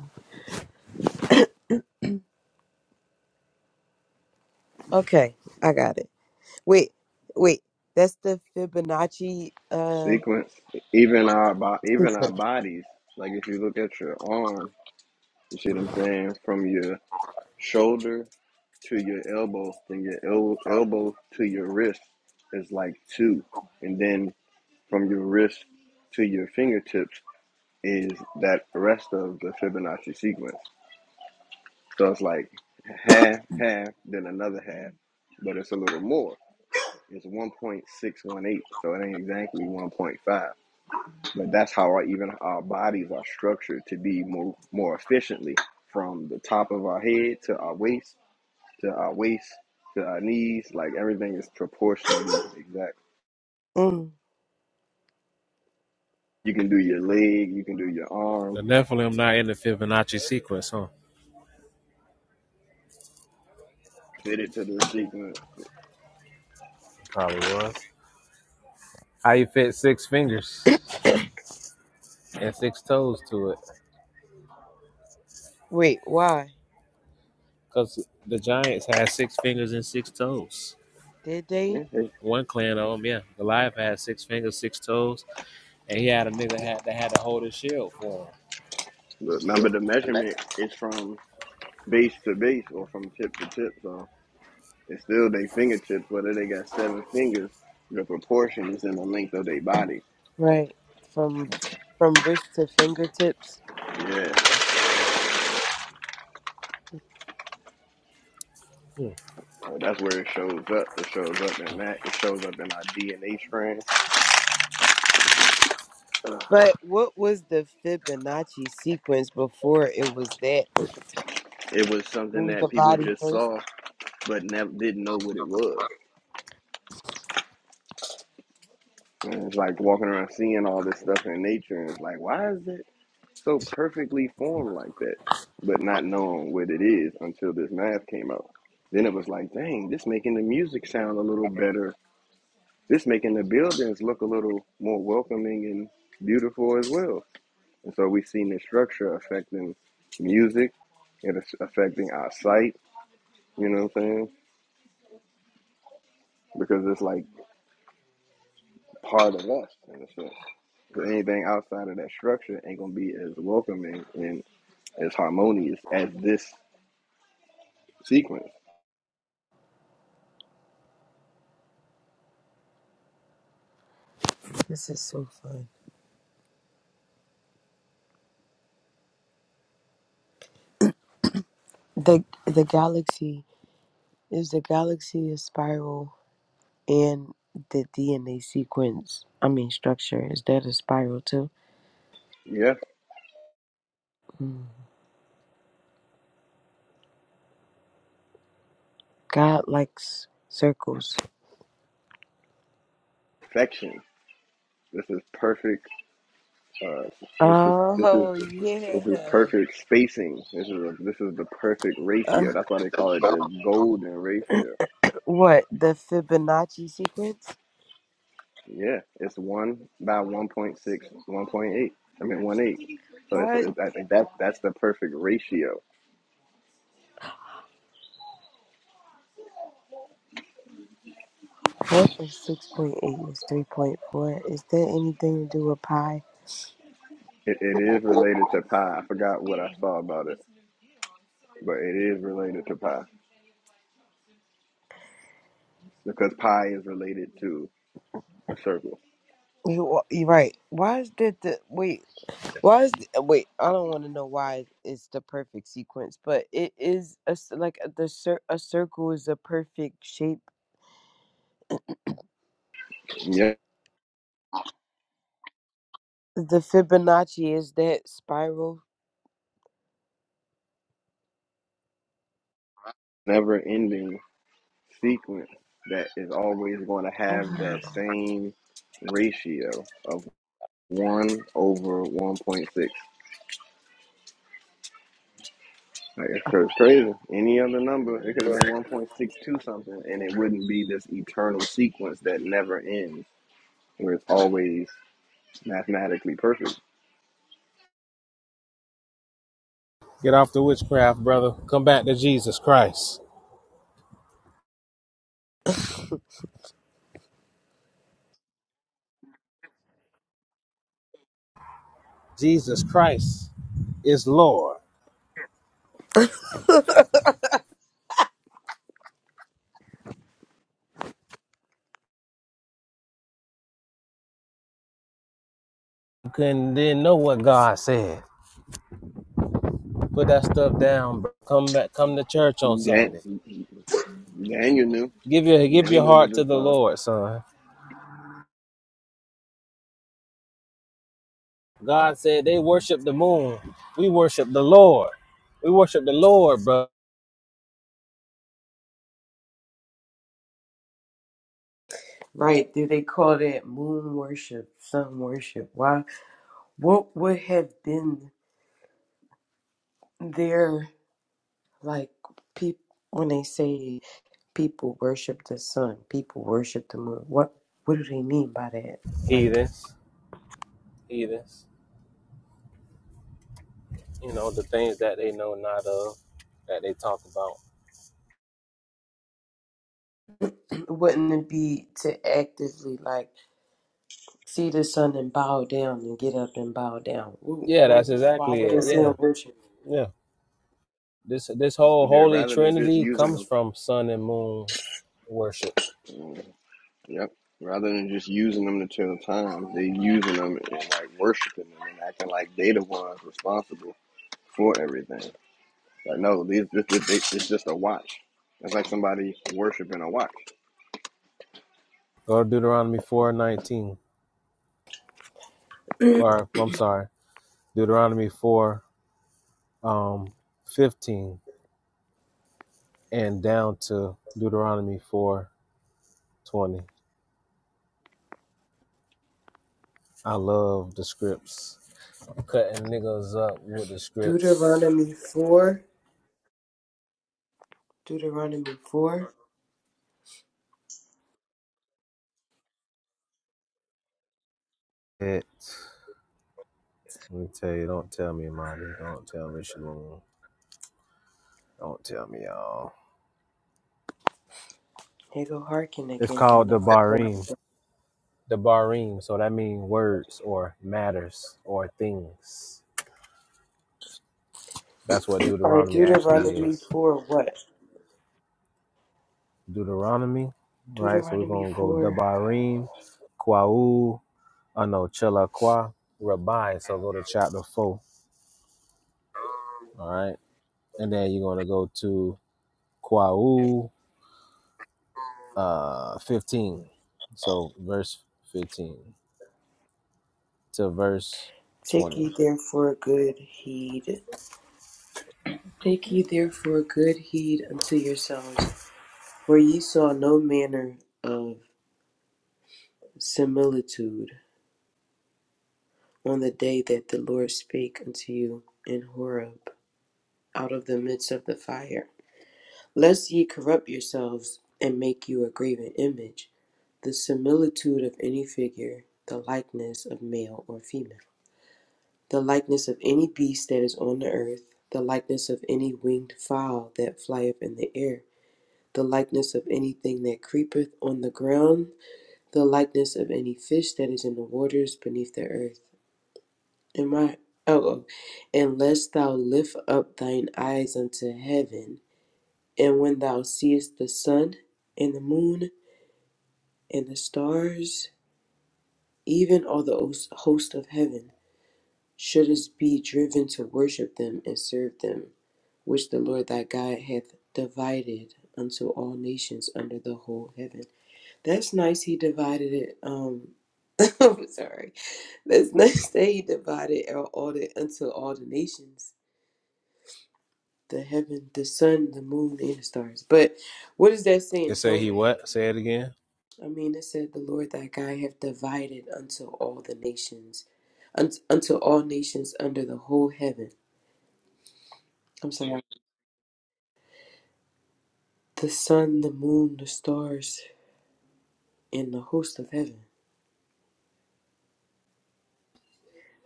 [SPEAKER 6] Okay, I got it. Wait, wait, that's the Fibonacci, uh,
[SPEAKER 2] sequence. Even our bo- even our bodies, like if you look at your arm, you see what I'm saying, from your shoulder to your elbow, then your el- elbow to your wrist is like two, and then from your wrist to your fingertips is that rest of the Fibonacci sequence. So it's like half, half, then another half, but it's a little more. It's 1.618, so it ain't exactly 1.5, but that's how our, even our bodies are structured to be more more efficiently from the top of our head to our waist to our waist to our knees. Like everything is proportional, exact.
[SPEAKER 6] Mm.
[SPEAKER 2] You can do your leg, you can do your
[SPEAKER 7] The
[SPEAKER 2] arm,
[SPEAKER 7] Nephilim not in the Fibonacci sequence, huh?
[SPEAKER 2] fit it to the sequence.
[SPEAKER 7] Probably was. How you fit six fingers and six toes to it?
[SPEAKER 6] Wait, why?
[SPEAKER 7] Because the Giants had six fingers and six toes.
[SPEAKER 6] Did
[SPEAKER 2] Yeah,
[SPEAKER 6] they?
[SPEAKER 2] it's-
[SPEAKER 7] One clan of them, yeah. Goliath had six fingers, six toes, and he had a nigga had that had to hold his shield for
[SPEAKER 2] but remember, the measurement is from base to base or from tip to tip. So it's still their fingertips, whether they got seven fingers. The proportion is in the length of their body.
[SPEAKER 6] Right. From from wrist to fingertips.
[SPEAKER 2] Yeah,
[SPEAKER 7] him. Hmm.
[SPEAKER 2] so that's where it shows up. It shows up in that. It shows up in our DNA strand. Uh,
[SPEAKER 6] But what was the Fibonacci sequence before it was that?
[SPEAKER 2] it was
[SPEAKER 6] It
[SPEAKER 2] something
[SPEAKER 6] was the
[SPEAKER 2] that people
[SPEAKER 6] body
[SPEAKER 2] just
[SPEAKER 6] first.
[SPEAKER 2] saw, but never didn't know what it was. And it's like walking around seeing all this stuff in nature, and it's like, why is it so perfectly formed like that? But not knowing what it is until this math came out. Then it was like, dang, this making the music sound a little better. This making the buildings look a little more welcoming and beautiful as well. And so we've seen the structure affecting music, it is affecting our sight. You know what I'm saying? Because it's like part of us in a sense. 'Cause anything outside of that structure ain't gonna be as welcoming and as harmonious as this sequence.
[SPEAKER 6] This is so fun. The the galaxy is the galaxy a spiral and the DNA sequence. I mean structure. Is that a spiral too?
[SPEAKER 2] Yeah,
[SPEAKER 6] Mm. God likes circles.
[SPEAKER 2] perfection. This is perfect. Uh, this is this is
[SPEAKER 6] Oh yeah.
[SPEAKER 2] this is perfect spacing. This is a, this is the perfect
[SPEAKER 6] Uh,
[SPEAKER 2] ratio. That's why they call it the golden ratio.
[SPEAKER 6] what the Fibonacci sequence?
[SPEAKER 2] Yeah, it's one by one point six one point eight. I mean one eight. So it's,
[SPEAKER 6] What?
[SPEAKER 2] it's I think that that's the perfect ratio.
[SPEAKER 6] What is six point eight is three point four? Is that anything to do with pi?
[SPEAKER 2] It, it is related to pi. I forgot what I saw about it, but it is related to pi because pi is related to a circle.
[SPEAKER 6] You you right. Why is that the wait? Why is the, wait? I don't want to know why it's the perfect sequence, but it is a s- like a, the cir- a circle is a perfect shape.
[SPEAKER 2] Yeah.
[SPEAKER 6] The Fibonacci is that spiral.
[SPEAKER 2] never ending sequence that is always going to have that same ratio of 1 over 1.6. Like, it's cra- crazy. Any other number, it could have
[SPEAKER 6] Go
[SPEAKER 2] been
[SPEAKER 6] ahead.
[SPEAKER 2] 1.62 something, and it wouldn't be this eternal sequence that never ends, where it's always mathematically perfect.
[SPEAKER 7] Get off the witchcraft, brother. Come back to Jesus Christ. Jesus Christ is Lord. You couldn't didn't know what God said. Put that stuff down. Bro. Come back. Come to church on
[SPEAKER 2] Dan,
[SPEAKER 7] Sunday.
[SPEAKER 2] Daniel knew.
[SPEAKER 7] Give your give
[SPEAKER 2] Daniel
[SPEAKER 7] your
[SPEAKER 2] knew to
[SPEAKER 7] heart to
[SPEAKER 2] do
[SPEAKER 7] the
[SPEAKER 2] stuff.
[SPEAKER 7] Lord, son. God said they worship the moon. We worship the Lord. We worship the Lord, bro.
[SPEAKER 6] Right. Do they call that moon worship, sun worship? Why? What would have been there? like people when they say people worship the sun, people worship the moon? What What do they mean by that? Like
[SPEAKER 7] heathens, heathens, you know, the things that they know not of, that they talk about.
[SPEAKER 6] wouldn't it be to actively like see the sun and bow down and get up and bow down? Wh-
[SPEAKER 7] Yeah, that's
[SPEAKER 6] wh- Why
[SPEAKER 7] exactly
[SPEAKER 6] would they
[SPEAKER 7] it.
[SPEAKER 6] say in
[SPEAKER 7] Yeah,
[SPEAKER 6] worship?
[SPEAKER 7] yeah. This this whole
[SPEAKER 2] Yeah,
[SPEAKER 7] holy
[SPEAKER 2] rather than just
[SPEAKER 7] trinity comes
[SPEAKER 2] using
[SPEAKER 7] from sun and moon worship.
[SPEAKER 2] them. Yep. Rather than just using them to kill time, they using them and like worshiping them and acting like they the ones responsible for everything. Like no, these this, this, this, it's just a watch. It's like somebody worshiping a watch.
[SPEAKER 7] Go to Deuteronomy four nineteen, or I'm sorry, Deuteronomy four um, fifteen, and down to Deuteronomy four twenty. I love the scripts. I'm Cutting niggas up with the scripts.
[SPEAKER 6] Deuteronomy 4. Deuteronomy 4.
[SPEAKER 7] It. Let me tell you, don't tell me, Monty. Don't tell me, Shalom. Don't tell me, y'all.
[SPEAKER 6] Here go hearken
[SPEAKER 7] It's
[SPEAKER 6] again. Y'all
[SPEAKER 7] called
[SPEAKER 6] know
[SPEAKER 7] the
[SPEAKER 6] how I feel.
[SPEAKER 7] Barim. The Barim. So that means words or matters or things. That's what
[SPEAKER 6] All right,
[SPEAKER 7] Deuteronomy actually
[SPEAKER 6] Deuteronomy
[SPEAKER 7] is.
[SPEAKER 6] 4 what?
[SPEAKER 7] Deuteronomy, right? So we're
[SPEAKER 6] Deuteronomy
[SPEAKER 7] going to go the
[SPEAKER 6] 4.
[SPEAKER 7] Barim, Kwa'u, I know, Chelakwa, Rabbi. So go to chapter 4, all right? And then you're going to go to Kwa'u uh, 15. So verse 15. to verse
[SPEAKER 6] Take
[SPEAKER 7] 20.
[SPEAKER 6] ye therefore good heed. Take ye therefore good heed unto yourselves, for ye saw no manner of similitude on the day that the Lord spake unto you in Horeb out of the midst of the fire, lest ye corrupt yourselves and make you a graven image, the similitude of any figure, the likeness of male or female, the likeness of any beast that is on the earth, the likeness of any winged fowl that flieth in the air, the likeness of anything that creepeth on the ground, the likeness of any fish that is in the waters beneath the earth. Am my Oh, oh. unless thou lift up thine eyes unto heaven, and when thou seest the sun and the moon and the stars, even all the host of heaven, shouldest be driven to worship them and serve them, which the Lord thy God hath divided unto all nations under the whole heaven. That's nice. He divided it. Um, I'm sorry. That's nice that he divided all all the unto all the nations the heaven, the sun, the moon, and the stars. But what is that
[SPEAKER 7] It
[SPEAKER 6] saying?
[SPEAKER 7] say
[SPEAKER 6] Don't
[SPEAKER 7] he what? Say it again.
[SPEAKER 6] I mean it said the Lord thy God hath divided unto all the nations, un, unto all nations under the whole heaven. I'm sorry, the sun, the moon, the stars, and the host of heaven.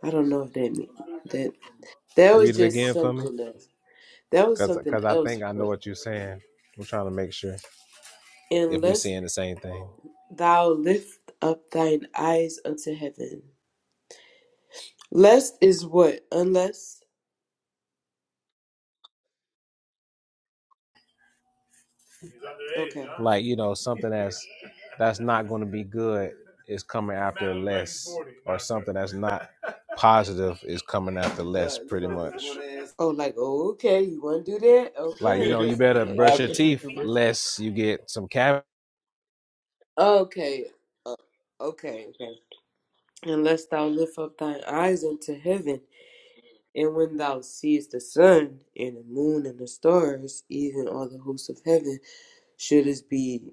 [SPEAKER 6] I don't know if that mean that that was
[SPEAKER 7] Read it
[SPEAKER 6] just
[SPEAKER 7] again for me.
[SPEAKER 6] something else. That was
[SPEAKER 7] Cause,
[SPEAKER 6] something
[SPEAKER 7] Cause I
[SPEAKER 6] else.
[SPEAKER 7] think I know
[SPEAKER 6] But
[SPEAKER 7] what you're saying. I'm trying to make sure if we are
[SPEAKER 6] unless
[SPEAKER 7] saying the same thing.
[SPEAKER 6] thou lift up thine eyes unto heaven, lest is what? Unless okay.
[SPEAKER 7] Like, you know, something that's that's not gonna be good is coming after less. Or something that's not positive is coming after less pretty much.
[SPEAKER 6] Oh, like oh, okay, you want to do that?
[SPEAKER 7] Like, you
[SPEAKER 6] Okay,
[SPEAKER 7] know, you better
[SPEAKER 6] like
[SPEAKER 7] brush
[SPEAKER 6] on
[SPEAKER 7] your
[SPEAKER 6] that.
[SPEAKER 7] teeth less you get some cavities.
[SPEAKER 6] Okay, uh, okay, okay. And lest thou lift up thine eyes unto heaven, and when thou seest the sun and the moon and the stars, even all the hosts of heaven, should this be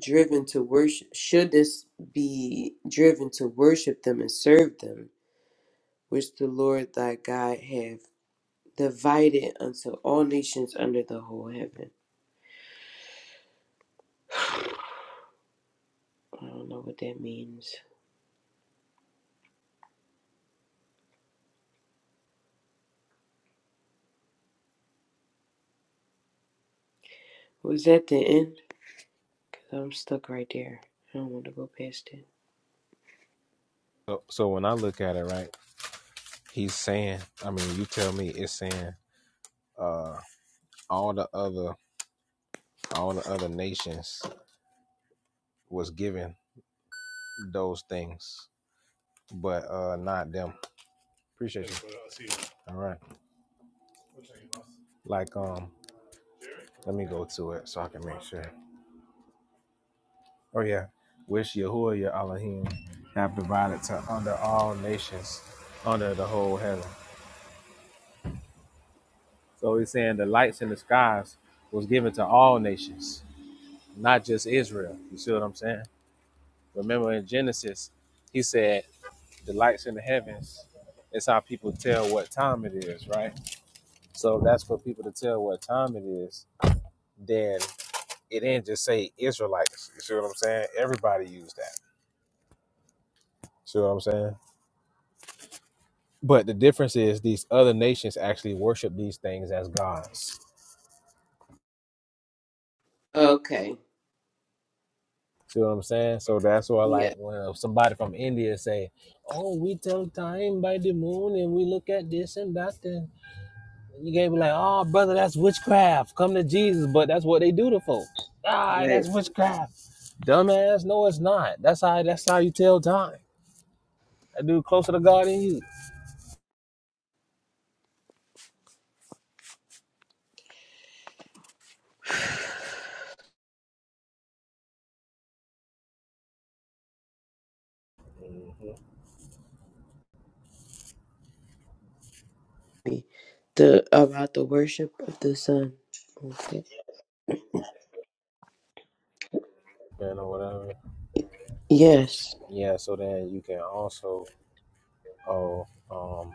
[SPEAKER 6] driven to worship? Should this be driven to worship them and serve them, which the Lord thy God hath divided unto all nations under the whole heaven? I don't know what that means. Was that the end? Because I'm stuck right there. I don't want to go past it.
[SPEAKER 7] So so when I look at it, right, he's saying, I mean, you tell me it's saying, uh, all the other all the other nations was given those things, but uh not them. Appreciate you. All right. Like um, let me go to it so I can make sure. Oh yeah. Wish Yahuwah your Elohim have provided to under all nations under the whole heaven. So he's saying the lights in the skies was given to all nations, not just Israel. You see what I'm saying? Remember in Genesis, he said the lights in the heavens it's how people tell what time it is right so that's for people to tell what time it is then it ain't just say israelites you see what i'm saying everybody use that see what i'm saying but the difference is these other nations actually worship these things as gods
[SPEAKER 6] Okay.
[SPEAKER 7] see what i'm saying so that's why like
[SPEAKER 6] Yeah.
[SPEAKER 7] when somebody from india say oh we tell time by the moon and we look at this and that You gave me like, oh brother, that's witchcraft. Come to Jesus, but that's what they do to folk. Ah,
[SPEAKER 6] Right.
[SPEAKER 7] that's witchcraft. Dumbass, no, it's not. That's how that's how you tell time. That dude closer to God than you.
[SPEAKER 6] The about the worship of the sun. Okay.
[SPEAKER 7] Man, or whatever.
[SPEAKER 6] Yes,
[SPEAKER 7] Yeah, so then you can also oh um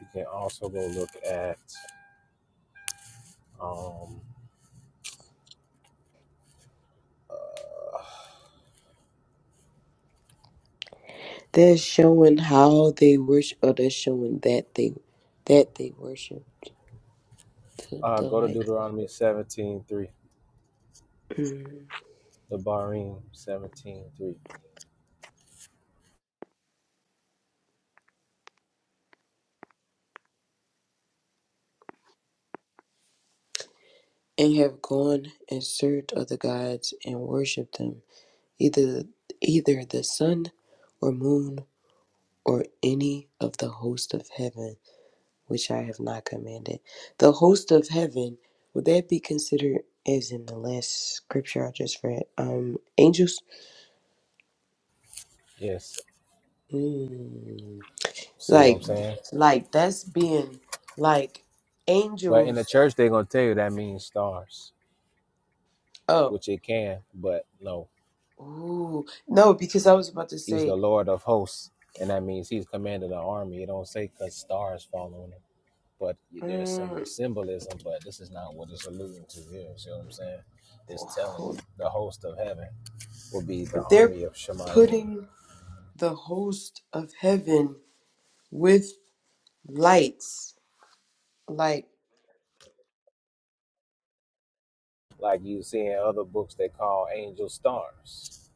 [SPEAKER 7] you can also go look at um
[SPEAKER 6] that's showing how they worship, or that's showing that they that they worship the,
[SPEAKER 7] uh
[SPEAKER 6] the
[SPEAKER 7] go to
[SPEAKER 6] light,
[SPEAKER 7] Deuteronomy seventeen three.
[SPEAKER 6] Mhm.
[SPEAKER 7] The Barim seventeen three.
[SPEAKER 6] and have gone in search of the gods and worship them, either either the sun, or moon, or any of the host of heaven. which I have not commanded. The host of heaven, would that be considered as in the last scripture I just read? Um, angels?
[SPEAKER 7] Yes.
[SPEAKER 6] Hmm.
[SPEAKER 7] See what I'm
[SPEAKER 6] Like,
[SPEAKER 7] saying?
[SPEAKER 6] like that's being like
[SPEAKER 7] But in the
[SPEAKER 6] angels.
[SPEAKER 7] church they're gonna tell you that means stars.
[SPEAKER 6] Oh,
[SPEAKER 7] which it can, but no,
[SPEAKER 6] ooh, no, because I was about to
[SPEAKER 7] he's the
[SPEAKER 6] say,
[SPEAKER 7] Lord of hosts, and that means he's commanded an army. It don't say because stars fall on him, but there's sym-
[SPEAKER 6] mm,
[SPEAKER 7] symbolism, but this is not what it's alluding to here. see what I'm saying? It's telling you
[SPEAKER 6] hold,
[SPEAKER 7] the host of heaven will be the
[SPEAKER 6] but they're
[SPEAKER 7] army of Shemaim,
[SPEAKER 6] putting the host of heaven with lights, like
[SPEAKER 7] like you see in other books they call angel stars.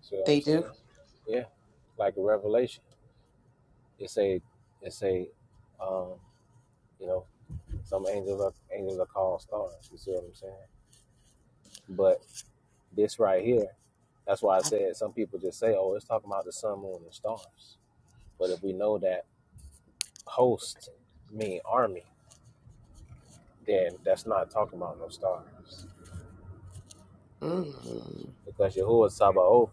[SPEAKER 7] See what
[SPEAKER 6] they
[SPEAKER 7] I'm
[SPEAKER 6] do.
[SPEAKER 7] saying? Yeah, like a revelation. It's a, it's a, um, you know, some angels are angels are called stars. You see what I'm saying? But This right here. That's why I
[SPEAKER 6] I-
[SPEAKER 7] said some people just say, "Oh, it's talking about the sun, moon, and stars." But if we know that host mean army, then that's not talking about no stars,
[SPEAKER 6] Mm,
[SPEAKER 7] because Yahuwah Sabaoth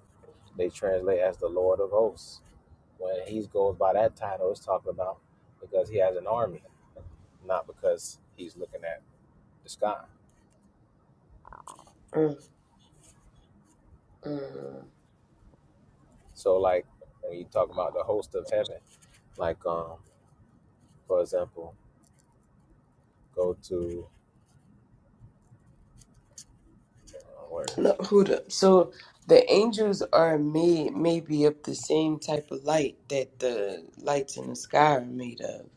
[SPEAKER 7] they translate as the Lord of Hosts. When he goes by that title, it's talking about because he has an army, not because he's looking at the sky.
[SPEAKER 6] mm, mm.
[SPEAKER 7] So, like when you talk about the host of heaven, like um, for example, go to uh, where
[SPEAKER 6] No,
[SPEAKER 7] is
[SPEAKER 6] hold
[SPEAKER 7] it?
[SPEAKER 6] So the angels are made maybe of the same type of light that the lights in the sky are made of.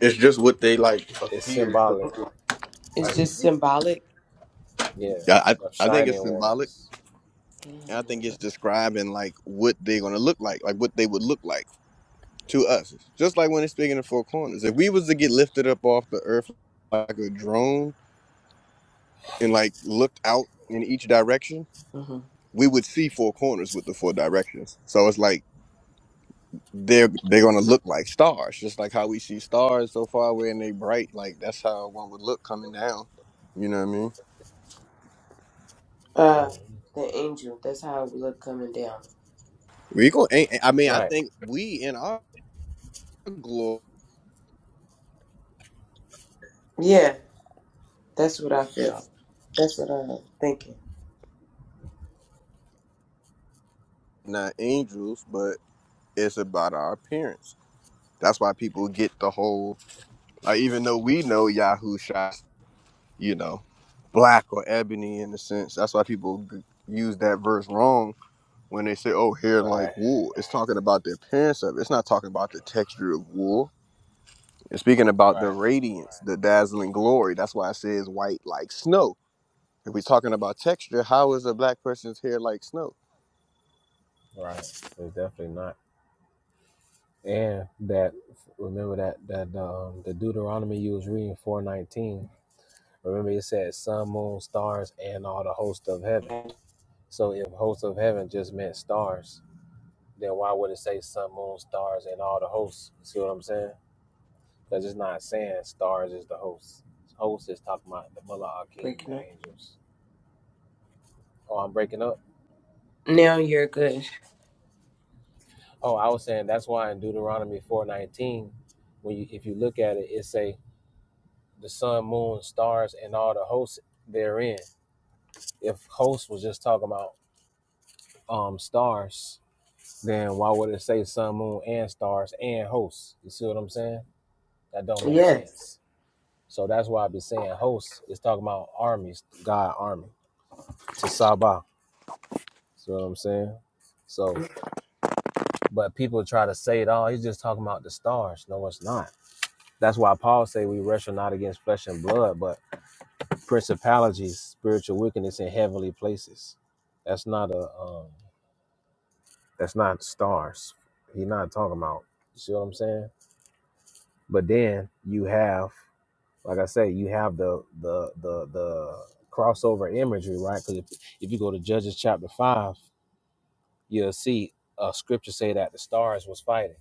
[SPEAKER 2] It's just what they like
[SPEAKER 7] It's
[SPEAKER 2] appear to
[SPEAKER 7] symbolic
[SPEAKER 2] look like.
[SPEAKER 6] It's
[SPEAKER 2] Like
[SPEAKER 6] just
[SPEAKER 2] you-
[SPEAKER 6] symbolic.
[SPEAKER 7] Yeah,
[SPEAKER 2] yeah, I
[SPEAKER 7] the
[SPEAKER 2] I think it's
[SPEAKER 7] shining
[SPEAKER 2] symbolic.
[SPEAKER 7] ones.
[SPEAKER 2] And I think it's
[SPEAKER 6] Mm-hmm.
[SPEAKER 2] describing like what they're gonna look like, like what they would look like to us. Just like when it's speaking in four corners. If we was to get lifted up off the earth like a drone, and like looked out in each direction, we would see four corners with the four directions. So it's like they're they're gonna look like stars, just like how we see stars so far away and they bright. Like that's how one would look coming down. You know what I mean?
[SPEAKER 6] Uh,
[SPEAKER 7] Mm.
[SPEAKER 6] the angel. That's how it would look coming down.
[SPEAKER 2] We go. I mean, I
[SPEAKER 7] Right,
[SPEAKER 2] think we in our glory,
[SPEAKER 6] Yeah, that's what I feel. That's what I'm thinking.
[SPEAKER 2] not angels, but it's about our appearance. That's why people get the whole. Like, even though we know Yahoo shots, you know, black or ebony in a sense. That's why people g- use that verse wrong When they say, "Oh, hair like
[SPEAKER 7] Right,
[SPEAKER 2] wool," it's talking about the appearance of it. It's not talking about the texture of wool. It's speaking about the
[SPEAKER 7] right.
[SPEAKER 2] radiance, the dazzling glory. That's why it says white like snow. If we're talking about texture, how is a black person's hair like snow?
[SPEAKER 7] right. They're definitely not. And that remember that that um the Deuteronomy you was reading four nineteen. Remember it said sun, moon, stars, and all the host of heaven. So if host of heaven just meant stars, then why would it say sun, moon, stars, and all the hosts? You See what I'm saying? Because it's not saying stars is the hosts. Hosts is talking about the Mullah Akeem, the
[SPEAKER 6] Breaking up.
[SPEAKER 7] angels. Oh, I'm breaking up.
[SPEAKER 6] Now you're good.
[SPEAKER 7] Oh, I was saying that's why in Deuteronomy four nineteen, when you if you look at it, it say the sun, moon, stars, and all the hosts therein. If hosts was just talking about um stars, then why would it say sun, moon, and stars and hosts? You see what I'm saying? That don't make
[SPEAKER 6] Yes.
[SPEAKER 7] sense. So that's why I be saying hosts is talking about armies, God army to Sabah. See what I'm saying? So, but people try to say it all. He's just talking about the stars. No, it's not. That's why Paul say we wrestle not against flesh and blood, but principalities, spiritual wickedness in heavenly places. That's not a um, that's not stars. He's not talking about. You see what I'm saying? But then you have, like I say, you have the the the the crossover imagery, right? Because if, if you go to Judges chapter five, you'll see uh, scripture say that the stars was fighting.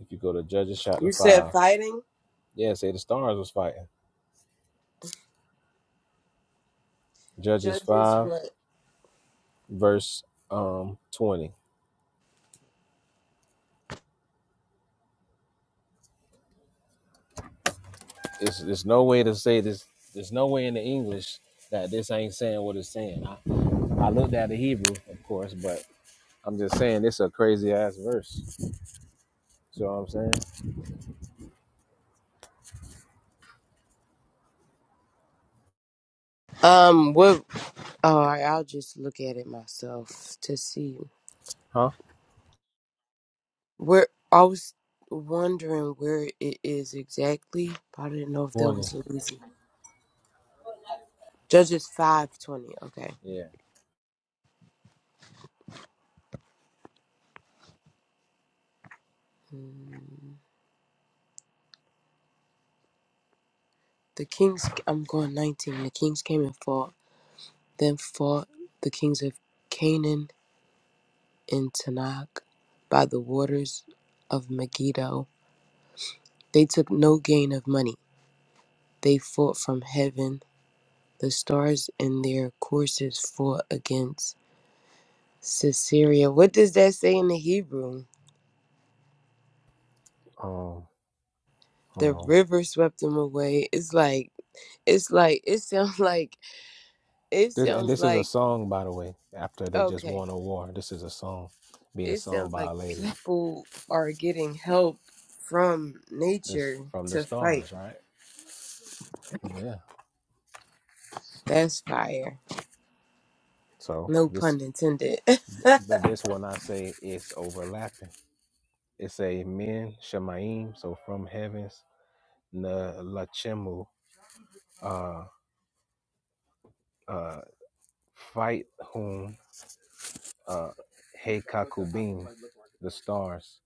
[SPEAKER 7] If you go to Judges chapter
[SPEAKER 6] You said
[SPEAKER 7] five,
[SPEAKER 6] fighting
[SPEAKER 7] yeah, say the stars was fighting. Judges
[SPEAKER 6] judges.
[SPEAKER 7] five.
[SPEAKER 6] What?
[SPEAKER 7] verse um 20. It's there's no way to say this. There's no way in the English that this ain't saying what it's saying. I, I looked at the Hebrew, of course, but I'm just saying this a crazy ass verse. You know what I'm saying?
[SPEAKER 6] Um, what? All right, I'll just look at it myself to see.
[SPEAKER 7] Huh?
[SPEAKER 6] Where I was wondering where it is exactly, but I didn't know if that
[SPEAKER 7] 20.
[SPEAKER 6] was easy. Judges five twenty. Okay.
[SPEAKER 7] Yeah.
[SPEAKER 6] Hmm. The kings. I'm going nineteen. The kings came and fought. Then fought the kings of Canaan and Tanakh by the waters of Megiddo. They took no gain of money. They fought from heaven. The stars in their courses fought against Sisera. What does that say in the Hebrew?
[SPEAKER 7] Um, hold
[SPEAKER 6] the
[SPEAKER 7] on.
[SPEAKER 6] river swept them away. It's like it's like it sounds like it
[SPEAKER 7] This and
[SPEAKER 6] sounds
[SPEAKER 7] this is a
[SPEAKER 6] like
[SPEAKER 7] song, by the way. After they just
[SPEAKER 6] okay.
[SPEAKER 7] won a war, this is a song being
[SPEAKER 6] It
[SPEAKER 7] sung
[SPEAKER 6] sounds
[SPEAKER 7] by
[SPEAKER 6] like
[SPEAKER 7] a lady.
[SPEAKER 6] people are getting help from
[SPEAKER 7] This
[SPEAKER 6] nature
[SPEAKER 7] from the
[SPEAKER 6] to fight.
[SPEAKER 7] stars, right? Yeah.
[SPEAKER 6] That's fire.
[SPEAKER 7] So
[SPEAKER 6] No
[SPEAKER 7] this,
[SPEAKER 6] pun intended.
[SPEAKER 7] but this one I say is overlapping. It's a men shemaim, so from heavens, na lachemu, uh, uh, fight whom, uh, hey kakubim, the stars,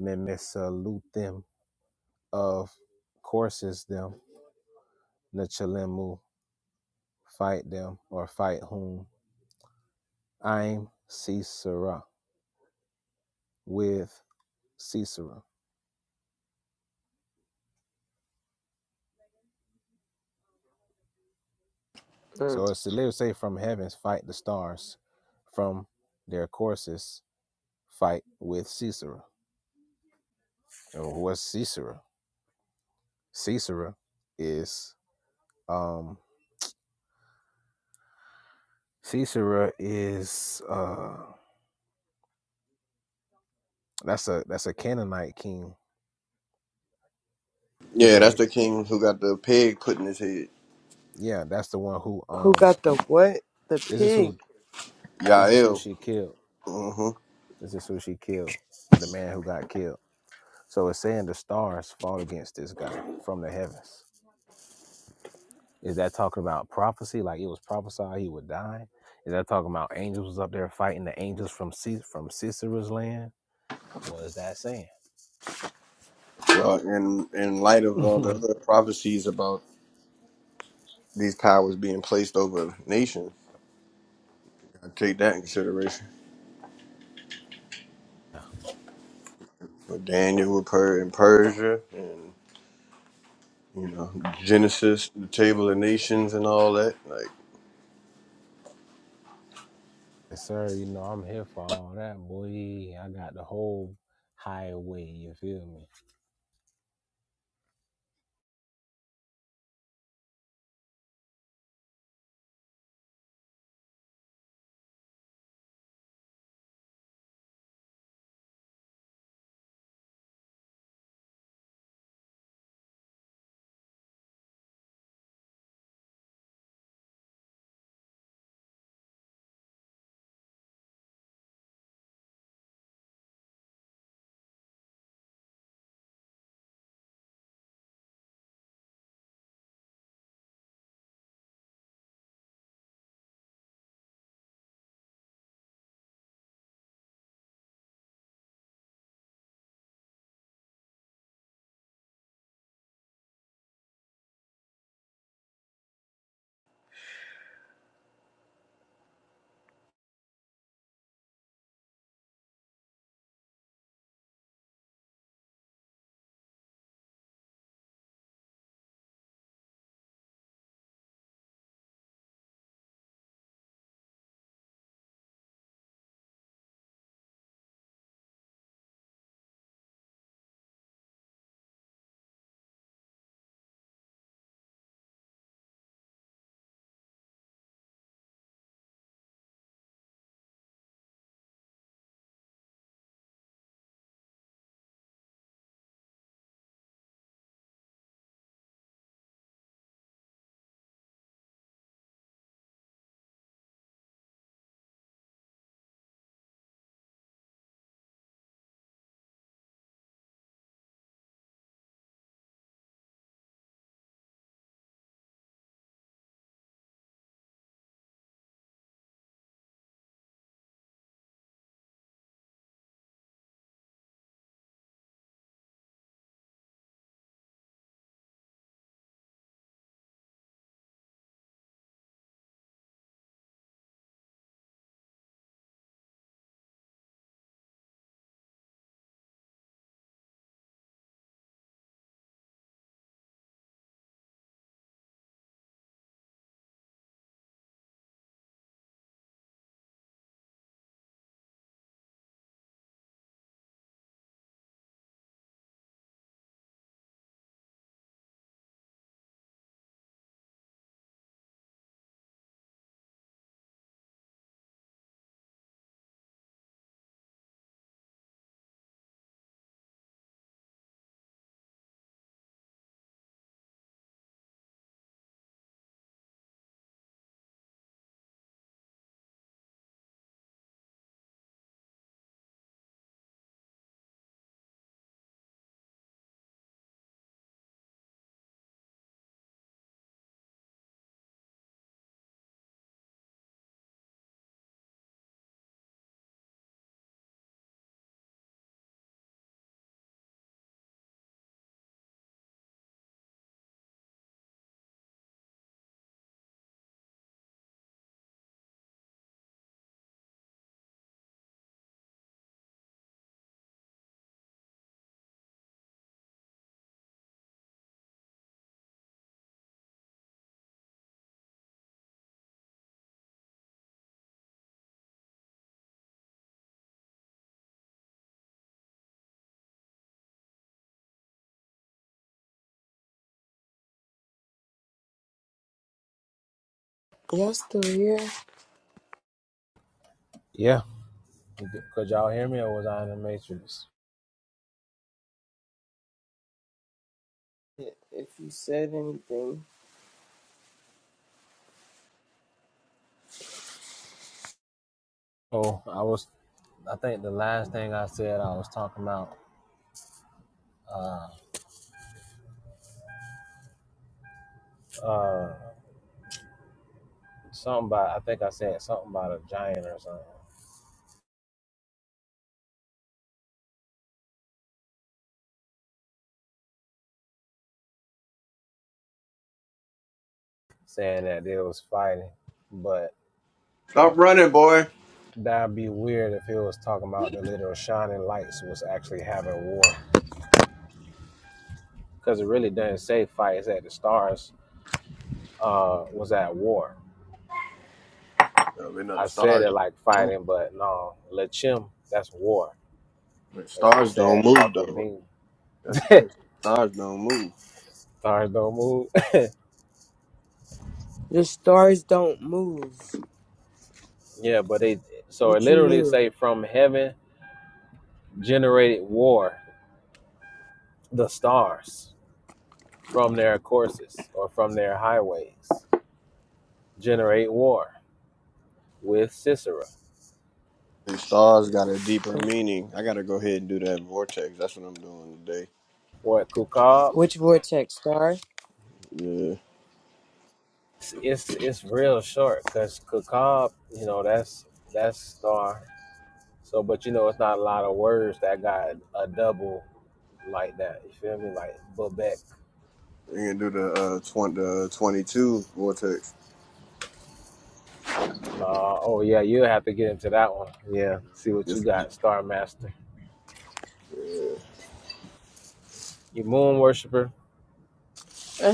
[SPEAKER 7] memesalut them of courses them, nachalemu, fight them, or fight whom, I'm Sisera, with Sisera. So
[SPEAKER 6] Mm.
[SPEAKER 7] it's to literally say from heavens, fight the stars, from their courses, fight with Sisera. So what's Sisera? Sisera is um Sisera is uh that's a that's a Canaanite king. He's
[SPEAKER 2] Yeah, that's
[SPEAKER 7] a
[SPEAKER 2] the king who got the pig put in his head.
[SPEAKER 7] yeah, that's the one who
[SPEAKER 6] Who
[SPEAKER 7] um
[SPEAKER 6] got the what? The
[SPEAKER 7] this is
[SPEAKER 6] pig.
[SPEAKER 7] who this is who
[SPEAKER 2] Yael.
[SPEAKER 7] she killed.
[SPEAKER 2] Mm-hmm.
[SPEAKER 7] This is who she killed. The man who got killed. So it's saying the stars fought against this guy from the heavens. Is that talking about prophecy? Like it was prophesied he would die? Is that talking about angels was up there fighting the angels from Cis- from Sisera's land? What is that saying?
[SPEAKER 2] Well, in in light of all the other prophecies about these powers being placed over nations, I take that in consideration.
[SPEAKER 7] Yeah.
[SPEAKER 2] But Daniel with per in Persia and You know, Genesis, the Table of Nations, and all that. Like,
[SPEAKER 7] Yes, sir. You know, I'm here for all that, boy. I got the whole highway, you feel me?
[SPEAKER 6] Y'all still here?
[SPEAKER 7] Yeah. Could y'all hear me or was I in the Matrix?
[SPEAKER 6] If you said anything.
[SPEAKER 7] Oh, I was, I think the last thing I said, I was talking about. uh, Something about I think I said something about a giant or something, saying that they was fighting. But
[SPEAKER 2] stop running, boy.
[SPEAKER 7] that'd be weird if it was talking about the literal shining lights was actually having war, because it really doesn't say fights at the stars uh, was at war.
[SPEAKER 2] I mean, no, the
[SPEAKER 7] I said
[SPEAKER 2] stars
[SPEAKER 7] it like
[SPEAKER 2] don't move.
[SPEAKER 7] fighting, but no, Lachim that's war.
[SPEAKER 2] The
[SPEAKER 7] And when it
[SPEAKER 2] stars don't
[SPEAKER 7] said
[SPEAKER 2] move, though.
[SPEAKER 7] Kakobin,
[SPEAKER 2] That's the thing. Stars don't move.
[SPEAKER 7] stars don't move.
[SPEAKER 6] The stars don't move.
[SPEAKER 7] yeah, but they so it
[SPEAKER 6] What you
[SPEAKER 7] literally
[SPEAKER 6] mean?
[SPEAKER 7] say from heaven generated war, the stars. from their courses or from their highways. Generate war with Sisera.
[SPEAKER 2] These stars got a deeper meaning. I gotta go ahead and do that vortex. That's what I'm doing today.
[SPEAKER 7] Or at Kukab,
[SPEAKER 6] Which vortex star?
[SPEAKER 2] Yeah,
[SPEAKER 7] it's, it's it's real short because Kukab, you know, that's that's star. So, but you know, it's not a lot of words that got a double like that. You feel me? Like Bubek.
[SPEAKER 2] we can do the uh, twen- the 22 vortex
[SPEAKER 7] No, oh yeah, you'll have to get into that one. Yeah, see what you
[SPEAKER 2] Yes,
[SPEAKER 7] got, Star Master. You moon worshiper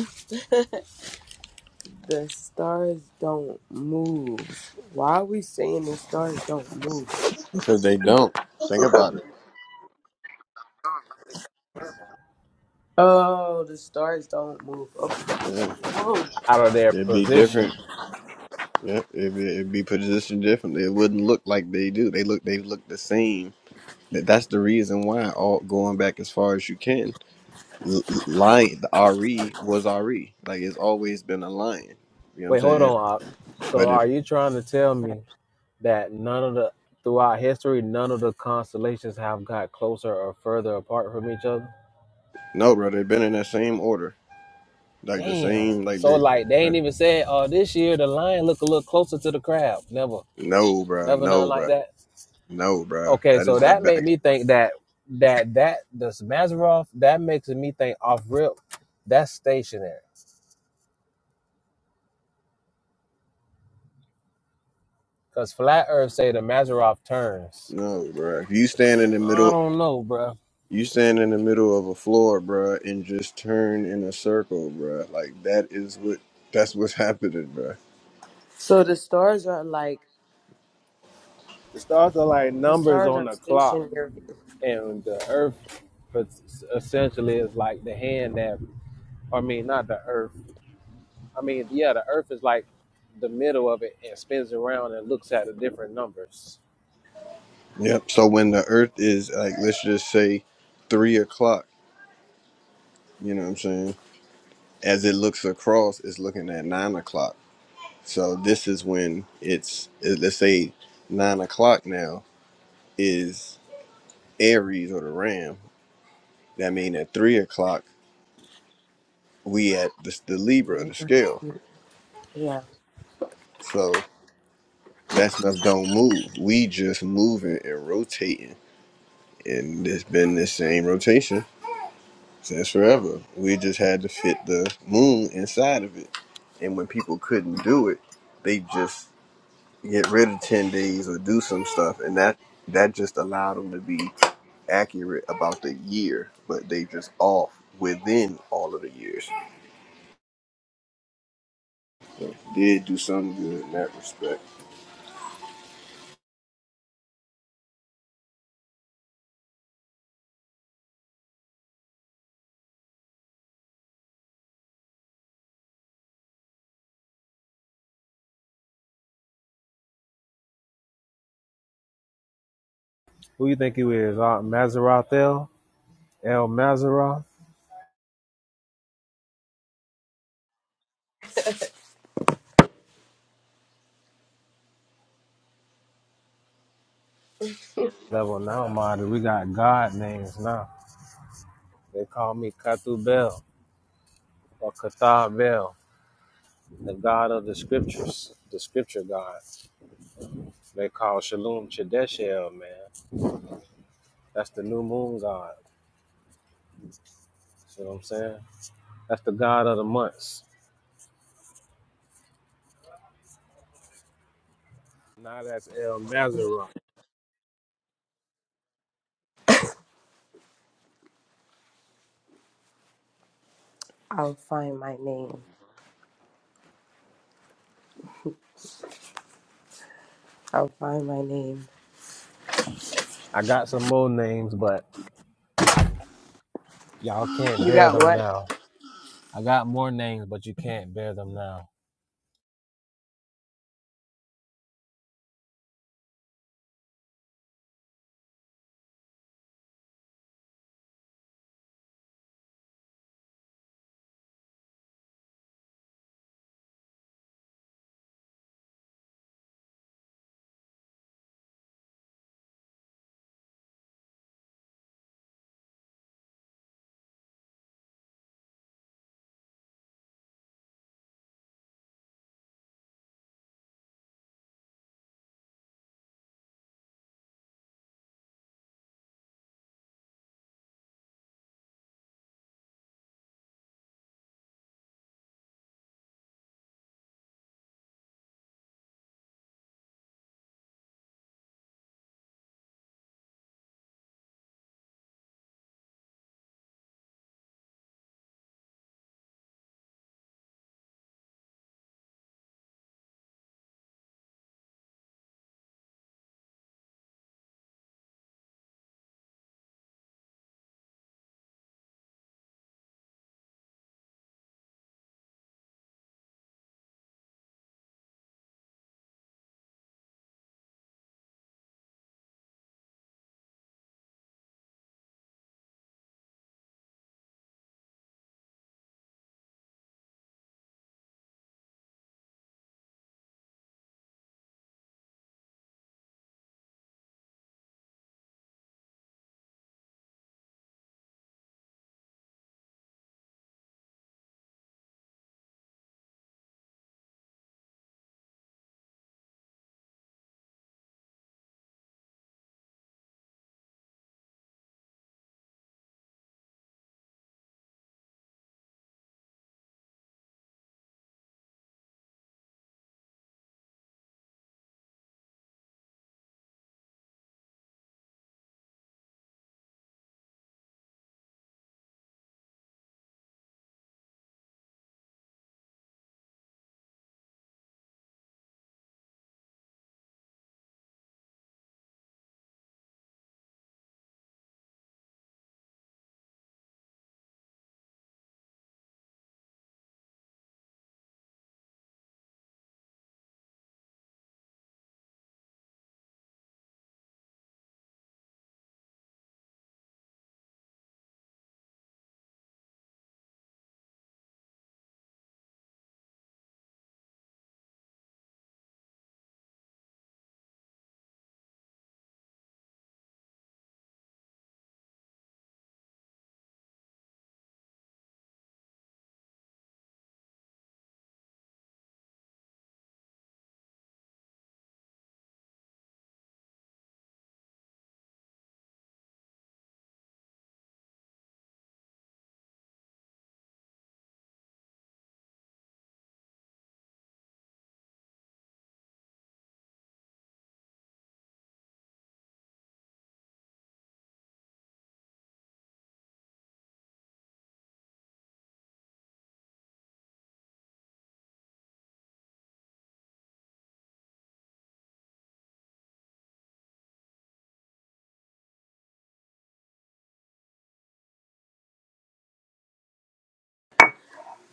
[SPEAKER 6] the stars don't move. Why are we saying the stars don't move?
[SPEAKER 2] because they don't. Think about it.
[SPEAKER 6] Oh, the stars don't move. Okay.
[SPEAKER 2] Yeah,
[SPEAKER 6] Oh.
[SPEAKER 7] out of their
[SPEAKER 2] they'd be
[SPEAKER 7] position.
[SPEAKER 2] different. Yeah, it'd be, it'd be positioned differently. It wouldn't look like they do. They look they look the same Th- That's the reason why all going back as far as you can. L- l- lion, the RE was RE. Like it's always been a lion. You know what I'm
[SPEAKER 7] Wait, hold
[SPEAKER 2] saying?
[SPEAKER 7] on. Op. So,
[SPEAKER 2] But
[SPEAKER 7] are
[SPEAKER 2] if
[SPEAKER 7] you trying to tell me that none of the throughout history, none of the constellations have got closer or further apart from each other.
[SPEAKER 2] no, bro, they've been in that same order, like the
[SPEAKER 7] Damn.
[SPEAKER 2] same, like
[SPEAKER 7] So
[SPEAKER 2] they,
[SPEAKER 7] like they ain't
[SPEAKER 2] like
[SPEAKER 7] even said, oh, this year the lion look a little closer to the crab. Never,
[SPEAKER 2] no, bro,
[SPEAKER 7] never nothing
[SPEAKER 2] no,
[SPEAKER 7] like
[SPEAKER 2] bro,
[SPEAKER 7] that.
[SPEAKER 2] no, bro.
[SPEAKER 7] Okay,
[SPEAKER 2] That
[SPEAKER 7] so
[SPEAKER 2] is the
[SPEAKER 7] that made
[SPEAKER 2] back.
[SPEAKER 7] me think that that that the Mazarov that makes me think off rip. That's stationary. Cause flat Earth say the Mazarov turns.
[SPEAKER 2] No, bro. If you stand in the
[SPEAKER 7] I
[SPEAKER 2] middle,
[SPEAKER 7] don't know, bruh.
[SPEAKER 2] you stand in the middle of a floor, bro, and just turn in a circle, bro. Like that is what that's what's happening, bro.
[SPEAKER 6] So the stars are like
[SPEAKER 7] The stars are like
[SPEAKER 6] the
[SPEAKER 7] numbers
[SPEAKER 6] stars
[SPEAKER 7] on
[SPEAKER 6] are
[SPEAKER 7] the clock.
[SPEAKER 6] stationary.
[SPEAKER 7] and the earth es- essentially is like the hand that i mean not the earth i mean yeah the earth is like the middle of it and spins around and looks at the different numbers
[SPEAKER 2] Yep. So when the earth is like, let's just say three o'clock, you know what I'm saying? As it looks across, it's looking at nine o'clock. So this is when it's, it- let's say nine o'clock now is Aries or the Ram. That means at three o'clock, we at the, the Libra, the scale.
[SPEAKER 6] Yeah,
[SPEAKER 2] So that stuff don't move. We just moving and rotating. And it's been the same rotation since forever. We just had to fit the moon inside of it. And when people couldn't do it, they just get rid of 10 days or do some stuff. And that, that just allowed them to be accurate about the year, but they just off within all of the years. So did do some good in that respect.
[SPEAKER 7] Who you think you is? Uh, Mazzaroth El? El Level now, model. We got God names now. they call me katu bel or kathar bel the god of the scriptures the scripture god they call shalom chedeshel man that's the new moon god see what i'm saying That's the god of the months. Now that's El Mazaron.
[SPEAKER 6] I'll find my name. I'll find my name.
[SPEAKER 7] I got some more names, but y'all can't
[SPEAKER 6] You
[SPEAKER 7] bear
[SPEAKER 6] got
[SPEAKER 7] them
[SPEAKER 6] what?
[SPEAKER 7] now. I got more names, but you can't bear them now.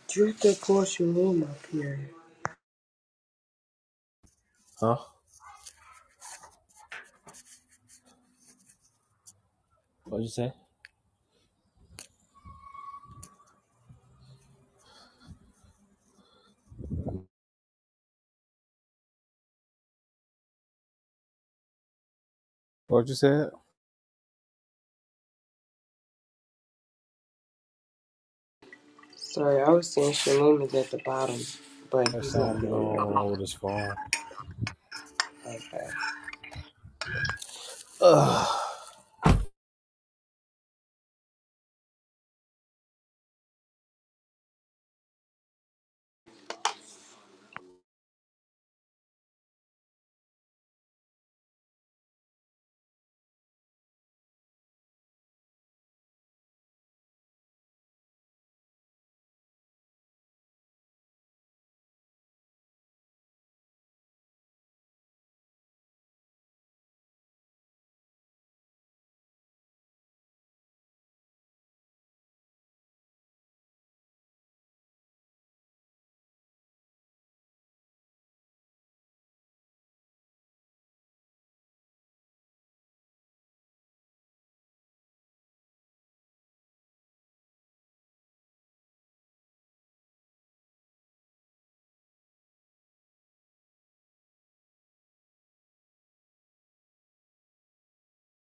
[SPEAKER 6] Truth or call Shalom up here.
[SPEAKER 7] Huh? What'd you say? What'd you say?
[SPEAKER 6] Sorry, I was saying Shalom is at the bottom, but
[SPEAKER 7] That
[SPEAKER 6] he's
[SPEAKER 7] song
[SPEAKER 6] not
[SPEAKER 7] was going
[SPEAKER 6] down
[SPEAKER 7] on with
[SPEAKER 6] there.
[SPEAKER 7] his phone.
[SPEAKER 6] Okay.
[SPEAKER 7] Ugh.